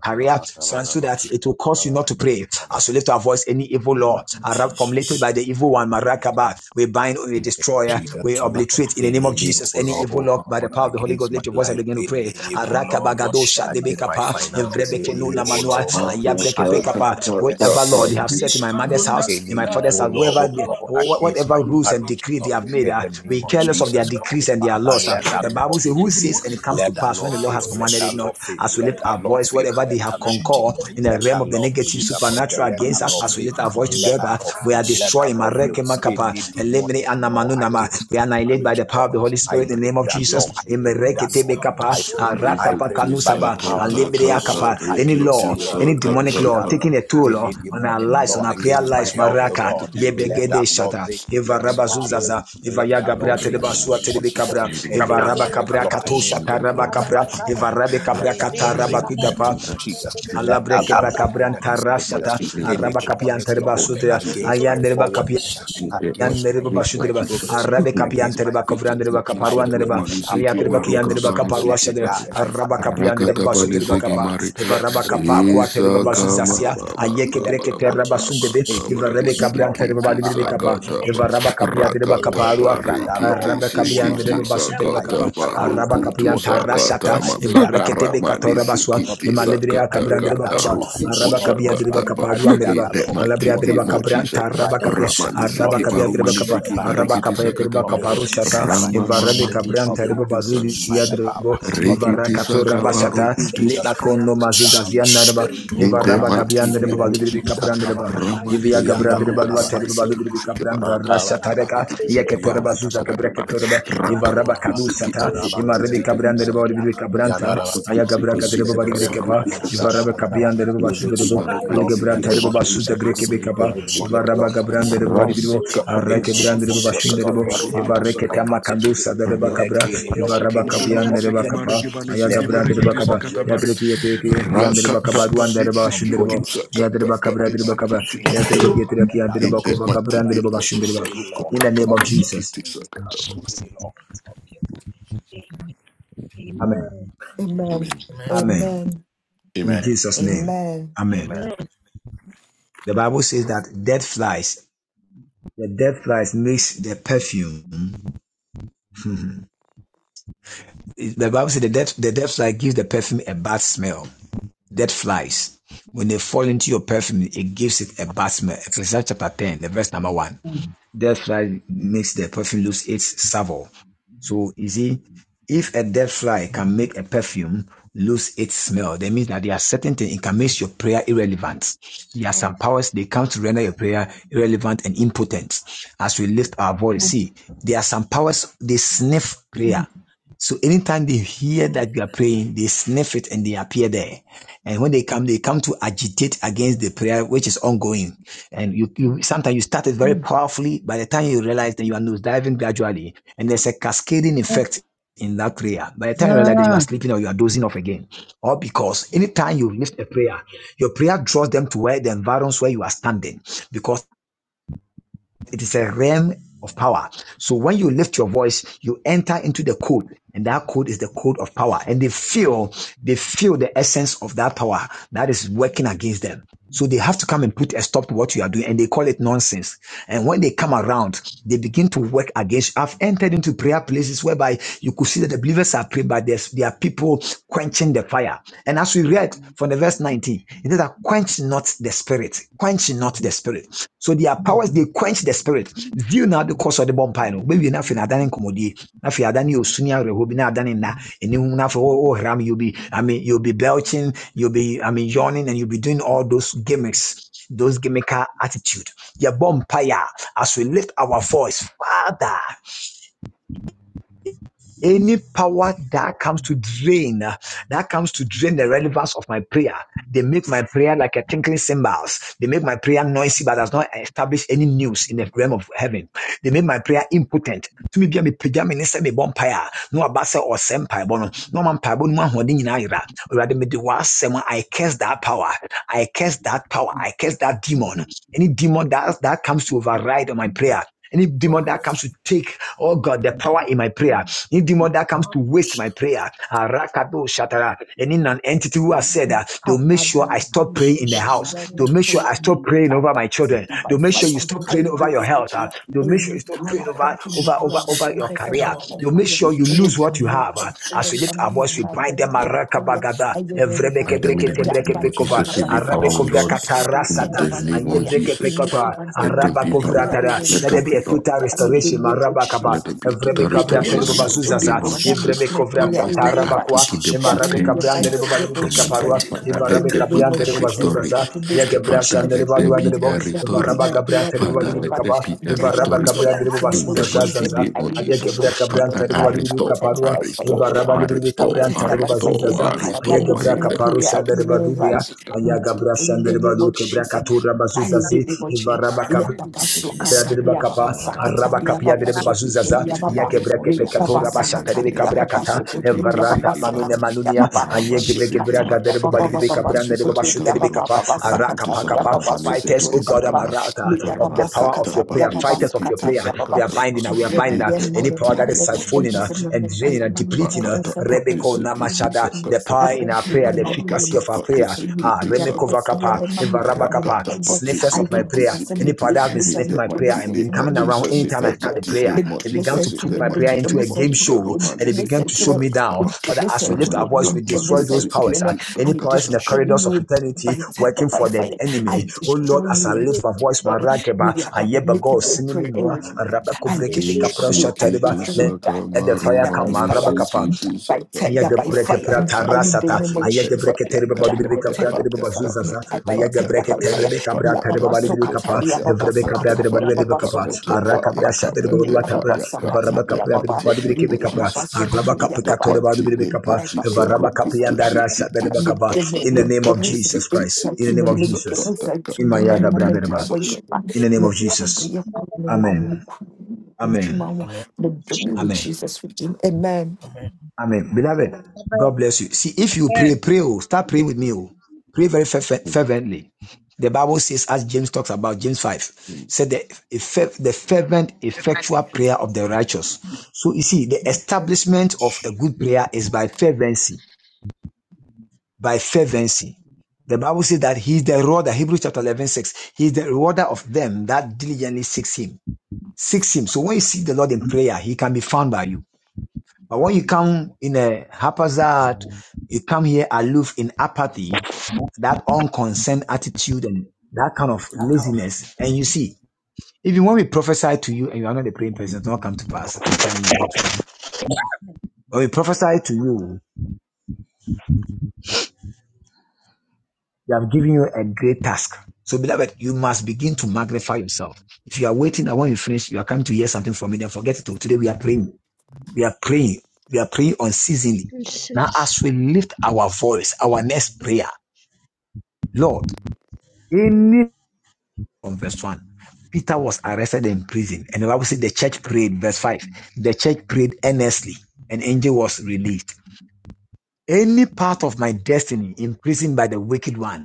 Speaker 9: career so so that it will cause you not to pray as you lift our voice any evil law uh, formulated
Speaker 10: Jesus.
Speaker 9: by the evil one marakaba we bind we
Speaker 6: In the name of
Speaker 9: destroy uh,
Speaker 6: Jesus,
Speaker 10: Lord,
Speaker 9: we
Speaker 10: we
Speaker 6: Father,
Speaker 9: obliterate in the
Speaker 10: confirm
Speaker 9: name
Speaker 6: any
Speaker 9: of
Speaker 10: it.
Speaker 6: evil
Speaker 9: jesus any
Speaker 6: law,
Speaker 9: evil
Speaker 6: oh
Speaker 9: law by the
Speaker 6: God,
Speaker 9: power of the holy
Speaker 6: against
Speaker 9: ghost
Speaker 6: my
Speaker 9: lift your voice and
Speaker 6: life,
Speaker 9: begin to
Speaker 6: any
Speaker 9: pray
Speaker 6: evil law, oh God,
Speaker 10: congregation by
Speaker 6: against
Speaker 10: the
Speaker 6: my
Speaker 9: Arakabagadoshadebekapa,
Speaker 10: power of
Speaker 6: finances,
Speaker 10: the
Speaker 6: any
Speaker 10: Holy
Speaker 6: evil
Speaker 10: Ghost.
Speaker 9: evrebekenunamanoa,
Speaker 6: law, oh God,
Speaker 10: Mandos
Speaker 6: against
Speaker 9: ayabrekepekapa.
Speaker 10: Kabaraba.
Speaker 6: my blessings,
Speaker 9: whatever law they have set in my mother's house
Speaker 10: Mishkabrundas
Speaker 6: Any
Speaker 9: in my father's
Speaker 6: evil
Speaker 9: house
Speaker 6: law,
Speaker 9: whoever
Speaker 6: oh
Speaker 10: Kibarados
Speaker 6: God,
Speaker 10: Kalados.
Speaker 6: against
Speaker 9: whatever
Speaker 6: my
Speaker 9: rules and
Speaker 10: God
Speaker 6: marriage,
Speaker 9: decree they
Speaker 6: Lord.
Speaker 9: have made
Speaker 6: In
Speaker 9: uh,
Speaker 6: the name
Speaker 9: we
Speaker 6: of
Speaker 9: careless of their
Speaker 6: Jesus
Speaker 9: decrees
Speaker 6: Christ,
Speaker 9: and their
Speaker 6: Father,
Speaker 9: loss. Uh,
Speaker 6: let that
Speaker 9: The
Speaker 10: instructed
Speaker 6: law
Speaker 9: Bible
Speaker 6: be
Speaker 9: says,
Speaker 10: in the
Speaker 9: Who
Speaker 6: broken.
Speaker 9: says and
Speaker 10: demonic
Speaker 9: it comes
Speaker 6: Let
Speaker 9: to
Speaker 10: world
Speaker 6: that
Speaker 9: pass
Speaker 6: law
Speaker 9: when the Lord has
Speaker 6: fail.
Speaker 10: to
Speaker 6: Let
Speaker 9: commanded
Speaker 6: that
Speaker 9: it not?
Speaker 6: law
Speaker 10: frustrate
Speaker 6: fail.
Speaker 9: As we
Speaker 6: Let
Speaker 9: lift
Speaker 10: prayer
Speaker 6: that
Speaker 9: our
Speaker 10: life
Speaker 6: law
Speaker 9: voice,
Speaker 10: and
Speaker 6: fail.
Speaker 9: whatever they
Speaker 6: Let
Speaker 9: have
Speaker 6: that law
Speaker 10: communication
Speaker 6: fail.
Speaker 10: in
Speaker 9: conquered
Speaker 10: the name
Speaker 9: in
Speaker 10: of
Speaker 9: the
Speaker 6: Let
Speaker 9: realm
Speaker 6: that
Speaker 9: of the
Speaker 6: law be
Speaker 9: negative
Speaker 10: Jesus.
Speaker 6: disappointed.
Speaker 9: supernatural
Speaker 6: Let that
Speaker 9: against us,
Speaker 6: law
Speaker 10: Mandos
Speaker 9: as we lift
Speaker 6: fail.
Speaker 9: our voice
Speaker 6: Let
Speaker 10: Kabarabas
Speaker 6: that
Speaker 9: together,
Speaker 6: law
Speaker 9: we
Speaker 6: fail.
Speaker 9: are
Speaker 6: Let
Speaker 10: Kabarados
Speaker 9: destroying.
Speaker 6: that law fail.
Speaker 10: Kibarados
Speaker 6: Any
Speaker 7: Amen.
Speaker 6: demonic law against
Speaker 9: We are
Speaker 6: my
Speaker 9: annihilated by
Speaker 6: marriage,
Speaker 9: the
Speaker 6: God,
Speaker 9: power of the Holy
Speaker 6: I
Speaker 9: Spirit in the
Speaker 6: break
Speaker 9: name of
Speaker 6: that law.
Speaker 9: Jesus.
Speaker 6: I break that law. I
Speaker 10: Maskabos
Speaker 6: break it. I break
Speaker 2: Rikiti
Speaker 6: it by the
Speaker 10: Kabarik
Speaker 6: power of
Speaker 2: sakata
Speaker 6: the Holy Ghost.
Speaker 2: kata
Speaker 10: Skaba
Speaker 6: I
Speaker 9: Any
Speaker 6: break
Speaker 2: rikiti
Speaker 9: law,
Speaker 6: that law.
Speaker 9: any
Speaker 6: I
Speaker 9: demonic
Speaker 2: sakata
Speaker 10: Askibaros
Speaker 6: break
Speaker 9: law,
Speaker 6: that
Speaker 2: pa.
Speaker 10: Kaba.
Speaker 6: law.
Speaker 9: taking a toll
Speaker 6: Any
Speaker 9: on
Speaker 10: and
Speaker 9: our
Speaker 10: give
Speaker 6: demonic
Speaker 9: lives, on
Speaker 10: you
Speaker 6: law
Speaker 10: the
Speaker 9: our
Speaker 10: glory
Speaker 9: prayer
Speaker 6: against
Speaker 2: Anything
Speaker 6: my
Speaker 2: more
Speaker 9: lives,
Speaker 10: in
Speaker 2: than
Speaker 10: the
Speaker 6: health, oh
Speaker 9: Maraka,
Speaker 6: God,
Speaker 10: name of
Speaker 2: taking it
Speaker 6: let
Speaker 2: to
Speaker 9: Yebegede
Speaker 6: that law
Speaker 7: Libri
Speaker 9: Shada,
Speaker 6: break in the
Speaker 9: Eva
Speaker 6: name of Jesus.
Speaker 9: Rabazuzaza,
Speaker 6: Let
Speaker 9: Ivaya
Speaker 6: that
Speaker 2: In
Speaker 6: law
Speaker 9: Gabra
Speaker 2: the
Speaker 6: break
Speaker 9: Teleba
Speaker 2: name
Speaker 6: in the
Speaker 2: of
Speaker 9: Sua
Speaker 6: name
Speaker 10: Jesus.
Speaker 6: of
Speaker 9: Telebe
Speaker 2: Jesus,
Speaker 6: Jesus.
Speaker 9: Cabra,
Speaker 2: in the name
Speaker 6: Any
Speaker 2: Kabra.
Speaker 9: Ivaraba
Speaker 2: of
Speaker 6: demonic
Speaker 9: Cabra
Speaker 2: Father,
Speaker 6: law
Speaker 2: God,
Speaker 6: against
Speaker 9: Katosha
Speaker 10: Robabadoska,
Speaker 2: me,
Speaker 6: my
Speaker 2: O
Speaker 9: Taraba
Speaker 2: Lord,
Speaker 6: prayer
Speaker 9: Cabra,
Speaker 6: life, oh God.
Speaker 2: Father,
Speaker 9: Ivarabe
Speaker 2: uh,
Speaker 9: Cabra
Speaker 6: Let that law
Speaker 9: Kataraba
Speaker 2: rescue
Speaker 6: break in
Speaker 2: me
Speaker 6: the
Speaker 10: Batoriandoska,
Speaker 6: name
Speaker 9: Tutapa,
Speaker 6: of
Speaker 2: tonight.
Speaker 6: Jesus.
Speaker 10: Maska,
Speaker 2: Rescue
Speaker 6: Let
Speaker 9: Alabre
Speaker 2: me,
Speaker 6: that
Speaker 2: O
Speaker 10: Roska,
Speaker 6: law
Speaker 9: Kepa
Speaker 6: break in
Speaker 9: Cabran
Speaker 6: the name
Speaker 10: Maska,
Speaker 6: of
Speaker 2: Lord,
Speaker 6: Jesus.
Speaker 9: Tarashata,
Speaker 2: in the name
Speaker 6: Any
Speaker 2: of
Speaker 9: Araba Capian
Speaker 2: Jesus,
Speaker 6: demonic
Speaker 2: in the
Speaker 9: Tereba
Speaker 6: law
Speaker 2: name
Speaker 10: the
Speaker 2: of
Speaker 9: Sutra,
Speaker 10: Lord
Speaker 2: Jesus.
Speaker 6: against my forwardness,
Speaker 10: Jesus
Speaker 2: You get like
Speaker 10: Christ,
Speaker 6: against
Speaker 10: O
Speaker 6: my,
Speaker 9: Yandereba
Speaker 10: Lord,
Speaker 2: you
Speaker 6: my, my
Speaker 2: like
Speaker 9: Bashudreba,
Speaker 2: you just
Speaker 6: progress,
Speaker 2: <laughs>
Speaker 9: Arabe
Speaker 10: Lord
Speaker 2: Mani
Speaker 6: against my
Speaker 9: Capiantereba,
Speaker 6: victory.
Speaker 9: Covrandereba
Speaker 6: I pray
Speaker 9: Caparuanereba,
Speaker 6: by the power of
Speaker 2: Ziki
Speaker 6: the
Speaker 9: Aliatreba
Speaker 6: Holy
Speaker 2: Maru
Speaker 6: Ghost.
Speaker 9: Kianereba
Speaker 2: Kabani
Speaker 6: Let
Speaker 2: Ziki
Speaker 6: it
Speaker 9: Caparuashadre,
Speaker 2: Maru
Speaker 6: die by
Speaker 9: Rabba
Speaker 6: fire.
Speaker 9: Capiandereba
Speaker 6: Let
Speaker 2: Rakata
Speaker 6: it
Speaker 2: Bani
Speaker 6: break, oh
Speaker 9: Basutreba
Speaker 2: Ziki
Speaker 9: Capa,
Speaker 6: God.
Speaker 2: Mari
Speaker 9: Eva
Speaker 6: Let it
Speaker 9: Rabba
Speaker 6: break, oh
Speaker 9: Capa,
Speaker 6: God.
Speaker 9: Quatereba
Speaker 2: Sisa
Speaker 6: Let it
Speaker 7: Lost
Speaker 2: Kama
Speaker 6: die,
Speaker 9: Bazuzasia,
Speaker 6: O God.
Speaker 2: Mama
Speaker 9: Ayeke
Speaker 6: Let
Speaker 2: Mama
Speaker 6: it die,
Speaker 9: Breketerra
Speaker 6: O
Speaker 7: faith,
Speaker 6: God.
Speaker 2: Mama
Speaker 9: Basundebe,
Speaker 10: Jesus
Speaker 6: Any
Speaker 9: Eva
Speaker 2: Mama
Speaker 7: it
Speaker 9: Rebe
Speaker 10: Christ,
Speaker 6: demonic
Speaker 10: O
Speaker 7: will not
Speaker 10: Lord,
Speaker 6: law,
Speaker 2: Ziki
Speaker 9: Cabrantereba Balibribe
Speaker 6: Father,
Speaker 2: Tisa
Speaker 6: in
Speaker 7: stand.
Speaker 6: the
Speaker 9: Capa,
Speaker 6: name
Speaker 2: Kata
Speaker 6: of
Speaker 7: And
Speaker 2: Ba
Speaker 9: Eva Rabba
Speaker 6: Jesus, I
Speaker 9: Capianereba
Speaker 6: pray
Speaker 10: the
Speaker 7: Jesus,
Speaker 2: Rakata
Speaker 10: Son
Speaker 9: Caparua,
Speaker 10: of
Speaker 6: that
Speaker 2: Bari
Speaker 6: that
Speaker 10: God,
Speaker 2: Kiti
Speaker 6: law
Speaker 7: that
Speaker 9: Araba
Speaker 10: the
Speaker 7: is
Speaker 6: will
Speaker 2: Ziki
Speaker 6: not
Speaker 10: Shield of
Speaker 9: Capianereba
Speaker 6: stand.
Speaker 2: Tisa
Speaker 7: ever
Speaker 9: Basutreba
Speaker 6: I
Speaker 7: come
Speaker 6: pray
Speaker 2: Kata
Speaker 9: Capa,
Speaker 7: to
Speaker 6: that that
Speaker 2: Baru
Speaker 6: law
Speaker 7: pass.
Speaker 9: Araba
Speaker 2: Kutu
Speaker 6: will
Speaker 9: Capianta
Speaker 6: not
Speaker 7: God,
Speaker 10: fear
Speaker 6: work.
Speaker 10: of
Speaker 2: Sakata
Speaker 7: God,
Speaker 6: I
Speaker 2: Ma
Speaker 6: pray
Speaker 10: heaven,
Speaker 9: Eva
Speaker 6: that that law
Speaker 9: Reketebe
Speaker 7: Jesus,
Speaker 2: Ramani
Speaker 7: Lord,
Speaker 9: Catorabasua,
Speaker 6: will
Speaker 2: Ziki
Speaker 6: not
Speaker 9: Ema
Speaker 2: Tisa
Speaker 6: prevail.
Speaker 9: Lebrea
Speaker 6: I
Speaker 2: Kata
Speaker 6: pray that
Speaker 9: Cabrandereba
Speaker 6: that
Speaker 2: Kata
Speaker 7: yeah, I'm
Speaker 9: Capa,
Speaker 10: continue to
Speaker 6: law
Speaker 7: so
Speaker 2: Ruku
Speaker 6: will
Speaker 9: Araba
Speaker 7: good,
Speaker 6: not
Speaker 10: frustrate
Speaker 7: yeah,
Speaker 10: my
Speaker 7: I'm
Speaker 6: prosper.
Speaker 9: Capianereba
Speaker 2: Sakata
Speaker 7: so good,
Speaker 10: prayer
Speaker 2: Ba
Speaker 6: I
Speaker 7: I'm
Speaker 10: life.
Speaker 6: pray
Speaker 7: so
Speaker 6: that
Speaker 9: Caparuanereba,
Speaker 2: in
Speaker 6: that
Speaker 7: good.
Speaker 2: that
Speaker 6: law
Speaker 2: mighty
Speaker 9: alabria
Speaker 6: will not
Speaker 9: driba
Speaker 2: name of
Speaker 6: function
Speaker 2: Jesus
Speaker 9: kabranta
Speaker 10: In the
Speaker 6: by
Speaker 9: araba
Speaker 6: the
Speaker 9: kapia
Speaker 10: days
Speaker 6: power
Speaker 10: of
Speaker 6: of
Speaker 9: araba
Speaker 10: Daniel,
Speaker 2: Ramanisiki
Speaker 6: the
Speaker 10: to
Speaker 9: kapia
Speaker 6: Holy
Speaker 9: driba
Speaker 6: Ghost,
Speaker 10: ensure
Speaker 9: kapa
Speaker 10: that
Speaker 2: Barumanisiki
Speaker 7: God,
Speaker 10: he
Speaker 6: by the
Speaker 9: araba
Speaker 6: power
Speaker 7: yeah,
Speaker 2: Marikiti
Speaker 10: doesn't
Speaker 7: I'm
Speaker 9: kapia
Speaker 10: pray,
Speaker 9: driba
Speaker 7: high.
Speaker 6: of
Speaker 2: Sakataba
Speaker 6: the
Speaker 10: and
Speaker 6: Holy
Speaker 10: when he
Speaker 6: Ghost,
Speaker 7: Okay, yeah,
Speaker 9: kaparushata
Speaker 10: soon
Speaker 6: by the
Speaker 2: Rama
Speaker 10: soon she
Speaker 6: power
Speaker 9: ivarabi
Speaker 2: Mama
Speaker 10: said it,
Speaker 7: I'm so
Speaker 6: of
Speaker 9: kabranta
Speaker 6: the
Speaker 10: Pia,
Speaker 2: Nisiki
Speaker 6: Holy
Speaker 9: riba
Speaker 6: Ghost,
Speaker 9: bazudi
Speaker 2: Tisakaba
Speaker 6: by
Speaker 9: ya
Speaker 6: the power
Speaker 9: dribo
Speaker 6: of the Holy
Speaker 2: Rikiti
Speaker 6: Ghost.
Speaker 9: ivarakato
Speaker 6: In
Speaker 7: good,
Speaker 6: the
Speaker 7: yeah,
Speaker 2: Sakabaru
Speaker 6: name of
Speaker 7: I'm
Speaker 10: the
Speaker 6: Jesus
Speaker 9: leba
Speaker 6: Christ,
Speaker 2: tisakaba.
Speaker 9: kondo
Speaker 7: so good.
Speaker 6: Son
Speaker 9: mazuza
Speaker 10: prayerless
Speaker 6: of
Speaker 10: in
Speaker 6: the Living God.
Speaker 10: spirit
Speaker 2: in
Speaker 10: of
Speaker 9: Eva
Speaker 10: God
Speaker 2: the
Speaker 9: Rabba Gabian
Speaker 2: mighty
Speaker 9: de
Speaker 10: from
Speaker 2: name
Speaker 10: the
Speaker 6: Korabandeleberebe,
Speaker 2: of
Speaker 9: Babadri
Speaker 10: demon
Speaker 2: Jesus.
Speaker 10: of
Speaker 9: Cabrandreba,
Speaker 6: Ikabababa,
Speaker 2: Ramani
Speaker 9: Ivia
Speaker 2: seki
Speaker 9: Gabra de
Speaker 2: maruka
Speaker 9: Balua
Speaker 6: iyandanabanabanaba.
Speaker 2: tabari
Speaker 10: prayerlessness in my
Speaker 2: seki
Speaker 9: Terebabadri
Speaker 10: life.
Speaker 2: seki
Speaker 9: Cabranda
Speaker 2: baruku
Speaker 6: Any
Speaker 2: tu
Speaker 6: demonic
Speaker 9: Rasha
Speaker 2: sakata bari
Speaker 9: Tareka,
Speaker 2: kiti seki
Speaker 9: Yaketoreba
Speaker 2: baruku tu
Speaker 9: Suza
Speaker 2: sakata bari
Speaker 9: Kebreketoreba, Eva
Speaker 2: raka
Speaker 9: Rabba
Speaker 2: bari
Speaker 10: Prayer, come
Speaker 2: seki
Speaker 9: Kadusata,
Speaker 10: against you.
Speaker 2: baruku
Speaker 9: Ima
Speaker 2: tu
Speaker 9: Rebi
Speaker 2: seki tu
Speaker 9: Cabran de
Speaker 2: sakata
Speaker 9: Babadri
Speaker 10: Come on,
Speaker 9: Cabranta,
Speaker 2: raka
Speaker 10: Abaski,
Speaker 9: Aya Gabra
Speaker 2: seki
Speaker 10: Marabasko,
Speaker 2: bisa
Speaker 9: Cadrebabadri
Speaker 10: Baskala,
Speaker 9: Capa,
Speaker 2: baruku tu
Speaker 9: Eva Rabba Cabrian de
Speaker 2: sakata seki
Speaker 10: Abasko,
Speaker 9: Babasudrebo,
Speaker 2: baru bari
Speaker 6: law in
Speaker 9: Yagabra
Speaker 6: the
Speaker 2: seki
Speaker 6: name of
Speaker 2: baruku
Speaker 10: Baskala,
Speaker 2: tu
Speaker 9: Terebabasuda
Speaker 6: Jesus,
Speaker 2: sakata
Speaker 6: break.
Speaker 10: Maski,
Speaker 9: Brekebekaba,
Speaker 6: Any
Speaker 2: Mari
Speaker 9: Eva
Speaker 6: demonic
Speaker 10: Marabaskala.
Speaker 6: law
Speaker 9: Rabba
Speaker 6: in the name
Speaker 9: Gabran de
Speaker 6: of
Speaker 10: In the
Speaker 6: Jesus.
Speaker 9: Babadribo,
Speaker 10: mighty
Speaker 2: Amen.
Speaker 10: name of
Speaker 6: Any law
Speaker 9: Arrekebran de
Speaker 6: from the
Speaker 10: Jesus
Speaker 6: pit of
Speaker 9: Babashundrebo,
Speaker 6: hell,
Speaker 10: Christ, Lord.
Speaker 9: Eva
Speaker 6: Father, be
Speaker 9: Reketama
Speaker 10: Abasko,
Speaker 6: commanded today.
Speaker 9: Candusa de
Speaker 6: Let
Speaker 9: Rebacabra,
Speaker 6: any
Speaker 9: Eva
Speaker 6: law,
Speaker 9: Rabba
Speaker 6: any law
Speaker 9: Cabian de
Speaker 6: of
Speaker 10: Bradoskala,
Speaker 6: the
Speaker 9: Rebacapa,
Speaker 6: enemy,
Speaker 10: Baskala,
Speaker 9: Aya
Speaker 10: Maski,
Speaker 6: let
Speaker 9: Gabra de
Speaker 6: any
Speaker 10: Maraki.
Speaker 6: law
Speaker 9: Rebacaba,
Speaker 6: of the enemy
Speaker 9: Yadreki
Speaker 10: In the
Speaker 6: be
Speaker 10: name
Speaker 9: yeteki
Speaker 10: of
Speaker 9: yandere
Speaker 6: overridden by
Speaker 9: bakabaru
Speaker 10: Jesus.
Speaker 9: andere
Speaker 6: the power of the
Speaker 9: bashindere
Speaker 6: Holy
Speaker 9: ba
Speaker 6: Ghost.
Speaker 9: yadere
Speaker 6: Let any
Speaker 9: bakabra yadere
Speaker 6: law be
Speaker 9: bakaba yadere bak
Speaker 6: changed by
Speaker 9: yeteki
Speaker 6: the blood of Jesus. Father, we change any law
Speaker 9: In the name
Speaker 6: of
Speaker 9: of
Speaker 6: the enemy.
Speaker 9: Jesus,
Speaker 6: We cancel
Speaker 11: Jesus,
Speaker 6: any law
Speaker 11: mighty
Speaker 6: of the enemy.
Speaker 11: name.
Speaker 9: Amen,
Speaker 11: Amen.
Speaker 4: Amen.
Speaker 10: Amen.
Speaker 9: Amen.
Speaker 4: Amen.
Speaker 9: In
Speaker 6: Amen.
Speaker 2: Amen.
Speaker 9: Jesus' name,
Speaker 4: Amen.
Speaker 9: Amen.
Speaker 11: Amen. Amen.
Speaker 9: The Bible says that dead flies, the dead flies makes the perfume. <laughs> Mm-hmm. the Bible says the dead the dead fly gives the perfume a bad smell. Dead flies when they fall into your perfume, it gives it a bad smell. Ecclesiastes chapter ten, the verse number one. Death fly makes the perfume lose its savor. So you see, if a death fly can make a perfume lose its smell, that means that there are certain things it can make your prayer irrelevant. There are some powers they come to render your prayer irrelevant and impotent. As we lift our voice, see, there are some powers they sniff prayer. So anytime they hear that you are praying, they sniff it and they appear there. And when they come, they come to agitate against the prayer which is ongoing and you,
Speaker 4: Mm.
Speaker 9: you sometimes you started very powerfully by the time you realize that you are nose diving gradually and there's a cascading effect in that prayer by the time you realize that you are
Speaker 7: Ah.
Speaker 9: sleeping or you are dozing off again or because anytime you lift a prayer your prayer draws them to where the environs where you are standing because. It is a realm of power. So when you lift your voice, you enter into the code, and that code is the code of power. And they feel, they feel the essence of that power that is working against them. So they have to come and put a stop to what you are doing, and they call it nonsense. And when they come around, they begin to work against. you. I've entered into prayer places whereby you could see that the believers are praying, but there's, there are people quenching the fire. And as we read from the verse 19, it says that quench not the spirit, quench not the spirit. So their powers they quench the spirit. View now the because of the bomb pine. Maybe nothing adani komodi. Nothing adani you reho bi na adani na. Eni hum na for oh oh, ram you'll be I mean you'll be belching, you'll be I mean yawning and you'll be doing all those gimmicks. Those gimmicker attitude. Your bomb pie. As we lift our voice, Father. Any power that comes to drain, uh, that comes to drain the relevance of my prayer. They make my prayer like a tinkling cymbals. They make my prayer noisy, but does not establish any news in the realm of heaven. They make my prayer impotent. To me, be a mepagya me ne sɛ mebɔ No abasa or waba sɛ no man. no na ɔma mpaebɔ no mu ahoɔden nyinaa yera. the mede w'asɛm I curse that power. I curse that power. I curse that demon. Any demon that, that comes to override on my prayer. Any demon
Speaker 10: Lord,
Speaker 9: that comes to take, oh God, the power in my prayer. If demon that comes to waste my
Speaker 10: Bradoskala,
Speaker 9: prayer, Arakado Shatara, and in an entity who has said that they'll make sure
Speaker 4: Canada,
Speaker 9: I stop
Speaker 4: um,
Speaker 9: praying in the
Speaker 4: even
Speaker 10: Jesus,
Speaker 9: house.
Speaker 10: Lord.
Speaker 4: read
Speaker 9: They'll
Speaker 4: my
Speaker 9: make sure
Speaker 4: prayer,
Speaker 9: I
Speaker 10: In
Speaker 9: stop praying
Speaker 4: I
Speaker 9: over
Speaker 4: might
Speaker 9: my
Speaker 4: sit
Speaker 9: children. They'll
Speaker 4: about
Speaker 9: make sure
Speaker 4: fire,
Speaker 10: This
Speaker 9: you
Speaker 10: my
Speaker 9: stop
Speaker 4: I
Speaker 9: praying
Speaker 10: prayer
Speaker 4: will
Speaker 9: over
Speaker 4: do
Speaker 9: your
Speaker 4: the
Speaker 10: life,
Speaker 9: health. ah.
Speaker 10: God.
Speaker 4: watching.
Speaker 9: they'll make
Speaker 10: I'm
Speaker 9: sure you
Speaker 4: Any
Speaker 9: stop praying
Speaker 4: power
Speaker 10: greater
Speaker 9: over
Speaker 10: than
Speaker 4: to me
Speaker 9: over
Speaker 4: be
Speaker 9: over
Speaker 4: another
Speaker 10: Jesus
Speaker 9: over
Speaker 4: and
Speaker 9: your
Speaker 10: by the
Speaker 4: person that
Speaker 9: career.
Speaker 10: power of the
Speaker 9: They'll make
Speaker 10: Holy
Speaker 4: empire
Speaker 9: sure you
Speaker 10: Ghost
Speaker 9: lose
Speaker 10: in
Speaker 4: would
Speaker 10: the
Speaker 9: what you
Speaker 4: be
Speaker 10: name
Speaker 4: a
Speaker 10: of
Speaker 9: have. ah. as
Speaker 4: popular
Speaker 9: we
Speaker 10: Jesus.
Speaker 9: lift our voice,
Speaker 4: among
Speaker 9: we
Speaker 4: my
Speaker 9: bind them
Speaker 4: venom empire.
Speaker 10: In
Speaker 9: Arakabagada,
Speaker 4: I will
Speaker 2: I
Speaker 4: relevant
Speaker 2: them in the mighty
Speaker 4: that by
Speaker 2: name of
Speaker 10: the
Speaker 9: Evrebekebreketebrekepekova,
Speaker 4: telling
Speaker 2: Jesus, in the
Speaker 4: about
Speaker 10: name of
Speaker 4: fire,
Speaker 2: power of Lord,
Speaker 4: and
Speaker 10: Jesus.
Speaker 4: that by
Speaker 2: in
Speaker 4: send
Speaker 9: Arabekovrakakatarasata,
Speaker 2: the
Speaker 4: by,
Speaker 2: name of
Speaker 4: fire.
Speaker 2: Jesus.
Speaker 4: Any
Speaker 9: Ayebrekepekota,
Speaker 4: power that
Speaker 2: Let them
Speaker 4: make
Speaker 2: be
Speaker 4: my
Speaker 2: bound.
Speaker 10: Libra
Speaker 4: prayer
Speaker 9: Arabakovratara.
Speaker 10: dos
Speaker 2: Let
Speaker 9: Let
Speaker 2: them
Speaker 9: there
Speaker 4: irrelevant.
Speaker 9: be
Speaker 2: be
Speaker 9: a
Speaker 10: kabaya.
Speaker 9: total
Speaker 4: That in
Speaker 2: bound.
Speaker 4: the
Speaker 9: restoration.
Speaker 4: name
Speaker 9: Marabakaba.
Speaker 2: Let there
Speaker 4: Jesus.
Speaker 2: be a
Speaker 9: Evrebe
Speaker 2: total
Speaker 4: In the
Speaker 9: kabria
Speaker 4: name of
Speaker 9: tori
Speaker 2: restoration in the
Speaker 10: Nemas
Speaker 9: baba
Speaker 4: Jesus,
Speaker 2: mighty
Speaker 4: any
Speaker 10: kobara
Speaker 9: zuzaza.
Speaker 2: name of
Speaker 4: power
Speaker 10: dos
Speaker 4: that makes
Speaker 9: Evrebe
Speaker 10: kabaya.
Speaker 2: Jesus.
Speaker 4: my
Speaker 9: kovria
Speaker 10: In the
Speaker 4: prayer
Speaker 2: Powers that
Speaker 9: chatara
Speaker 2: are
Speaker 10: name of
Speaker 9: bakwa.
Speaker 4: irrelevant.
Speaker 2: taking the
Speaker 4: That
Speaker 10: Jesus.
Speaker 9: Emarabe
Speaker 4: in the
Speaker 9: kabria
Speaker 2: potency
Speaker 9: andere
Speaker 4: mighty
Speaker 9: baba
Speaker 10: Spirit
Speaker 4: name
Speaker 10: of
Speaker 4: of
Speaker 9: libi
Speaker 2: from my
Speaker 4: Jesus
Speaker 9: kaparua.
Speaker 2: prayer.
Speaker 10: orchestrating the
Speaker 2: Father,
Speaker 10: money
Speaker 2: let
Speaker 4: in
Speaker 9: Evarabe
Speaker 4: the
Speaker 2: there
Speaker 10: through my
Speaker 2: be
Speaker 9: kabia
Speaker 4: name of
Speaker 2: a
Speaker 9: andere
Speaker 10: prayer.
Speaker 9: baba
Speaker 10: life.
Speaker 4: Jesus,
Speaker 9: zuzaza.
Speaker 4: die
Speaker 2: restoration.
Speaker 4: in the
Speaker 9: Ya
Speaker 4: name of
Speaker 9: gebria
Speaker 2: Father,
Speaker 4: Jesus,
Speaker 9: shandere
Speaker 2: let
Speaker 9: baba
Speaker 2: there
Speaker 9: lu
Speaker 2: be
Speaker 9: andere
Speaker 4: anything
Speaker 9: bo.
Speaker 2: a
Speaker 4: that makes
Speaker 9: Evaraba
Speaker 4: my
Speaker 2: restoration.
Speaker 9: kabria
Speaker 4: prayer
Speaker 9: andere baba
Speaker 2: Father,
Speaker 9: libi
Speaker 2: let
Speaker 4: irrelevant,
Speaker 2: there
Speaker 9: kapa.
Speaker 2: be a
Speaker 4: die in
Speaker 9: Evaraba
Speaker 4: the
Speaker 9: kabria
Speaker 2: restoration
Speaker 10: prayer
Speaker 9: andere
Speaker 4: mighty
Speaker 10: life
Speaker 9: baba
Speaker 10: to
Speaker 4: name
Speaker 2: in
Speaker 4: of
Speaker 2: the
Speaker 10: break
Speaker 9: zuzaza
Speaker 10: it
Speaker 2: mighty
Speaker 4: Jesus,
Speaker 9: zaza.
Speaker 2: name
Speaker 4: die
Speaker 2: of
Speaker 4: in the
Speaker 9: Aya
Speaker 2: Jesus.
Speaker 4: name
Speaker 9: gebria
Speaker 4: of
Speaker 9: kabria
Speaker 4: Jesus,
Speaker 2: Father,
Speaker 9: andere
Speaker 2: I
Speaker 9: baba
Speaker 4: die
Speaker 9: libi
Speaker 4: by
Speaker 2: restore,
Speaker 4: tender
Speaker 2: I
Speaker 9: kaparua.
Speaker 4: by fire,
Speaker 2: restore,
Speaker 9: Evaraba
Speaker 2: I
Speaker 9: libi
Speaker 4: by
Speaker 9: kabria
Speaker 2: restore, I
Speaker 4: tender
Speaker 9: andere
Speaker 4: by fire,
Speaker 9: bazuzaza.
Speaker 4: in
Speaker 2: restore,
Speaker 4: the
Speaker 9: zuzaza.
Speaker 2: I
Speaker 4: power
Speaker 9: Aya
Speaker 4: that
Speaker 2: restore
Speaker 4: makes
Speaker 9: gebria
Speaker 2: in
Speaker 4: my
Speaker 2: the
Speaker 9: kaparu
Speaker 2: mighty
Speaker 4: prayer
Speaker 2: name
Speaker 9: shandere baba
Speaker 2: of
Speaker 9: dubia.
Speaker 2: Jesus.
Speaker 4: irrelevant,
Speaker 2: In the
Speaker 9: Aya
Speaker 2: mighty name
Speaker 9: gebria
Speaker 4: die in
Speaker 2: of
Speaker 4: the
Speaker 9: shandere baba
Speaker 4: name
Speaker 2: Jesus.
Speaker 9: lu
Speaker 4: of
Speaker 9: kebria
Speaker 4: Jesus,
Speaker 9: katura bazuzazi.
Speaker 4: Ayideboche,
Speaker 9: evaraba
Speaker 2: In
Speaker 4: ya
Speaker 9: kabran
Speaker 2: the
Speaker 10: down.
Speaker 2: name of
Speaker 4: baba
Speaker 2: Jesus, in the
Speaker 10: Is
Speaker 4: sokata,
Speaker 2: mighty name of
Speaker 4: ya
Speaker 2: Jesus,
Speaker 4: baba
Speaker 9: Bradribakapa,
Speaker 2: Alvarado, they
Speaker 4: sakata, ya
Speaker 2: be
Speaker 9: Arabakapia
Speaker 4: baba
Speaker 9: de
Speaker 2: restored,
Speaker 4: sokoto,
Speaker 9: Bazuzaza,
Speaker 4: ya
Speaker 2: recently. In
Speaker 4: baba,
Speaker 2: the name of
Speaker 4: ya
Speaker 2: Jesus,
Speaker 4: baba
Speaker 2: in
Speaker 9: Yakebrekatore
Speaker 2: the
Speaker 9: Bashata
Speaker 4: sakata,
Speaker 2: mighty
Speaker 9: de
Speaker 2: name
Speaker 4: ya
Speaker 2: of
Speaker 4: baba
Speaker 9: Cabrakata,
Speaker 2: Jesus,
Speaker 4: sokoto,
Speaker 2: Sekiti
Speaker 4: ya baba
Speaker 9: Evarata,
Speaker 2: Seki
Speaker 9: Manune
Speaker 4: sakata,
Speaker 2: Baro,
Speaker 4: ya
Speaker 9: Manunia,
Speaker 4: baba
Speaker 2: Ramani
Speaker 4: shekata,
Speaker 2: Sekema,
Speaker 9: Ayekebrekebraga
Speaker 4: ya
Speaker 9: de
Speaker 4: baba
Speaker 9: Babalibeka
Speaker 4: baba
Speaker 2: Resikiti
Speaker 9: Branda de
Speaker 4: sokoto,
Speaker 2: Sakata
Speaker 9: Babashuta
Speaker 4: ya
Speaker 9: de
Speaker 2: Baro,
Speaker 4: baba
Speaker 9: Bekapa,
Speaker 4: baba
Speaker 2: Rokutu
Speaker 4: sakata, ya
Speaker 9: Arakapakapa,
Speaker 2: Sakata
Speaker 4: baba
Speaker 2: Bane
Speaker 9: fighters,
Speaker 4: sokoto,
Speaker 2: Sekiti
Speaker 9: O
Speaker 4: ya
Speaker 9: God
Speaker 4: baba,
Speaker 2: Sakama,
Speaker 9: Amarata,
Speaker 4: ya
Speaker 9: of the
Speaker 4: baba
Speaker 9: power of
Speaker 2: Rakata
Speaker 9: your
Speaker 4: sakata, ya
Speaker 9: prayer,
Speaker 2: Bane
Speaker 4: baba
Speaker 9: fighters of your
Speaker 4: sakata,
Speaker 2: Sekiti
Speaker 9: prayer.
Speaker 4: ya
Speaker 9: We
Speaker 4: baba.
Speaker 9: are
Speaker 2: Sakata, Ba.
Speaker 9: binding her, we are
Speaker 4: Kiyeba
Speaker 9: binding
Speaker 2: in
Speaker 9: her.
Speaker 4: ye
Speaker 2: the
Speaker 9: Any
Speaker 4: mama
Speaker 9: power
Speaker 2: mighty
Speaker 9: that is
Speaker 4: mpaye,
Speaker 2: name of
Speaker 9: siphoning
Speaker 2: Jesus.
Speaker 9: her
Speaker 4: umpisa mama
Speaker 9: and draining
Speaker 4: mpaye,
Speaker 9: her,
Speaker 4: mama mpaye,
Speaker 9: depleting her,
Speaker 4: bonza ba
Speaker 2: Rakatapa
Speaker 4: ompa,
Speaker 9: Rebeko
Speaker 4: mama
Speaker 2: nisikiti
Speaker 9: Namashada, the
Speaker 4: mpaye, mama
Speaker 9: power
Speaker 2: sakatapa.
Speaker 9: in our prayer,
Speaker 4: mpaye, mama mpaye,
Speaker 9: the
Speaker 4: mama
Speaker 9: efficacy of our
Speaker 2: Rakatapa
Speaker 9: prayer, Ah,
Speaker 2: nisikiti
Speaker 9: Remeko
Speaker 4: mpaye,
Speaker 9: Vakapa,
Speaker 2: sakatapa.
Speaker 9: Evarabakapa,
Speaker 2: Rakatapa
Speaker 9: sniffers
Speaker 4: I
Speaker 9: of my
Speaker 4: am
Speaker 2: nisikiti
Speaker 9: prayer.
Speaker 4: assassin
Speaker 9: Any
Speaker 4: with
Speaker 2: sikiti.
Speaker 9: power that
Speaker 4: this
Speaker 9: has been
Speaker 4: which I
Speaker 2: In
Speaker 9: sniffing
Speaker 2: that
Speaker 9: my
Speaker 4: need to be
Speaker 9: prayer
Speaker 2: mighty
Speaker 9: and
Speaker 4: set
Speaker 2: name
Speaker 9: been
Speaker 4: to me,
Speaker 2: of
Speaker 9: coming around
Speaker 4: to
Speaker 2: Jesus,
Speaker 4: be
Speaker 2: in
Speaker 9: anytime I
Speaker 4: set
Speaker 2: that
Speaker 4: to
Speaker 9: start the
Speaker 2: mighty name
Speaker 9: prayer,
Speaker 4: me,
Speaker 2: of
Speaker 9: they
Speaker 4: to be
Speaker 9: began
Speaker 2: Jesus,
Speaker 9: to
Speaker 4: set
Speaker 2: in
Speaker 4: to
Speaker 9: put
Speaker 4: me,
Speaker 2: that
Speaker 9: my prayer
Speaker 2: mighty
Speaker 4: to
Speaker 9: into
Speaker 4: be
Speaker 2: name
Speaker 9: a
Speaker 2: of
Speaker 4: set
Speaker 9: game
Speaker 4: to
Speaker 2: Jesus,
Speaker 4: me,
Speaker 9: show
Speaker 2: Roma
Speaker 9: and
Speaker 4: to
Speaker 9: they
Speaker 4: be
Speaker 9: began
Speaker 4: set
Speaker 9: to
Speaker 4: to
Speaker 2: nisikiti
Speaker 9: show
Speaker 4: me,
Speaker 9: me down.
Speaker 2: sakatapa.
Speaker 4: to
Speaker 9: Father,
Speaker 4: be
Speaker 9: as we
Speaker 4: set to
Speaker 9: lift our
Speaker 4: me,
Speaker 9: voice, we
Speaker 4: to
Speaker 2: Rakatapa
Speaker 4: be
Speaker 9: destroy those
Speaker 4: set to
Speaker 9: powers.
Speaker 4: me.
Speaker 9: uh,
Speaker 2: nisikiti
Speaker 9: Any
Speaker 4: I
Speaker 9: powers in the
Speaker 2: sakatapa.
Speaker 4: destroy
Speaker 9: corridors of
Speaker 4: you
Speaker 9: eternity
Speaker 4: by thunder,
Speaker 9: working
Speaker 4: by
Speaker 9: for the
Speaker 4: fire.
Speaker 9: enemy.
Speaker 4: I
Speaker 9: Oh Lord,
Speaker 4: destroy
Speaker 9: as I
Speaker 4: you.
Speaker 9: lift my
Speaker 4: agent of
Speaker 9: voice, my
Speaker 4: fire.
Speaker 9: rageba,
Speaker 4: We are
Speaker 9: I
Speaker 4: about
Speaker 9: yeba go,
Speaker 4: making a prayer.
Speaker 9: sinimino,
Speaker 4: everywhere.
Speaker 9: rabba
Speaker 4: I
Speaker 9: kovreki pika
Speaker 4: destroy
Speaker 9: prasha
Speaker 4: you. I
Speaker 9: teriba.
Speaker 2: Nisikiti
Speaker 4: destroy you.
Speaker 2: saka
Speaker 4: Die by
Speaker 9: Let the fire
Speaker 4: thunder,
Speaker 2: maruma
Speaker 4: by
Speaker 9: come,
Speaker 4: fire.
Speaker 9: Marabakapa.
Speaker 2: nisikiti
Speaker 4: Die by
Speaker 2: saka
Speaker 4: thunder, by
Speaker 2: tapa
Speaker 9: Ayagabreke
Speaker 4: fire.
Speaker 2: let that
Speaker 4: And
Speaker 9: prata
Speaker 4: die
Speaker 2: fire
Speaker 4: in the
Speaker 9: rasata.
Speaker 2: come
Speaker 4: name of
Speaker 2: let that
Speaker 4: Jesus.
Speaker 9: Ayagabreke
Speaker 2: fire
Speaker 9: terebe bali
Speaker 2: come
Speaker 4: Die
Speaker 2: let
Speaker 9: bibi
Speaker 4: by
Speaker 2: that
Speaker 9: kabra
Speaker 4: thunder,
Speaker 9: terebe
Speaker 4: by
Speaker 2: fire
Speaker 4: fire.
Speaker 2: come let
Speaker 9: bazuzasa.
Speaker 4: Die
Speaker 2: that
Speaker 4: by
Speaker 2: fire
Speaker 4: thunder, by
Speaker 9: Ayagabreke
Speaker 2: come
Speaker 4: fire.
Speaker 7: Amen.
Speaker 9: terebe kabra
Speaker 2: fire
Speaker 9: terebe
Speaker 4: Yababa
Speaker 2: come
Speaker 9: bali
Speaker 2: let
Speaker 9: bibi
Speaker 2: that
Speaker 9: kapa.
Speaker 2: fire
Speaker 4: Sokatadi Yababa
Speaker 2: come
Speaker 9: Evrebe
Speaker 2: let
Speaker 9: kabra
Speaker 2: that
Speaker 9: terebe
Speaker 4: Sakatadi
Speaker 2: fire
Speaker 9: bali bibi
Speaker 4: Yababa
Speaker 2: come
Speaker 9: kapa.
Speaker 2: let
Speaker 4: Sokoto
Speaker 2: that fire
Speaker 9: Araka
Speaker 4: Yababa
Speaker 9: brasha
Speaker 2: come
Speaker 9: terebe
Speaker 2: let
Speaker 9: bali
Speaker 2: that
Speaker 4: Yababa
Speaker 9: watabra.
Speaker 2: fire come in
Speaker 9: Evaraba
Speaker 4: Sakatadi
Speaker 2: that
Speaker 9: kabra terebe
Speaker 4: Yababa
Speaker 2: mighty
Speaker 9: bali bibi
Speaker 2: name
Speaker 9: kibi
Speaker 2: of
Speaker 9: kapa.
Speaker 4: Yababa
Speaker 2: Jesus
Speaker 9: Araba
Speaker 4: Sokoto
Speaker 2: in
Speaker 9: kapi
Speaker 2: that
Speaker 4: Yababa
Speaker 9: katore bali
Speaker 2: mighty
Speaker 9: bibi
Speaker 2: name
Speaker 9: kapa.
Speaker 2: of Jesus
Speaker 9: Evaraba
Speaker 2: roku tu
Speaker 9: kapiyanda
Speaker 4: Yababa
Speaker 9: yanda rasha
Speaker 2: sikiti
Speaker 9: terebe kapa.
Speaker 2: saka
Speaker 9: In the
Speaker 2: taka
Speaker 9: name
Speaker 2: ta
Speaker 9: of Jesus
Speaker 2: rikiti
Speaker 9: Christ. In the name of
Speaker 2: sikiti saka
Speaker 9: Jesus.
Speaker 2: taka
Speaker 9: In my
Speaker 2: ta
Speaker 9: yada brother.
Speaker 2: rikiti
Speaker 9: In the name of Jesus. Amen. Amen. Amen.
Speaker 4: Yababa Amen.
Speaker 9: Amen. Beloved, God
Speaker 7: Amen.
Speaker 9: bless you. See, if you pray, pray, oh, start praying with me. Oh. Pray very
Speaker 2: Mm.
Speaker 9: fervently. The Bible says, as James talks about, James 5, said the, the fervent, effectual prayer of the righteous. So you see, the establishment of a good prayer is by fervency, by fervency. The Bible says that he is the rewarder, Hebrews chapter 11 6. He is the rewarder of them that diligently seeks him. Seeks him. So when you seek the Lord in prayer, he can be found by you. But when you come in a haphazard, you come here aloof in apathy, that unconcerned attitude and that kind of
Speaker 10: That our
Speaker 9: laziness. And you see, even when we prophesy to you and you are not a praying person, it will not come to pass. I'm telling you the truth. When we prophesy to you, we have given you a great task. So beloved, you must begin to magnify yourself. If you are waiting and when you finish, you are coming to hear something from me, then forget it. all. Today we are praying. We are praying. We are praying unceasingly. Now
Speaker 11: Jesus.
Speaker 9: as we lift our voice, our next prayer, Lord, Any from verse 1. Peter was arrested and imprisoned. And the Bible said the church prayed, verse 5. The church prayed earnestly, and angel was released. Any part of my destiny imprisoned by the wicked one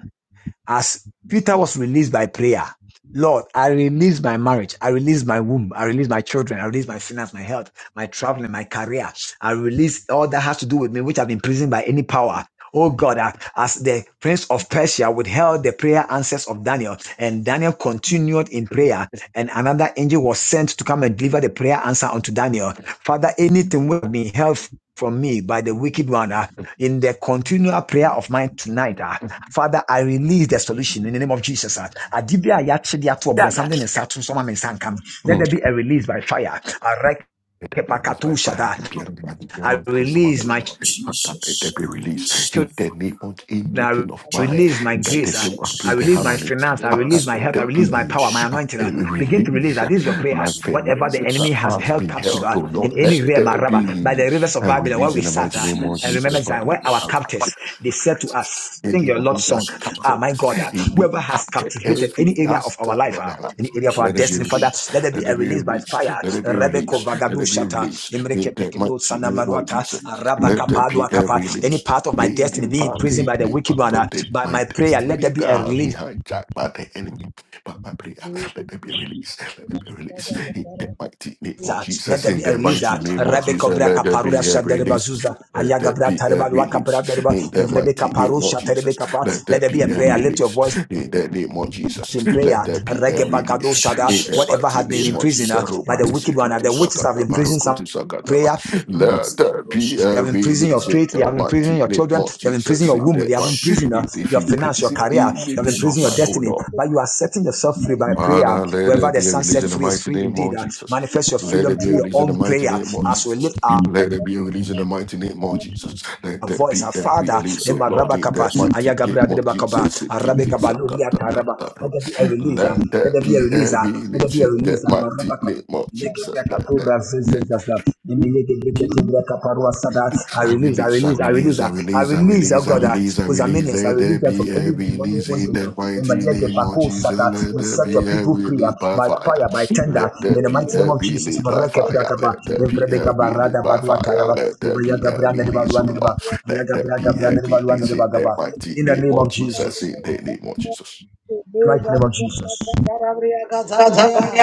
Speaker 9: as Peter was released by prayer, Lord, I release my marriage. I release my womb. I release my children. I release my finance, my health, my traveling, my career. I release all that has to do with me, which have been imprisoned by any power. Oh God, uh, as the prince of Persia withheld the prayer answers of Daniel, and Daniel continued in prayer, and another angel was sent to come and deliver the prayer answer unto Daniel. Father, anything will be held from me by the wicked one uh, in the continual prayer of mine tonight. uh, Father, I release the solution in the name of Jesus. ah. Adibia ya chidi atu obro, Something in out, some in is uncoming.
Speaker 2: mm,
Speaker 9: Let there be a release by fire. Areke
Speaker 2: Let them be released by
Speaker 9: pakatusha
Speaker 2: fire.
Speaker 9: da.
Speaker 2: The piano, the
Speaker 9: I
Speaker 2: piano from
Speaker 9: release
Speaker 2: Samatus.
Speaker 9: my
Speaker 10: name of
Speaker 2: Father, let
Speaker 10: Jesus,
Speaker 2: them be
Speaker 10: I
Speaker 2: released
Speaker 10: release my
Speaker 2: in the
Speaker 10: fire.
Speaker 2: name of
Speaker 9: I
Speaker 2: anything of
Speaker 10: In the
Speaker 2: mine
Speaker 10: name
Speaker 9: release my
Speaker 10: of
Speaker 2: that the
Speaker 9: grace. I,
Speaker 2: devil has
Speaker 9: I
Speaker 2: placed their
Speaker 9: release
Speaker 2: hand
Speaker 9: my
Speaker 2: on
Speaker 10: Jesus,
Speaker 2: it.
Speaker 9: finance. I
Speaker 2: Father,
Speaker 9: release my
Speaker 10: Lemasco
Speaker 2: let
Speaker 9: help. I
Speaker 2: them
Speaker 9: release my
Speaker 2: be
Speaker 9: power, my
Speaker 10: Baradosh, come
Speaker 9: anointing.
Speaker 2: a
Speaker 9: I
Speaker 10: on.
Speaker 9: Begin to release
Speaker 2: release.
Speaker 9: that. This is your
Speaker 2: My
Speaker 9: prayer.
Speaker 10: Lemasco
Speaker 9: Whatever the
Speaker 2: finances that
Speaker 9: enemy
Speaker 10: Brendes,
Speaker 9: has
Speaker 2: has
Speaker 9: held
Speaker 2: been
Speaker 9: captive
Speaker 2: held,
Speaker 9: uh,
Speaker 10: Kalesko,
Speaker 2: oh
Speaker 9: in
Speaker 2: Lord, let
Speaker 9: any realm, uh,
Speaker 2: there
Speaker 9: Rabbah, by
Speaker 2: be
Speaker 9: the rivers of
Speaker 2: a
Speaker 10: the
Speaker 9: Babylon, where
Speaker 2: release
Speaker 9: we
Speaker 2: in
Speaker 10: Name
Speaker 2: the
Speaker 10: of
Speaker 9: sat,
Speaker 2: mighty
Speaker 9: uh,
Speaker 2: name of
Speaker 9: and
Speaker 2: Jesus.
Speaker 9: remember
Speaker 10: Jesus
Speaker 9: that
Speaker 2: Father, let
Speaker 9: where our
Speaker 2: them
Speaker 10: Christ,
Speaker 2: be
Speaker 9: captors,
Speaker 10: Kalas
Speaker 9: they said to us, sing your
Speaker 2: Anyone
Speaker 9: Lord's
Speaker 2: who
Speaker 9: song.
Speaker 2: has
Speaker 10: Kebados, Kabar,
Speaker 9: Ah,
Speaker 2: captured,
Speaker 9: my God, uh,
Speaker 2: any
Speaker 9: whoever has
Speaker 10: the
Speaker 2: captured
Speaker 9: captivated
Speaker 2: every
Speaker 9: any area of our
Speaker 2: aspect
Speaker 9: life,
Speaker 2: of
Speaker 9: uh,
Speaker 2: my life,
Speaker 10: Name
Speaker 9: any
Speaker 10: of
Speaker 9: area of our
Speaker 2: let it be
Speaker 9: destiny, Father,
Speaker 2: released.
Speaker 10: Jesus,
Speaker 9: let there be
Speaker 2: Let
Speaker 9: a
Speaker 2: it be
Speaker 9: release by
Speaker 2: released.
Speaker 9: fire.
Speaker 2: Let it be
Speaker 9: Rebeko
Speaker 2: released. Let
Speaker 9: vagadu
Speaker 2: it be
Speaker 9: shata,
Speaker 2: released. In
Speaker 9: imreke
Speaker 2: the
Speaker 9: pekeno
Speaker 2: mighty
Speaker 9: sana
Speaker 2: name of
Speaker 9: maruata,
Speaker 2: Jesus.
Speaker 9: araba
Speaker 2: Let there be
Speaker 9: kapadu
Speaker 2: a
Speaker 9: any
Speaker 2: release.
Speaker 9: part of my
Speaker 2: In the
Speaker 9: destiny being
Speaker 2: part,
Speaker 9: imprisoned
Speaker 2: in
Speaker 9: by the
Speaker 2: the
Speaker 9: wicked
Speaker 2: part
Speaker 9: one, uh,
Speaker 2: of the,
Speaker 9: by
Speaker 2: my
Speaker 9: my prayer, let
Speaker 2: destiny
Speaker 9: there be
Speaker 2: that
Speaker 9: a
Speaker 2: has been
Speaker 9: release.
Speaker 2: hijacked by the enemy, But my prayer, let there be a release. Let there be a release. In the mighty name of
Speaker 9: uh, Let
Speaker 2: Jesus.
Speaker 9: there
Speaker 2: In
Speaker 9: be a
Speaker 2: the
Speaker 9: release.
Speaker 10: Kabados,
Speaker 2: mighty
Speaker 9: uh,
Speaker 2: name of
Speaker 9: Rebbe
Speaker 10: Kabar,
Speaker 2: Jesus,
Speaker 9: Kovra
Speaker 2: let there
Speaker 9: Kaparuda
Speaker 2: be a release. Let that
Speaker 9: Ayagabra
Speaker 2: be
Speaker 9: Tareba
Speaker 2: every release
Speaker 9: Bradereba,
Speaker 2: in that
Speaker 9: Evrebe
Speaker 2: mighty name
Speaker 9: Kaparu
Speaker 2: of
Speaker 9: Shatarebe
Speaker 2: Jesus. Let
Speaker 9: Let
Speaker 2: that
Speaker 9: there be
Speaker 2: be
Speaker 9: a prayer.
Speaker 2: every
Speaker 9: Let your
Speaker 2: release
Speaker 9: voice
Speaker 2: in that name of Jesus.
Speaker 9: in
Speaker 2: Let
Speaker 9: prayer.
Speaker 2: that be
Speaker 10: the
Speaker 9: Rege
Speaker 2: every
Speaker 10: name of
Speaker 9: Bagado
Speaker 2: release in that
Speaker 10: Jesus
Speaker 9: Whatever
Speaker 2: mighty
Speaker 9: has been
Speaker 10: Christ.
Speaker 2: name of
Speaker 9: imprisoned
Speaker 2: Jesus.
Speaker 9: uh, by the
Speaker 2: Romani
Speaker 9: wicked one, uh,
Speaker 2: Sikiti
Speaker 9: the
Speaker 10: Roshka,
Speaker 9: witches have
Speaker 2: Sakata
Speaker 9: imprisoned
Speaker 10: Maske,
Speaker 9: some.
Speaker 2: Barokutu Sakataba.
Speaker 9: Prayer
Speaker 2: Let
Speaker 10: Maske,
Speaker 2: that be
Speaker 10: Roshka,
Speaker 9: They have
Speaker 2: every
Speaker 9: imprisoned your
Speaker 2: release in
Speaker 9: faith. They
Speaker 2: that
Speaker 9: have imprisoned
Speaker 2: mighty
Speaker 9: your
Speaker 2: name
Speaker 9: children.
Speaker 2: of
Speaker 9: They have imprisoned
Speaker 2: Jesus.
Speaker 9: your
Speaker 2: In
Speaker 9: womb. They
Speaker 2: that
Speaker 9: have
Speaker 10: Kalabush,
Speaker 2: mighty,
Speaker 9: imprisoned your
Speaker 2: if,
Speaker 10: Kalabai,
Speaker 2: if
Speaker 9: your
Speaker 2: in
Speaker 9: finance, your
Speaker 2: prison
Speaker 10: name
Speaker 9: career.
Speaker 10: of
Speaker 9: They have
Speaker 2: anything of
Speaker 9: imprisoned your
Speaker 2: my
Speaker 10: Jesus.
Speaker 2: own
Speaker 9: destiny.
Speaker 2: Lord.
Speaker 9: But you are setting yourself free by prayer.
Speaker 2: Father, let there
Speaker 9: Wherever the
Speaker 2: be a
Speaker 9: sun
Speaker 2: release in
Speaker 9: sets
Speaker 2: the
Speaker 9: free is
Speaker 2: mighty
Speaker 9: free
Speaker 2: name
Speaker 9: indeed.
Speaker 2: of
Speaker 9: Uh,
Speaker 2: Jesus.
Speaker 9: manifest your
Speaker 2: Let there
Speaker 9: freedom
Speaker 2: be a
Speaker 9: through your
Speaker 2: release in the
Speaker 9: own
Speaker 2: mighty
Speaker 9: prayer
Speaker 2: name of
Speaker 9: as we
Speaker 2: Jesus.
Speaker 9: lift our
Speaker 2: Let there be a release in the mighty name of Jesus. Let
Speaker 9: our
Speaker 2: there
Speaker 9: voice,
Speaker 2: be
Speaker 9: our
Speaker 2: a
Speaker 9: Father,
Speaker 2: release, oh
Speaker 9: Emma
Speaker 2: Lord, in
Speaker 9: Rabakapa,
Speaker 2: the mighty name
Speaker 9: Ayagabra
Speaker 2: of
Speaker 9: Debakaba,
Speaker 2: Jesus. Let
Speaker 9: Arabekaba, Ludia Taraba, let there be a releaser, let
Speaker 2: there
Speaker 9: there be a
Speaker 2: be a
Speaker 9: releaser, let there
Speaker 2: release
Speaker 9: be a
Speaker 2: in the
Speaker 9: releaser,
Speaker 2: mighty
Speaker 9: Marabakapa.
Speaker 2: name of Jesus. Let there be
Speaker 9: Yegebekatura
Speaker 2: a
Speaker 9: zezezaza. Mimi yegebeketura kaparua
Speaker 2: Release,
Speaker 9: I
Speaker 2: I
Speaker 9: release, I
Speaker 2: release, I
Speaker 9: release, I release,
Speaker 2: release, I
Speaker 9: uh, I
Speaker 2: release, I
Speaker 9: release, oh
Speaker 2: release, I
Speaker 9: God, ah.
Speaker 2: release, I
Speaker 9: because I'm I
Speaker 2: release. Let there
Speaker 9: release them
Speaker 2: be
Speaker 9: from
Speaker 2: a
Speaker 9: any demonic
Speaker 2: release in
Speaker 9: bondage. uh,
Speaker 2: the
Speaker 9: When
Speaker 2: mighty
Speaker 9: my
Speaker 2: name of
Speaker 9: yegebako
Speaker 2: Jesus.
Speaker 9: sada,
Speaker 2: Let
Speaker 9: we
Speaker 2: there
Speaker 9: set your
Speaker 2: be a
Speaker 9: people free
Speaker 2: release
Speaker 9: uh,
Speaker 2: by
Speaker 9: by
Speaker 2: fire.
Speaker 9: fire, by tender,
Speaker 2: Let there
Speaker 9: in the
Speaker 2: be
Speaker 9: mighty
Speaker 2: a
Speaker 9: name of Jesus.
Speaker 2: release by fire.
Speaker 9: Marekeprakapa,
Speaker 2: Let there be a release
Speaker 9: Evrebekabarada
Speaker 2: by fire.
Speaker 9: baduataraba,
Speaker 2: Let there be a release, oh
Speaker 9: Ivayegabrandeba,
Speaker 2: Lord.
Speaker 9: in
Speaker 2: Let there be a release in the mighty
Speaker 9: the
Speaker 2: name
Speaker 9: name
Speaker 2: of
Speaker 9: of
Speaker 2: Jesus.
Speaker 9: Jesus.
Speaker 2: In the name of Jesus.
Speaker 9: In the mighty name of Jesus.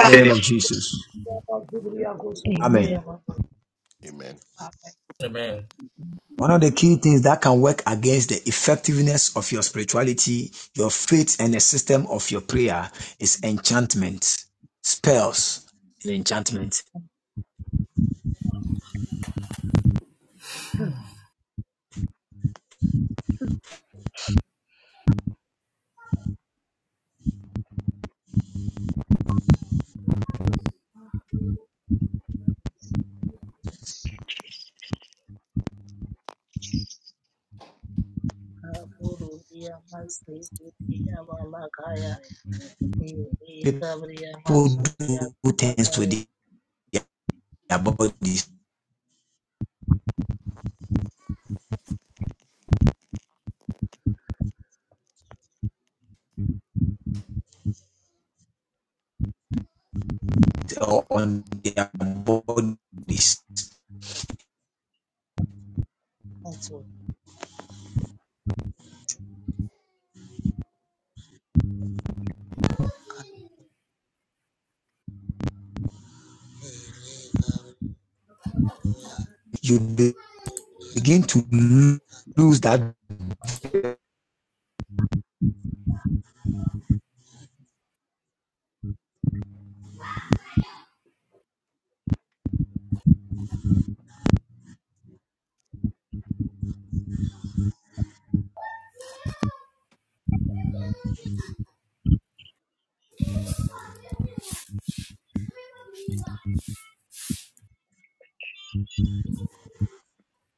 Speaker 9: In the name of Jesus. Amen.
Speaker 11: Amen.
Speaker 2: Amen.
Speaker 10: Amen.
Speaker 9: One of the key things that can work against the effectiveness of your spirituality, your faith, and the system of your prayer is enchantment,
Speaker 2: Mm.
Speaker 9: spells, and enchantment. People do things with their bodies or on their bodies. You begin to lose that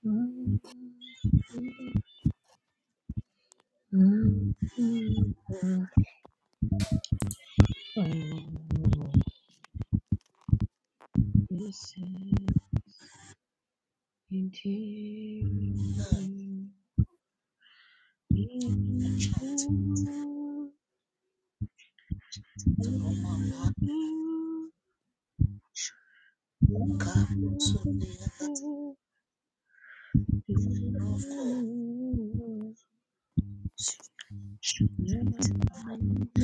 Speaker 11: Mm, mm, mm, mm. Oh, yes, indeed. Amen. Amen. Amen.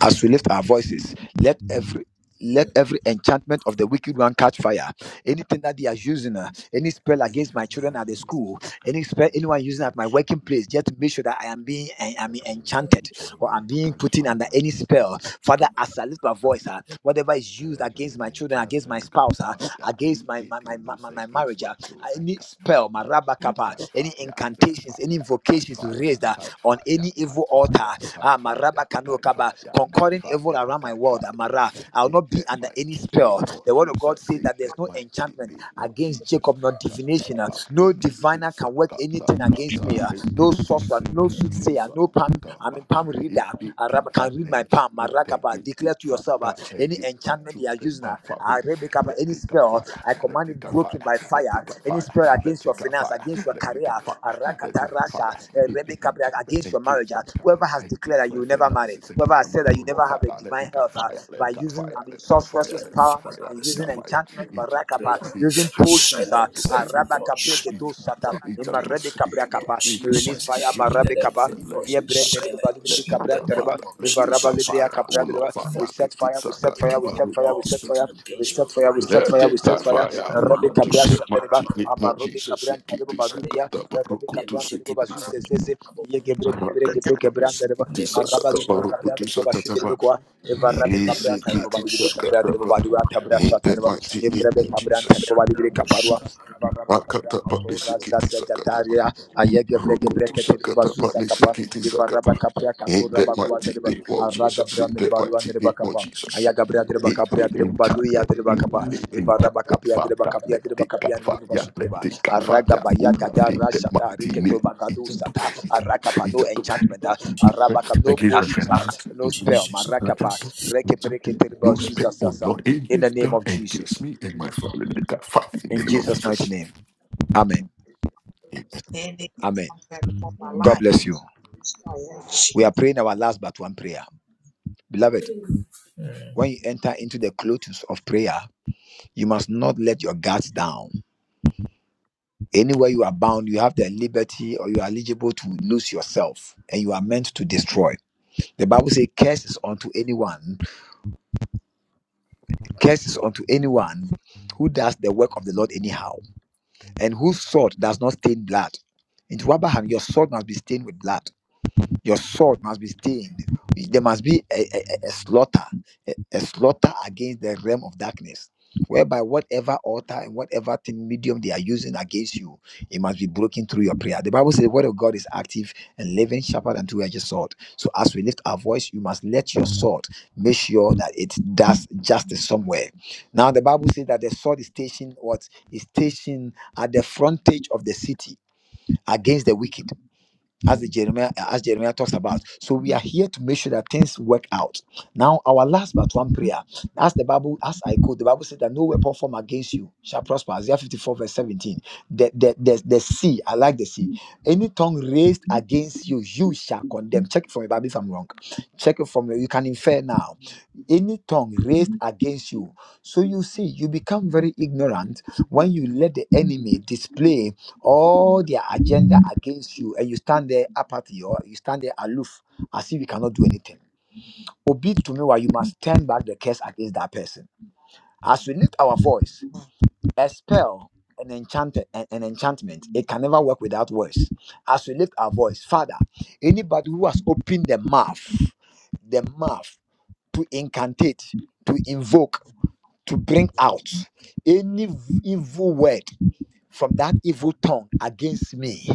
Speaker 1: as we lift our voices let every let every enchantment of the wicked one catch fire. Anything that they are using, uh, any spell
Speaker 2: Every
Speaker 1: against my
Speaker 2: enchantment,
Speaker 1: children at the
Speaker 2: every
Speaker 1: school, any
Speaker 2: find
Speaker 1: spell
Speaker 2: in
Speaker 1: anyone using
Speaker 2: Jesus.
Speaker 1: at my working place, just to make sure that I am being I am
Speaker 2: Every
Speaker 1: enchanted or I'm
Speaker 2: enchantment,
Speaker 1: being
Speaker 2: God,
Speaker 1: put in under any
Speaker 2: fire.
Speaker 1: spell. Father, as I lift my voice, uh, whatever is used against
Speaker 2: Delivery
Speaker 1: my
Speaker 2: and
Speaker 1: children, against my
Speaker 2: children can't
Speaker 1: spouse, uh,
Speaker 2: fire.
Speaker 1: against my my my,
Speaker 2: Anything loose
Speaker 1: my, my
Speaker 2: against
Speaker 1: marriage,
Speaker 2: my
Speaker 1: uh,
Speaker 2: children
Speaker 1: any
Speaker 2: can't fire.
Speaker 1: spell, my rabba kappa,
Speaker 2: Catch fire,
Speaker 1: any
Speaker 2: catch fire,
Speaker 1: incantations, any
Speaker 2: catch
Speaker 1: invocations
Speaker 2: fire,
Speaker 1: raised uh,
Speaker 2: catch
Speaker 1: on
Speaker 2: fire,
Speaker 1: any
Speaker 2: catch
Speaker 1: evil
Speaker 2: fire,
Speaker 1: altar,
Speaker 2: catch
Speaker 1: ah, my
Speaker 2: fire,
Speaker 1: rabba kano
Speaker 2: catch
Speaker 1: kaba,
Speaker 2: fire, catch
Speaker 1: according to
Speaker 2: fire,
Speaker 1: around my
Speaker 2: catch
Speaker 1: word,
Speaker 2: fire.
Speaker 1: Amara, I will
Speaker 2: In
Speaker 1: not be
Speaker 2: the
Speaker 1: under any
Speaker 2: mighty name
Speaker 1: spell.
Speaker 2: of
Speaker 1: The word of God
Speaker 2: Jesus,
Speaker 1: says
Speaker 2: in
Speaker 1: that
Speaker 2: the
Speaker 1: there's no
Speaker 2: mighty
Speaker 1: enchantment
Speaker 2: name of
Speaker 1: against
Speaker 2: Jesus.
Speaker 1: Jacob, no
Speaker 2: Kata
Speaker 1: divination, uh, no
Speaker 2: barikiti
Speaker 1: diviner
Speaker 2: sa
Speaker 1: can work
Speaker 2: kata
Speaker 1: anything against
Speaker 2: kata
Speaker 1: me. uh, No,
Speaker 2: rikiti
Speaker 1: no
Speaker 2: sikiti
Speaker 1: soothsayer,
Speaker 2: sa
Speaker 1: no palm,
Speaker 2: kata
Speaker 1: I mean
Speaker 2: ba.
Speaker 1: palm reader,
Speaker 2: It did
Speaker 1: Arab
Speaker 2: divine
Speaker 1: can read my palm.
Speaker 2: enchantment
Speaker 1: Marakapa,
Speaker 2: against me,
Speaker 1: declare to yourself uh,
Speaker 2: Father,
Speaker 1: any
Speaker 2: against my
Speaker 1: enchantment they are
Speaker 2: children,
Speaker 1: using, uh,
Speaker 2: my family.
Speaker 1: Arabicapa,
Speaker 2: Let
Speaker 1: any
Speaker 2: it catch
Speaker 1: spell,
Speaker 2: fire.
Speaker 1: I
Speaker 2: Let
Speaker 1: command
Speaker 2: it
Speaker 1: it
Speaker 2: catch fire.
Speaker 1: broken by
Speaker 2: Let
Speaker 1: fire.
Speaker 2: it catch
Speaker 1: Any
Speaker 2: fire.
Speaker 1: spirit
Speaker 2: Let
Speaker 1: against your
Speaker 2: it catch
Speaker 1: finance,
Speaker 2: fire.
Speaker 1: against your
Speaker 2: Let it
Speaker 1: career,
Speaker 2: catch fire. Let it
Speaker 1: Arakata
Speaker 2: catch
Speaker 1: Rasha,
Speaker 2: fire.
Speaker 1: eh,
Speaker 2: It did
Speaker 1: Rebecca, Bra-
Speaker 2: enchantment
Speaker 1: against your marriage,
Speaker 2: against my
Speaker 1: ah, whoever
Speaker 2: career,
Speaker 1: has declared
Speaker 2: against
Speaker 1: that
Speaker 2: my
Speaker 1: you will never marry,
Speaker 2: finances,
Speaker 1: whoever
Speaker 2: against my
Speaker 1: has said that
Speaker 2: marital
Speaker 1: you
Speaker 2: law,
Speaker 1: never have a
Speaker 2: Father. Let
Speaker 1: divine
Speaker 2: it catch
Speaker 1: health, ah,
Speaker 2: fire. Let
Speaker 1: by
Speaker 2: it catch
Speaker 1: using,
Speaker 2: fire.
Speaker 1: I mean,
Speaker 2: Let it catch fire.
Speaker 1: sorceress
Speaker 2: Let
Speaker 10: Children,
Speaker 2: it catch
Speaker 1: power
Speaker 2: fire.
Speaker 10: Father,
Speaker 2: Let
Speaker 1: and
Speaker 2: it
Speaker 10: as
Speaker 1: using
Speaker 2: catch
Speaker 10: I
Speaker 2: fire.
Speaker 1: enchantment,
Speaker 2: Injecto,
Speaker 1: Barakapa,
Speaker 10: prayer,
Speaker 1: using
Speaker 10: I
Speaker 2: injecto,
Speaker 1: potions, uh,
Speaker 2: injecto,
Speaker 10: silence every
Speaker 2: injecto,
Speaker 1: Arabaka,
Speaker 10: voice.
Speaker 1: Bregedo,
Speaker 2: injecto,
Speaker 1: Ima
Speaker 10: In
Speaker 1: Rebbe
Speaker 2: injecto,
Speaker 10: the
Speaker 1: Kabra
Speaker 10: name
Speaker 2: injecto.
Speaker 10: of
Speaker 1: Kappa.
Speaker 2: In
Speaker 1: We
Speaker 2: the
Speaker 1: release
Speaker 2: mighty
Speaker 1: fire,
Speaker 10: Jesus,
Speaker 2: name
Speaker 10: let
Speaker 2: of
Speaker 1: Marabe
Speaker 2: Jesus,
Speaker 10: every
Speaker 1: Kappa.
Speaker 2: let
Speaker 10: voice
Speaker 1: Via
Speaker 2: it
Speaker 10: be
Speaker 2: catch fire. Let
Speaker 10: silenced.
Speaker 2: it
Speaker 10: In the
Speaker 2: catch fire.
Speaker 10: name
Speaker 1: Brent,
Speaker 10: of
Speaker 2: Let it
Speaker 1: Ivaraba
Speaker 2: catch
Speaker 10: Jesus
Speaker 1: libria
Speaker 2: fire.
Speaker 10: Christ,
Speaker 2: Oh
Speaker 1: capra
Speaker 2: Lord,
Speaker 10: for
Speaker 1: We
Speaker 2: Father, get
Speaker 1: set
Speaker 2: it
Speaker 1: fire, we set fire,
Speaker 2: sakata
Speaker 1: we
Speaker 10: demonic
Speaker 1: set fire,
Speaker 2: baruku
Speaker 1: we
Speaker 10: walls
Speaker 1: set
Speaker 2: Jesus.
Speaker 1: fire,
Speaker 10: speaking
Speaker 1: we
Speaker 10: against
Speaker 1: set fire,
Speaker 10: my
Speaker 1: we
Speaker 10: life,
Speaker 1: set
Speaker 10: my
Speaker 2: Let
Speaker 1: fire,
Speaker 10: death.
Speaker 1: we
Speaker 2: it
Speaker 1: set
Speaker 2: catch
Speaker 1: fire.
Speaker 2: fire. Oh
Speaker 1: Rabbi
Speaker 2: Lord,
Speaker 1: capra
Speaker 2: take
Speaker 10: Mandos
Speaker 2: that
Speaker 1: shadereba.
Speaker 2: mighty
Speaker 10: kabarabaradia,
Speaker 2: name of
Speaker 1: Amarobi
Speaker 2: Jesus.
Speaker 1: cabran tarebo
Speaker 2: Sikiti
Speaker 1: badudia.
Speaker 2: sakata
Speaker 1: Rabbi
Speaker 2: baruku to
Speaker 10: lemas
Speaker 1: cabran derebo
Speaker 2: sikiti
Speaker 1: bazuz
Speaker 10: Arabo,
Speaker 2: sakata
Speaker 1: zezeze. Ye gebre
Speaker 10: Ale
Speaker 1: gebre gebre
Speaker 2: rakata bani
Speaker 1: gebran derebo.
Speaker 2: sikiti
Speaker 1: Araba
Speaker 2: sakata
Speaker 10: Lemasko
Speaker 1: libri
Speaker 2: baruku
Speaker 1: cabra
Speaker 2: to
Speaker 10: baradas
Speaker 1: derebo bashi
Speaker 2: sakata
Speaker 10: kebara
Speaker 1: derebo
Speaker 2: ba.
Speaker 1: kwa. Ivaraba
Speaker 2: Niri
Speaker 1: cabra tarebo
Speaker 10: ibrikado
Speaker 2: sikiti
Speaker 1: balibri cabra
Speaker 2: sakata
Speaker 10: shkalama
Speaker 1: derebo
Speaker 2: ba.
Speaker 1: balibra tabra
Speaker 2: In that
Speaker 1: shatareba.
Speaker 2: mighty name
Speaker 1: Ivrebe
Speaker 2: of
Speaker 1: cabran
Speaker 2: Jesus.
Speaker 1: tarebo
Speaker 10: yanda
Speaker 1: balibri caparua.
Speaker 10: bushka
Speaker 2: Rakata bani
Speaker 1: Ivarabakabrakatora
Speaker 10: barado
Speaker 2: sikiti sakata
Speaker 1: zazagataria ayegebregebreketeribasuzakapa
Speaker 2: Rukutusakatapanisikitisakapa. Ain't that my teeth,
Speaker 1: ivarabakabriakatorabakwateriba
Speaker 2: ain't Jesus. Ain't that my teeth, ain't more
Speaker 1: aragabriamiribaluamiribakapa
Speaker 2: Jesus. Ain't me enchantment, ain't
Speaker 1: ayagabriadiribacapriadiribaluiadiribakapa
Speaker 2: me enchantment. Father, let it cut fire, let
Speaker 1: ivarabakapiadiribacapiadiribacapiandiribasutiriba
Speaker 2: it cut fire. Oh Lord, ain't that my teeth, ain't enchantment,
Speaker 1: aragabayagadarashatariketebagadusata
Speaker 2: enchantment,
Speaker 1: arakapa no
Speaker 2: enchantment,
Speaker 1: enchantment arabaka
Speaker 2: enchantment.
Speaker 1: no
Speaker 2: Against my
Speaker 1: potions ah,
Speaker 2: finances,
Speaker 1: no
Speaker 2: oh Lord,
Speaker 1: spell
Speaker 10: Jesus
Speaker 1: marakapa
Speaker 2: enchantment,
Speaker 10: Christ.
Speaker 2: enchantment. no spell, oh
Speaker 1: rekepereketeribasuzasasa
Speaker 2: Lord,
Speaker 1: in
Speaker 2: any
Speaker 1: the name
Speaker 2: spell
Speaker 1: of
Speaker 2: against
Speaker 1: Jesus
Speaker 2: me and my family, let it cut fire in the
Speaker 1: in
Speaker 2: name of
Speaker 1: Jesus mighty
Speaker 2: Jesus.
Speaker 1: name amen
Speaker 2: Amen.
Speaker 1: Amen. God bless you. We are praying our last but one prayer. Beloved,
Speaker 10: Mm.
Speaker 1: when you enter into the clothes of prayer, you must not let your guards down. Anywhere you are bound, you have the liberty or you are eligible to lose yourself and you are meant to destroy. The Bible says, Curse is unto anyone, curse is unto anyone who does the work of the Lord anyhow, and whose sword does not stain blood. In Abraham, your sword must be stained with blood. Your sword must be stained. There must be a, a, a- a slaughter, a, a slaughter against the realm of darkness, whereby whatever altar and whatever thing medium they are using against you, it must be broken through your prayer. The Bible says the word of God is active and living sharper than two-edged sword. So as we lift our voice, you must let your sword make sure that it does justice somewhere. Now the Bible says that the sword is stationed what is stationed at the frontage of the city against the wicked as the Jeremiah as Jeremiah talks about. So we are here to make sure that things work out. Now, our last but one prayer, as the Bible, as I quote, the Bible said that no weapon formed against you shall prosper. Isaiah 54, verse 17. The, the, the, the sea, I like the sea. Any tongue raised against you, you shall condemn. Check it from your Bible if I'm wrong. Check it from your, you can infer now. Any tongue raised against you. So you see, you become very ignorant when you let the enemy display all their agenda against you and you stand there apathy or you stand there aloof as if you cannot do anything. Obi to me why you must turn back the curse against that person. As we lift our voice, a spell, an enchantment, an, an enchantment, it can never work without words. As we lift our voice, Father, anybody who has opened the mouth, the mouth to incantate, to invoke, to bring out any v- evil word from that evil tongue against me,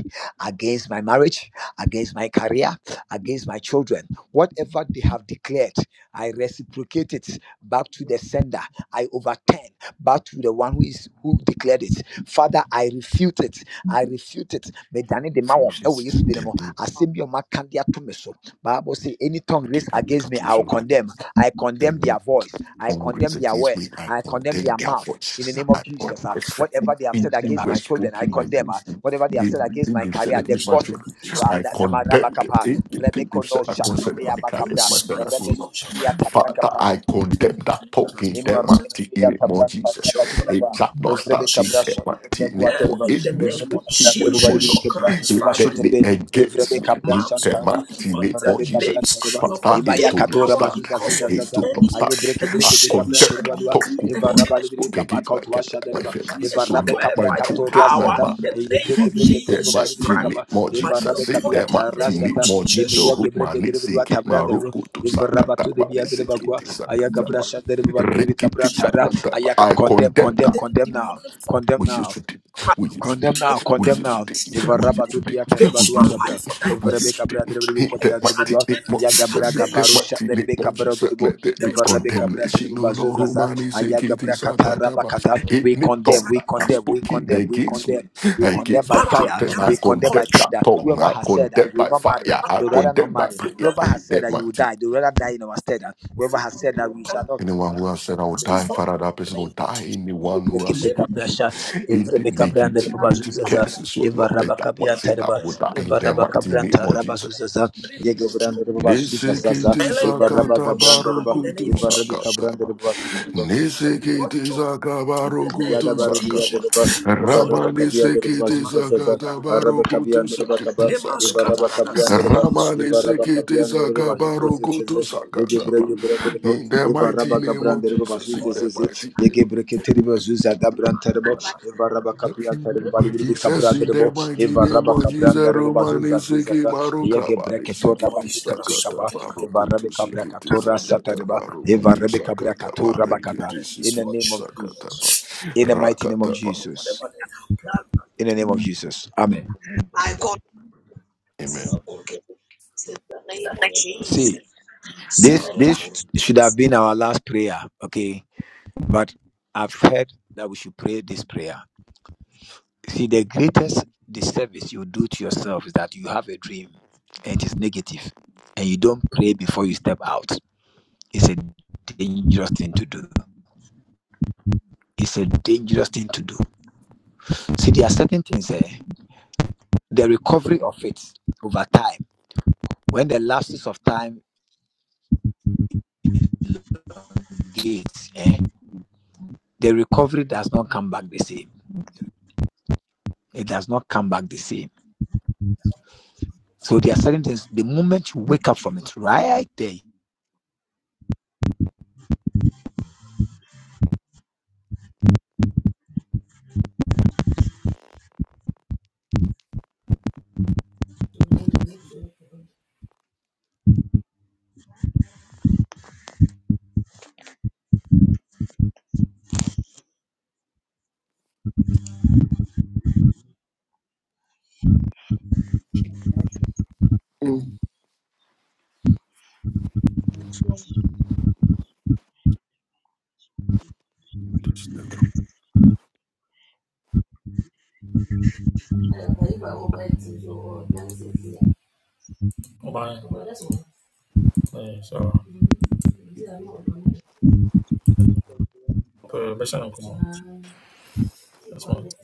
Speaker 1: against my marriage, against my career, against my children. Whatever they have declared, I reciprocate it back to the sender. I overturn back to the one who is who declared it. Father, I refute it. I refute it. Medane de mawon. Ewo
Speaker 2: Fuses
Speaker 1: Yesu
Speaker 2: in
Speaker 1: din
Speaker 2: the
Speaker 1: mu.
Speaker 2: name
Speaker 1: Asɛm bi a ɔmaka de ato me so. Bible say any tongue raised
Speaker 2: Adibiam
Speaker 1: against me,
Speaker 2: katum
Speaker 1: I will
Speaker 2: shivrahi.
Speaker 1: condemn. I condemn their voice. I
Speaker 2: Congress
Speaker 1: condemn their
Speaker 2: against me,
Speaker 1: words.
Speaker 2: I
Speaker 1: I condemn
Speaker 2: condemn
Speaker 1: their
Speaker 2: their
Speaker 1: mouth in the
Speaker 2: voice.
Speaker 1: name of
Speaker 2: I
Speaker 1: Jesus. ah.
Speaker 2: condemn
Speaker 1: whatever they have said
Speaker 2: anything
Speaker 1: against
Speaker 2: we're
Speaker 1: my children, I
Speaker 2: speaking
Speaker 1: condemn. ah.
Speaker 2: against me,
Speaker 1: whatever they have said
Speaker 2: anything
Speaker 1: against my
Speaker 2: they've said
Speaker 1: career, the
Speaker 2: against my
Speaker 10: Risen up
Speaker 1: gossip
Speaker 2: children.
Speaker 10: against
Speaker 1: ah,
Speaker 10: my
Speaker 2: I
Speaker 1: that that-
Speaker 10: feet.
Speaker 2: condemn them.
Speaker 1: Marabakapa,
Speaker 10: Any
Speaker 2: anything they've said
Speaker 1: Rebekono
Speaker 10: risen
Speaker 2: against
Speaker 10: up
Speaker 2: my career,
Speaker 1: Shatibriabakapra,
Speaker 2: my
Speaker 10: against my
Speaker 2: finances, or not.
Speaker 10: future, my
Speaker 1: Rebesutia
Speaker 2: Father, I condemn
Speaker 10: any
Speaker 2: that
Speaker 10: that
Speaker 2: talk
Speaker 10: has
Speaker 2: in the
Speaker 1: Imaroda
Speaker 10: risen up
Speaker 2: mighty
Speaker 1: Bibia
Speaker 2: name of
Speaker 1: Cabran
Speaker 2: Jesus.
Speaker 1: Cabra to
Speaker 10: children,
Speaker 2: It
Speaker 1: Cabra,
Speaker 10: my
Speaker 2: shall not
Speaker 1: Evrebe
Speaker 2: start in
Speaker 10: marriage.
Speaker 1: Cabra
Speaker 2: the
Speaker 1: shot,
Speaker 2: mighty
Speaker 1: Evrebe
Speaker 2: name
Speaker 10: And
Speaker 2: of
Speaker 1: Quaterba,
Speaker 10: in the
Speaker 2: any
Speaker 10: name
Speaker 1: Evrebe
Speaker 10: of
Speaker 2: spoken
Speaker 1: Cabra,
Speaker 2: word, oh
Speaker 1: everybody will
Speaker 10: Jesus
Speaker 2: Lord.
Speaker 1: Cabra,
Speaker 10: Christ,
Speaker 1: Terba
Speaker 10: Father,
Speaker 2: Let me
Speaker 1: Shuterbe, Evrebe
Speaker 2: against me
Speaker 1: Cabra
Speaker 2: in
Speaker 10: moms
Speaker 2: the
Speaker 10: of
Speaker 1: Shantara,
Speaker 10: the
Speaker 2: mighty name
Speaker 10: infants
Speaker 2: of
Speaker 1: Evrebe
Speaker 10: and
Speaker 2: Jesus.
Speaker 1: Cabra
Speaker 10: babes.
Speaker 1: Terba,
Speaker 10: You have
Speaker 2: Father,
Speaker 1: Imaya
Speaker 2: it will
Speaker 10: ordained
Speaker 2: not
Speaker 1: Catora
Speaker 10: power
Speaker 2: stand.
Speaker 1: Bazuza
Speaker 10: because
Speaker 1: Ziza
Speaker 10: of
Speaker 2: It
Speaker 10: the
Speaker 1: Zaza,
Speaker 2: will not
Speaker 10: enemy,
Speaker 1: Aye
Speaker 2: stand.
Speaker 1: Breki
Speaker 10: and you
Speaker 2: I
Speaker 1: Breki
Speaker 10: say we
Speaker 1: Becabra
Speaker 2: condemn
Speaker 10: shall
Speaker 2: that
Speaker 1: Terbalua,
Speaker 2: tongue,
Speaker 10: decree
Speaker 2: oh
Speaker 10: a
Speaker 2: Lord,
Speaker 1: Evaraba
Speaker 2: I
Speaker 1: Libri
Speaker 2: spoke
Speaker 10: thing
Speaker 2: against my
Speaker 1: Cabaca to
Speaker 2: career,
Speaker 1: Washa
Speaker 2: my
Speaker 10: I
Speaker 1: Derba,
Speaker 10: decree and
Speaker 2: finances, oh
Speaker 1: Evarabe
Speaker 2: Lord,
Speaker 10: declare
Speaker 2: my
Speaker 1: Capra
Speaker 10: by the
Speaker 2: children,
Speaker 1: Catora
Speaker 2: my
Speaker 10: power
Speaker 1: Zata,
Speaker 10: in
Speaker 2: marriage.
Speaker 10: the
Speaker 1: Eye
Speaker 10: name
Speaker 1: Breki
Speaker 10: of
Speaker 2: In
Speaker 1: Breki
Speaker 2: that
Speaker 1: Terba
Speaker 10: Jesus
Speaker 1: Libri
Speaker 2: mighty
Speaker 10: Christ,
Speaker 2: name,
Speaker 1: Caba,
Speaker 2: more
Speaker 10: by the
Speaker 2: Jesus.
Speaker 1: Ivarabe
Speaker 2: Say
Speaker 1: kabia
Speaker 2: that
Speaker 10: authority in the
Speaker 2: mighty
Speaker 10: name of
Speaker 2: name,
Speaker 1: tarasata.
Speaker 2: more Jesus.
Speaker 10: Jesus,
Speaker 1: Imiya
Speaker 2: Root my
Speaker 1: gebreke
Speaker 2: lips,
Speaker 1: derebudua
Speaker 2: seek it,
Speaker 1: tabra
Speaker 2: my root,
Speaker 10: every
Speaker 1: derebo.
Speaker 2: go to
Speaker 1: Ivarabatu
Speaker 2: Sakataba, they
Speaker 1: debia
Speaker 2: seek
Speaker 10: broken
Speaker 2: it,
Speaker 1: derebakwa. Ayagabra
Speaker 2: Sakataba.
Speaker 1: shat
Speaker 10: in the
Speaker 1: derebubali
Speaker 10: name
Speaker 1: birbi
Speaker 10: of
Speaker 1: kabra
Speaker 2: Rikiti
Speaker 10: Jesus,
Speaker 1: tara.
Speaker 2: Sakataba.
Speaker 1: Ayakab
Speaker 2: I
Speaker 1: condemn,
Speaker 2: condemn
Speaker 1: condemn,
Speaker 2: that.
Speaker 10: any
Speaker 1: condemn now.
Speaker 10: demonic form,
Speaker 1: Condemn
Speaker 2: We used
Speaker 1: now.
Speaker 2: to do. We used to do.
Speaker 1: Condemn
Speaker 10: any
Speaker 1: now,
Speaker 2: We
Speaker 1: condemn now.
Speaker 2: used to
Speaker 10: incantation that
Speaker 1: If
Speaker 2: do.
Speaker 1: a
Speaker 10: have
Speaker 2: We
Speaker 1: rabba
Speaker 2: used to
Speaker 1: do
Speaker 2: do.
Speaker 1: the atta
Speaker 2: We
Speaker 10: against my
Speaker 1: rabadua
Speaker 2: used to do.
Speaker 1: tabra,
Speaker 10: life or
Speaker 1: if
Speaker 2: We
Speaker 10: diversion,
Speaker 2: used
Speaker 1: Rebecca
Speaker 2: to do.
Speaker 1: brother
Speaker 10: no
Speaker 2: Hit
Speaker 1: Rebecca
Speaker 2: that
Speaker 1: brother
Speaker 2: mighty
Speaker 1: Budua,
Speaker 2: name of
Speaker 10: enchantment
Speaker 1: Yaga
Speaker 2: Jesus.
Speaker 1: braga
Speaker 2: Hit that
Speaker 1: baro
Speaker 10: against
Speaker 1: shut
Speaker 2: mighty
Speaker 1: the
Speaker 2: name
Speaker 1: Rebecca
Speaker 2: of
Speaker 1: brother
Speaker 2: Jesus.
Speaker 1: Dubo,
Speaker 2: Let that
Speaker 10: there
Speaker 2: be
Speaker 1: if a
Speaker 10: is no
Speaker 1: Rebecca
Speaker 10: divine
Speaker 1: brother
Speaker 2: contamination. No, no,
Speaker 1: Bazuzaza,
Speaker 2: Romani
Speaker 1: Ayaga
Speaker 2: Segiti
Speaker 1: bracata
Speaker 2: Sakataba.
Speaker 1: rabakata, we
Speaker 2: Any
Speaker 1: condemn,
Speaker 2: tongue
Speaker 1: we
Speaker 2: that has
Speaker 10: spirit
Speaker 1: condemn, we
Speaker 2: spoken
Speaker 1: condemn, we
Speaker 2: against me,
Speaker 1: condemn, we condemn
Speaker 2: against
Speaker 1: by
Speaker 2: my
Speaker 1: fire,
Speaker 10: Balaam
Speaker 2: children,
Speaker 10: that
Speaker 2: I
Speaker 1: we
Speaker 10: has been
Speaker 1: condemn
Speaker 2: condemn
Speaker 1: by
Speaker 10: controlled
Speaker 2: that
Speaker 1: tender.
Speaker 2: tongue.
Speaker 1: Whoever
Speaker 2: I
Speaker 1: has said that
Speaker 2: condemn
Speaker 1: you will
Speaker 2: by
Speaker 1: not marry,
Speaker 10: by
Speaker 2: fire.
Speaker 10: my
Speaker 1: they
Speaker 2: I
Speaker 1: would rather not
Speaker 2: condemn by
Speaker 1: marry.
Speaker 2: prayer.
Speaker 10: financial
Speaker 1: Whoever
Speaker 2: Hit
Speaker 1: has said
Speaker 2: that
Speaker 1: that you
Speaker 2: mighty
Speaker 1: will die, they would rather die in our stead. Whoever
Speaker 10: fear,
Speaker 1: has said that we shall
Speaker 2: Anyone who has said, I will
Speaker 10: this
Speaker 2: die,
Speaker 10: voice
Speaker 1: not.
Speaker 2: Father, that
Speaker 10: in the
Speaker 2: person will
Speaker 10: name of
Speaker 2: die.
Speaker 10: Jesus.
Speaker 2: Anyone who has
Speaker 10: Lema,
Speaker 2: spoken
Speaker 1: Ibrekabrasha,
Speaker 2: in the
Speaker 1: Evrebekabran,
Speaker 2: negativity,
Speaker 1: Rabazuzaza,
Speaker 2: curses, so
Speaker 1: Eva
Speaker 2: Lord, in that way,
Speaker 1: Rabakabian
Speaker 2: say
Speaker 1: Terba,
Speaker 2: that will die in
Speaker 1: Eva
Speaker 2: the mighty
Speaker 1: Rabakabran,
Speaker 2: name of Jesus.
Speaker 1: Rabazuzaza, Yegobran, Rabasuzaza,
Speaker 2: Nisikiti
Speaker 10: Elen,
Speaker 1: Eva
Speaker 10: every
Speaker 2: sakata
Speaker 1: Rabagabran,
Speaker 10: voice now
Speaker 1: Reba,
Speaker 10: in the name
Speaker 2: barukutu
Speaker 10: of
Speaker 1: Eva
Speaker 10: Jesus.
Speaker 1: Rebekabran,
Speaker 2: sakataba.
Speaker 10: every voice
Speaker 2: Nisikiti
Speaker 10: in the name
Speaker 1: Yada
Speaker 2: sakabarukutu
Speaker 10: of
Speaker 1: barudia de
Speaker 10: Jesus.
Speaker 2: sakaba.
Speaker 1: deba, Ibaraba
Speaker 2: Rama
Speaker 1: Cabia de
Speaker 2: nisikiti
Speaker 1: Bazuza,
Speaker 2: sakata
Speaker 1: Arabe Cabia
Speaker 2: barukutu
Speaker 1: de
Speaker 2: sikiti
Speaker 1: Bacaba,
Speaker 10: Lemas
Speaker 2: sakaba.
Speaker 1: Ibaraba Cabia
Speaker 10: Kabaradas,
Speaker 1: de Deba,
Speaker 2: Rama
Speaker 10: Lemas,
Speaker 1: Ibaraba
Speaker 2: nisikiti
Speaker 1: Cabia de Reba
Speaker 10: mighty
Speaker 2: sakabarukutu
Speaker 1: Bazuza,
Speaker 10: name of
Speaker 1: Yege
Speaker 10: Jesus.
Speaker 2: sakataba.
Speaker 1: Brevi Brebo,
Speaker 2: In the mighty
Speaker 1: Ibaraba
Speaker 2: name
Speaker 10: Let
Speaker 1: Gabran
Speaker 2: of
Speaker 1: de Reba
Speaker 10: every
Speaker 2: Jesus, in
Speaker 1: Bazuza,
Speaker 10: voice,
Speaker 2: the mighty
Speaker 1: Yege
Speaker 2: name.
Speaker 10: every
Speaker 1: Breketeri Bazuza, Gabran Terbo, Ibaraba Cabia Terbo, Balibi Cabra de
Speaker 2: Kisasi de
Speaker 1: Debo,
Speaker 2: mighty name
Speaker 1: Ibaraba
Speaker 2: of
Speaker 1: Cabran
Speaker 2: Jesus,
Speaker 1: de Reba
Speaker 2: Romani
Speaker 1: Bazuza,
Speaker 2: Siki
Speaker 1: Zizaza,
Speaker 2: Maruka
Speaker 1: Yege
Speaker 2: Bari
Speaker 1: Breketora
Speaker 2: Sikiti
Speaker 10: voice that
Speaker 1: Bashuter
Speaker 10: has
Speaker 2: Sakata
Speaker 1: Bicaba,
Speaker 10: spoken against
Speaker 2: Barukutu
Speaker 1: Ivarabe Cabra
Speaker 2: Sikiti
Speaker 1: Catora
Speaker 2: Sakata
Speaker 1: Satareba,
Speaker 2: Barukutu
Speaker 1: Ivarabe Cabra
Speaker 2: Sakata
Speaker 1: Catora
Speaker 10: and
Speaker 1: Bacata,
Speaker 2: Barikiti
Speaker 10: let this
Speaker 1: in the
Speaker 2: Sikiti
Speaker 1: name
Speaker 10: voice,
Speaker 1: of
Speaker 10: oh
Speaker 1: Jesus
Speaker 2: Sakata
Speaker 10: God,
Speaker 2: Ba
Speaker 1: in the mighty name of
Speaker 2: Rakata Ba.
Speaker 1: Jesus.
Speaker 10: whatever they have planned.
Speaker 1: In the name of Jesus. Amen.
Speaker 2: Amen.
Speaker 1: See, this this should have been our last prayer, okay? But I've heard that we should pray this prayer. See, the greatest disservice you do to yourself is that you have a dream and it is negative and you don't pray before you step out. It's a dangerous thing to do. It's a dangerous thing to do. See, there are certain things there. The recovery of it over time, when the lapses of time elongates, eh? the recovery does not come back the same. It does not come back the same. So there are certain things. The moment you wake up from it, right there,
Speaker 2: Mm. This never be
Speaker 10: Eh, kwa hivyo hapo basi, so, oh, nansi, yeah. Bye. Well, that's one. Eh, sawa. Yeah, no, no, no. Eh, besha na kumo. That's one.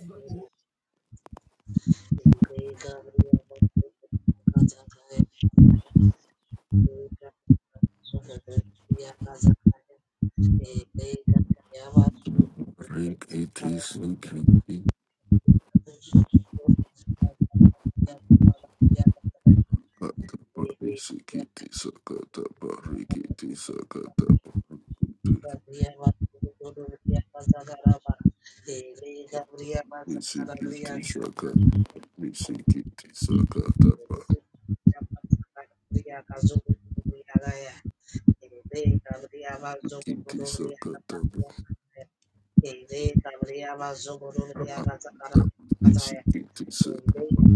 Speaker 2: after Barikiti Sikiti Sakata Bari Sikiti Sakata Barikiti Sakata Barukutu Sikiti Sikiti sakataba, kiti sakataba, sikiti sakataba,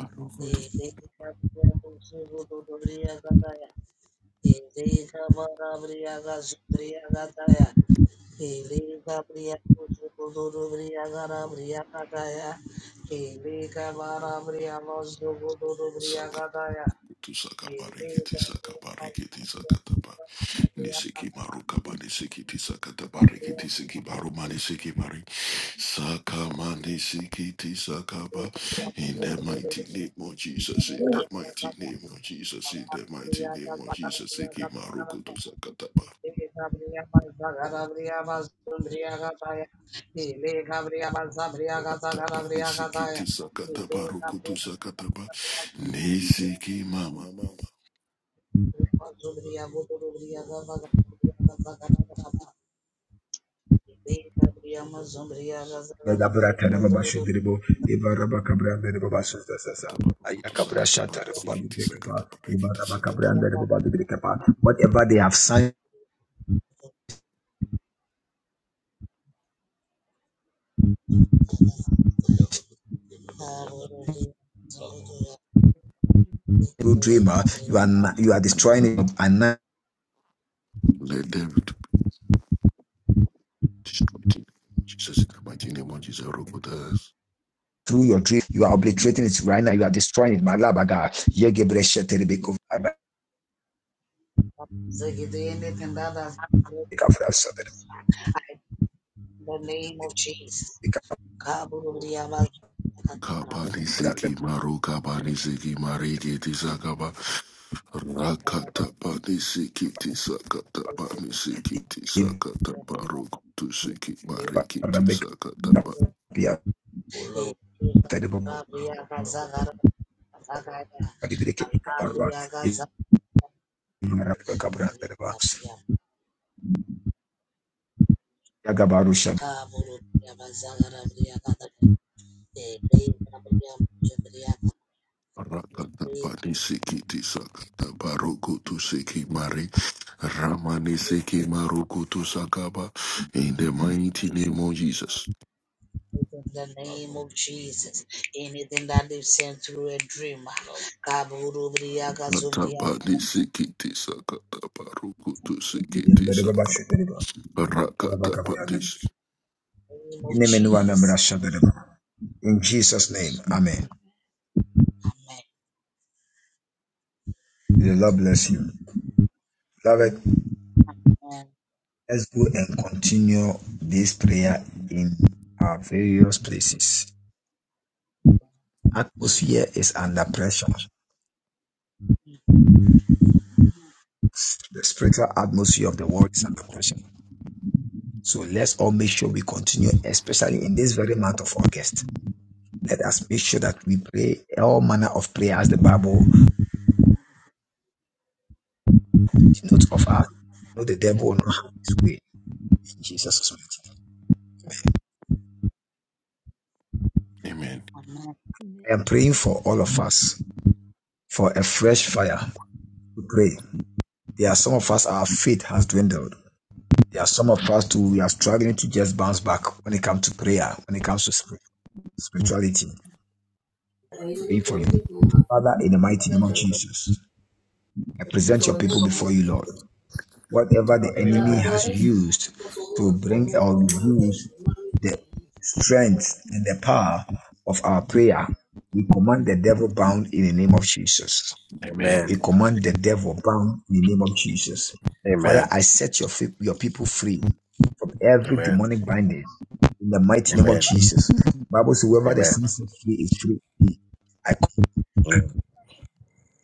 Speaker 2: arogotu sakakutu sakabari kiti sakabari kiti sakataba, nisiki marukaba nisikiti sakatabari kiti sikibaru mani sikibari, sakamani sikiti sakaba, in the mighty name of Jesus, in the mighty name of Jesus, in the mighty name of Jesus, sikimarukutu sakataba. Kataba isikiti sakataba rukutu sakataba nisiki mama mama
Speaker 9: Dabra Tareba Bashidribo, Ibaraba Cabran de Babasa,
Speaker 2: kataba rukutu
Speaker 9: Ayakabra
Speaker 2: sakataba
Speaker 9: Shatar Baba
Speaker 2: isikiti
Speaker 9: Bibrekapa,
Speaker 2: sakataba rikiti
Speaker 9: Ibaraba
Speaker 2: sakataba
Speaker 9: Cabran de Baba Bibrekapa. Whatever they have signed through dreamer, you are na- you are destroying it and
Speaker 2: let them be destroyed in the name of Jesus in the mighty name of Jesus rukutas
Speaker 9: through your dream, you are obliterating it right now, you are destroying it. Malabaga, Yegebre Shateribeko, Abakafra Shatter, Cabran,
Speaker 2: kabani siki maru kabani siki marikiti sakaba rakataba nisikiti sakataba nisikiti sakataba rukutu siki marikiti
Speaker 9: Ibarabeka, Pia, Terebo, Bibrekapa, Ibaraba Cabran de Baba. Yagabarusha.
Speaker 2: Rakata pati sikiti sakata tu siki mari ramani siki maruku tu sakaba in the mighty name of Jesus. Rakata pati sikiti sakata tu
Speaker 9: In
Speaker 2: sikiti sakaba rakata pati. si-
Speaker 9: Jesus' name, Amen. May the Lord bless you. Beloved, let's go and continue this prayer in our various places. Atmosphere is under pressure. The spiritual atmosphere of the world is under pressure. So let's all make sure we continue, especially in this very month of August. Let us make sure that we pray all manner of prayer as the Bible notes of us. No, the devil will not wait. in Jesus'
Speaker 2: Amen.
Speaker 11: Amen.
Speaker 9: I am praying for all of us for a fresh fire to pray. There are some of us, our faith has dwindled. There are some of us too, we are struggling to just bounce back when it comes to prayer, when it comes to spirituality.
Speaker 10: Eh, yule
Speaker 9: Pray
Speaker 10: mtu,
Speaker 9: for
Speaker 10: yule
Speaker 9: you.
Speaker 10: ni kumo.
Speaker 9: Father, in the mighty
Speaker 10: Hata
Speaker 9: name of
Speaker 10: jaruba.
Speaker 9: Jesus, I present
Speaker 10: Tuto
Speaker 9: your people
Speaker 10: wanyako
Speaker 9: before you,
Speaker 10: mwe.
Speaker 9: Lord. Whatever the
Speaker 10: No,
Speaker 9: enemy
Speaker 6: Amen.
Speaker 10: no,
Speaker 9: has
Speaker 10: that's
Speaker 9: used to bring or reduce the strength and the power of our prayer, we command the devil bound in the name of Jesus. We
Speaker 6: Amen.
Speaker 2: Amen.
Speaker 9: command the devil bound in the name of Jesus. Father,
Speaker 2: Amen.
Speaker 9: I
Speaker 6: Amen.
Speaker 9: set your, your people free from
Speaker 6: Amen.
Speaker 9: every
Speaker 6: Amen.
Speaker 9: demonic binding in the mighty name of
Speaker 6: Amen.
Speaker 9: Jesus. Bible says, whoever the
Speaker 6: Amen.
Speaker 9: sun set free is free. I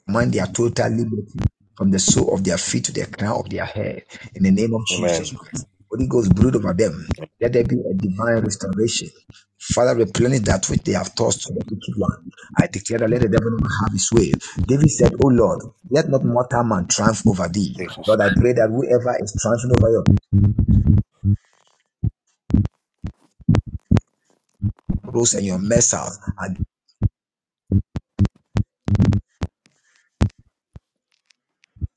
Speaker 9: command their total liberty from the sole of their feet to the crown of their head in the name of Jesus
Speaker 6: Amen.
Speaker 9: Christ. Holy Ghost, brood over them. Let there be a divine restoration. Father, replenish that which they have tossed to the wicked one. I declare that let the devil never have his way. David said, O Lord, let not mortal man triumph over thee.
Speaker 6: Amen.
Speaker 9: Lord, I pray that whoever is triumphing over your cross and your mess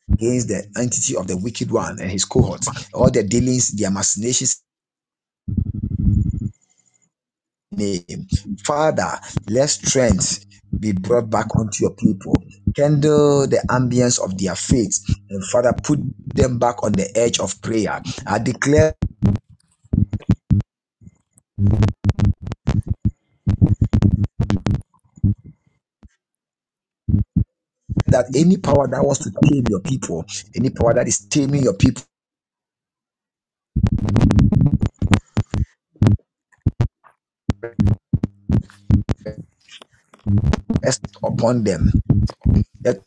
Speaker 9: against the entity of the wicked one and his cohorts, all their dealings, their machinations, name. Father, let strength be brought back unto your people. Kindle the ambience of their faith. And Father, put them back on the edge of prayer. I declare that any power that wants to keep any pest upon them. Let,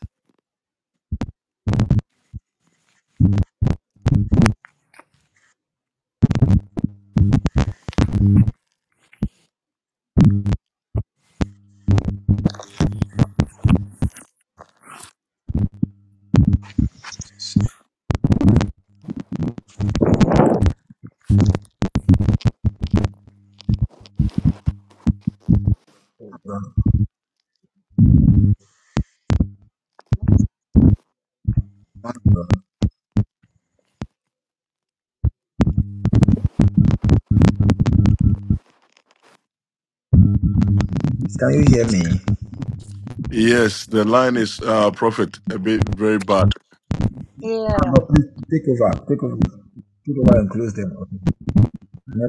Speaker 9: can you hear me?
Speaker 2: Yes, the line is uh prophet a bit very bad.
Speaker 7: Yeah.
Speaker 9: Ah, no, please take over. Take over. Take over and close them. Okay.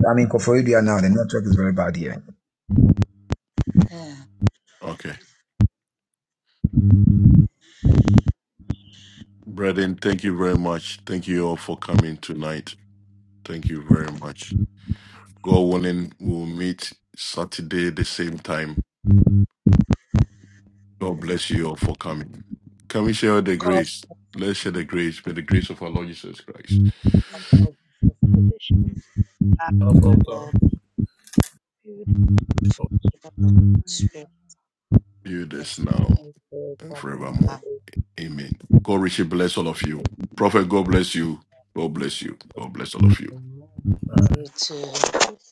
Speaker 9: I'm in Koforidua now. The network is very bad here.
Speaker 2: Okay. Brethren, thank you very much. Thank you all for coming tonight. Thank you very much. God willing, we'll meet Saturday the same time. God bless you all for coming. Can we share the grace? Let's share the grace. May the grace of our Lord Jesus Christ.
Speaker 11: Our position,
Speaker 10: All
Speaker 11: we would, our
Speaker 2: do this now and
Speaker 5: Amen.
Speaker 2: forevermore. Amen. God richly bless all of you. Prophet, God bless you. God bless you. God bless all of you.
Speaker 5: Amen.
Speaker 10: right.
Speaker 11: occupancy.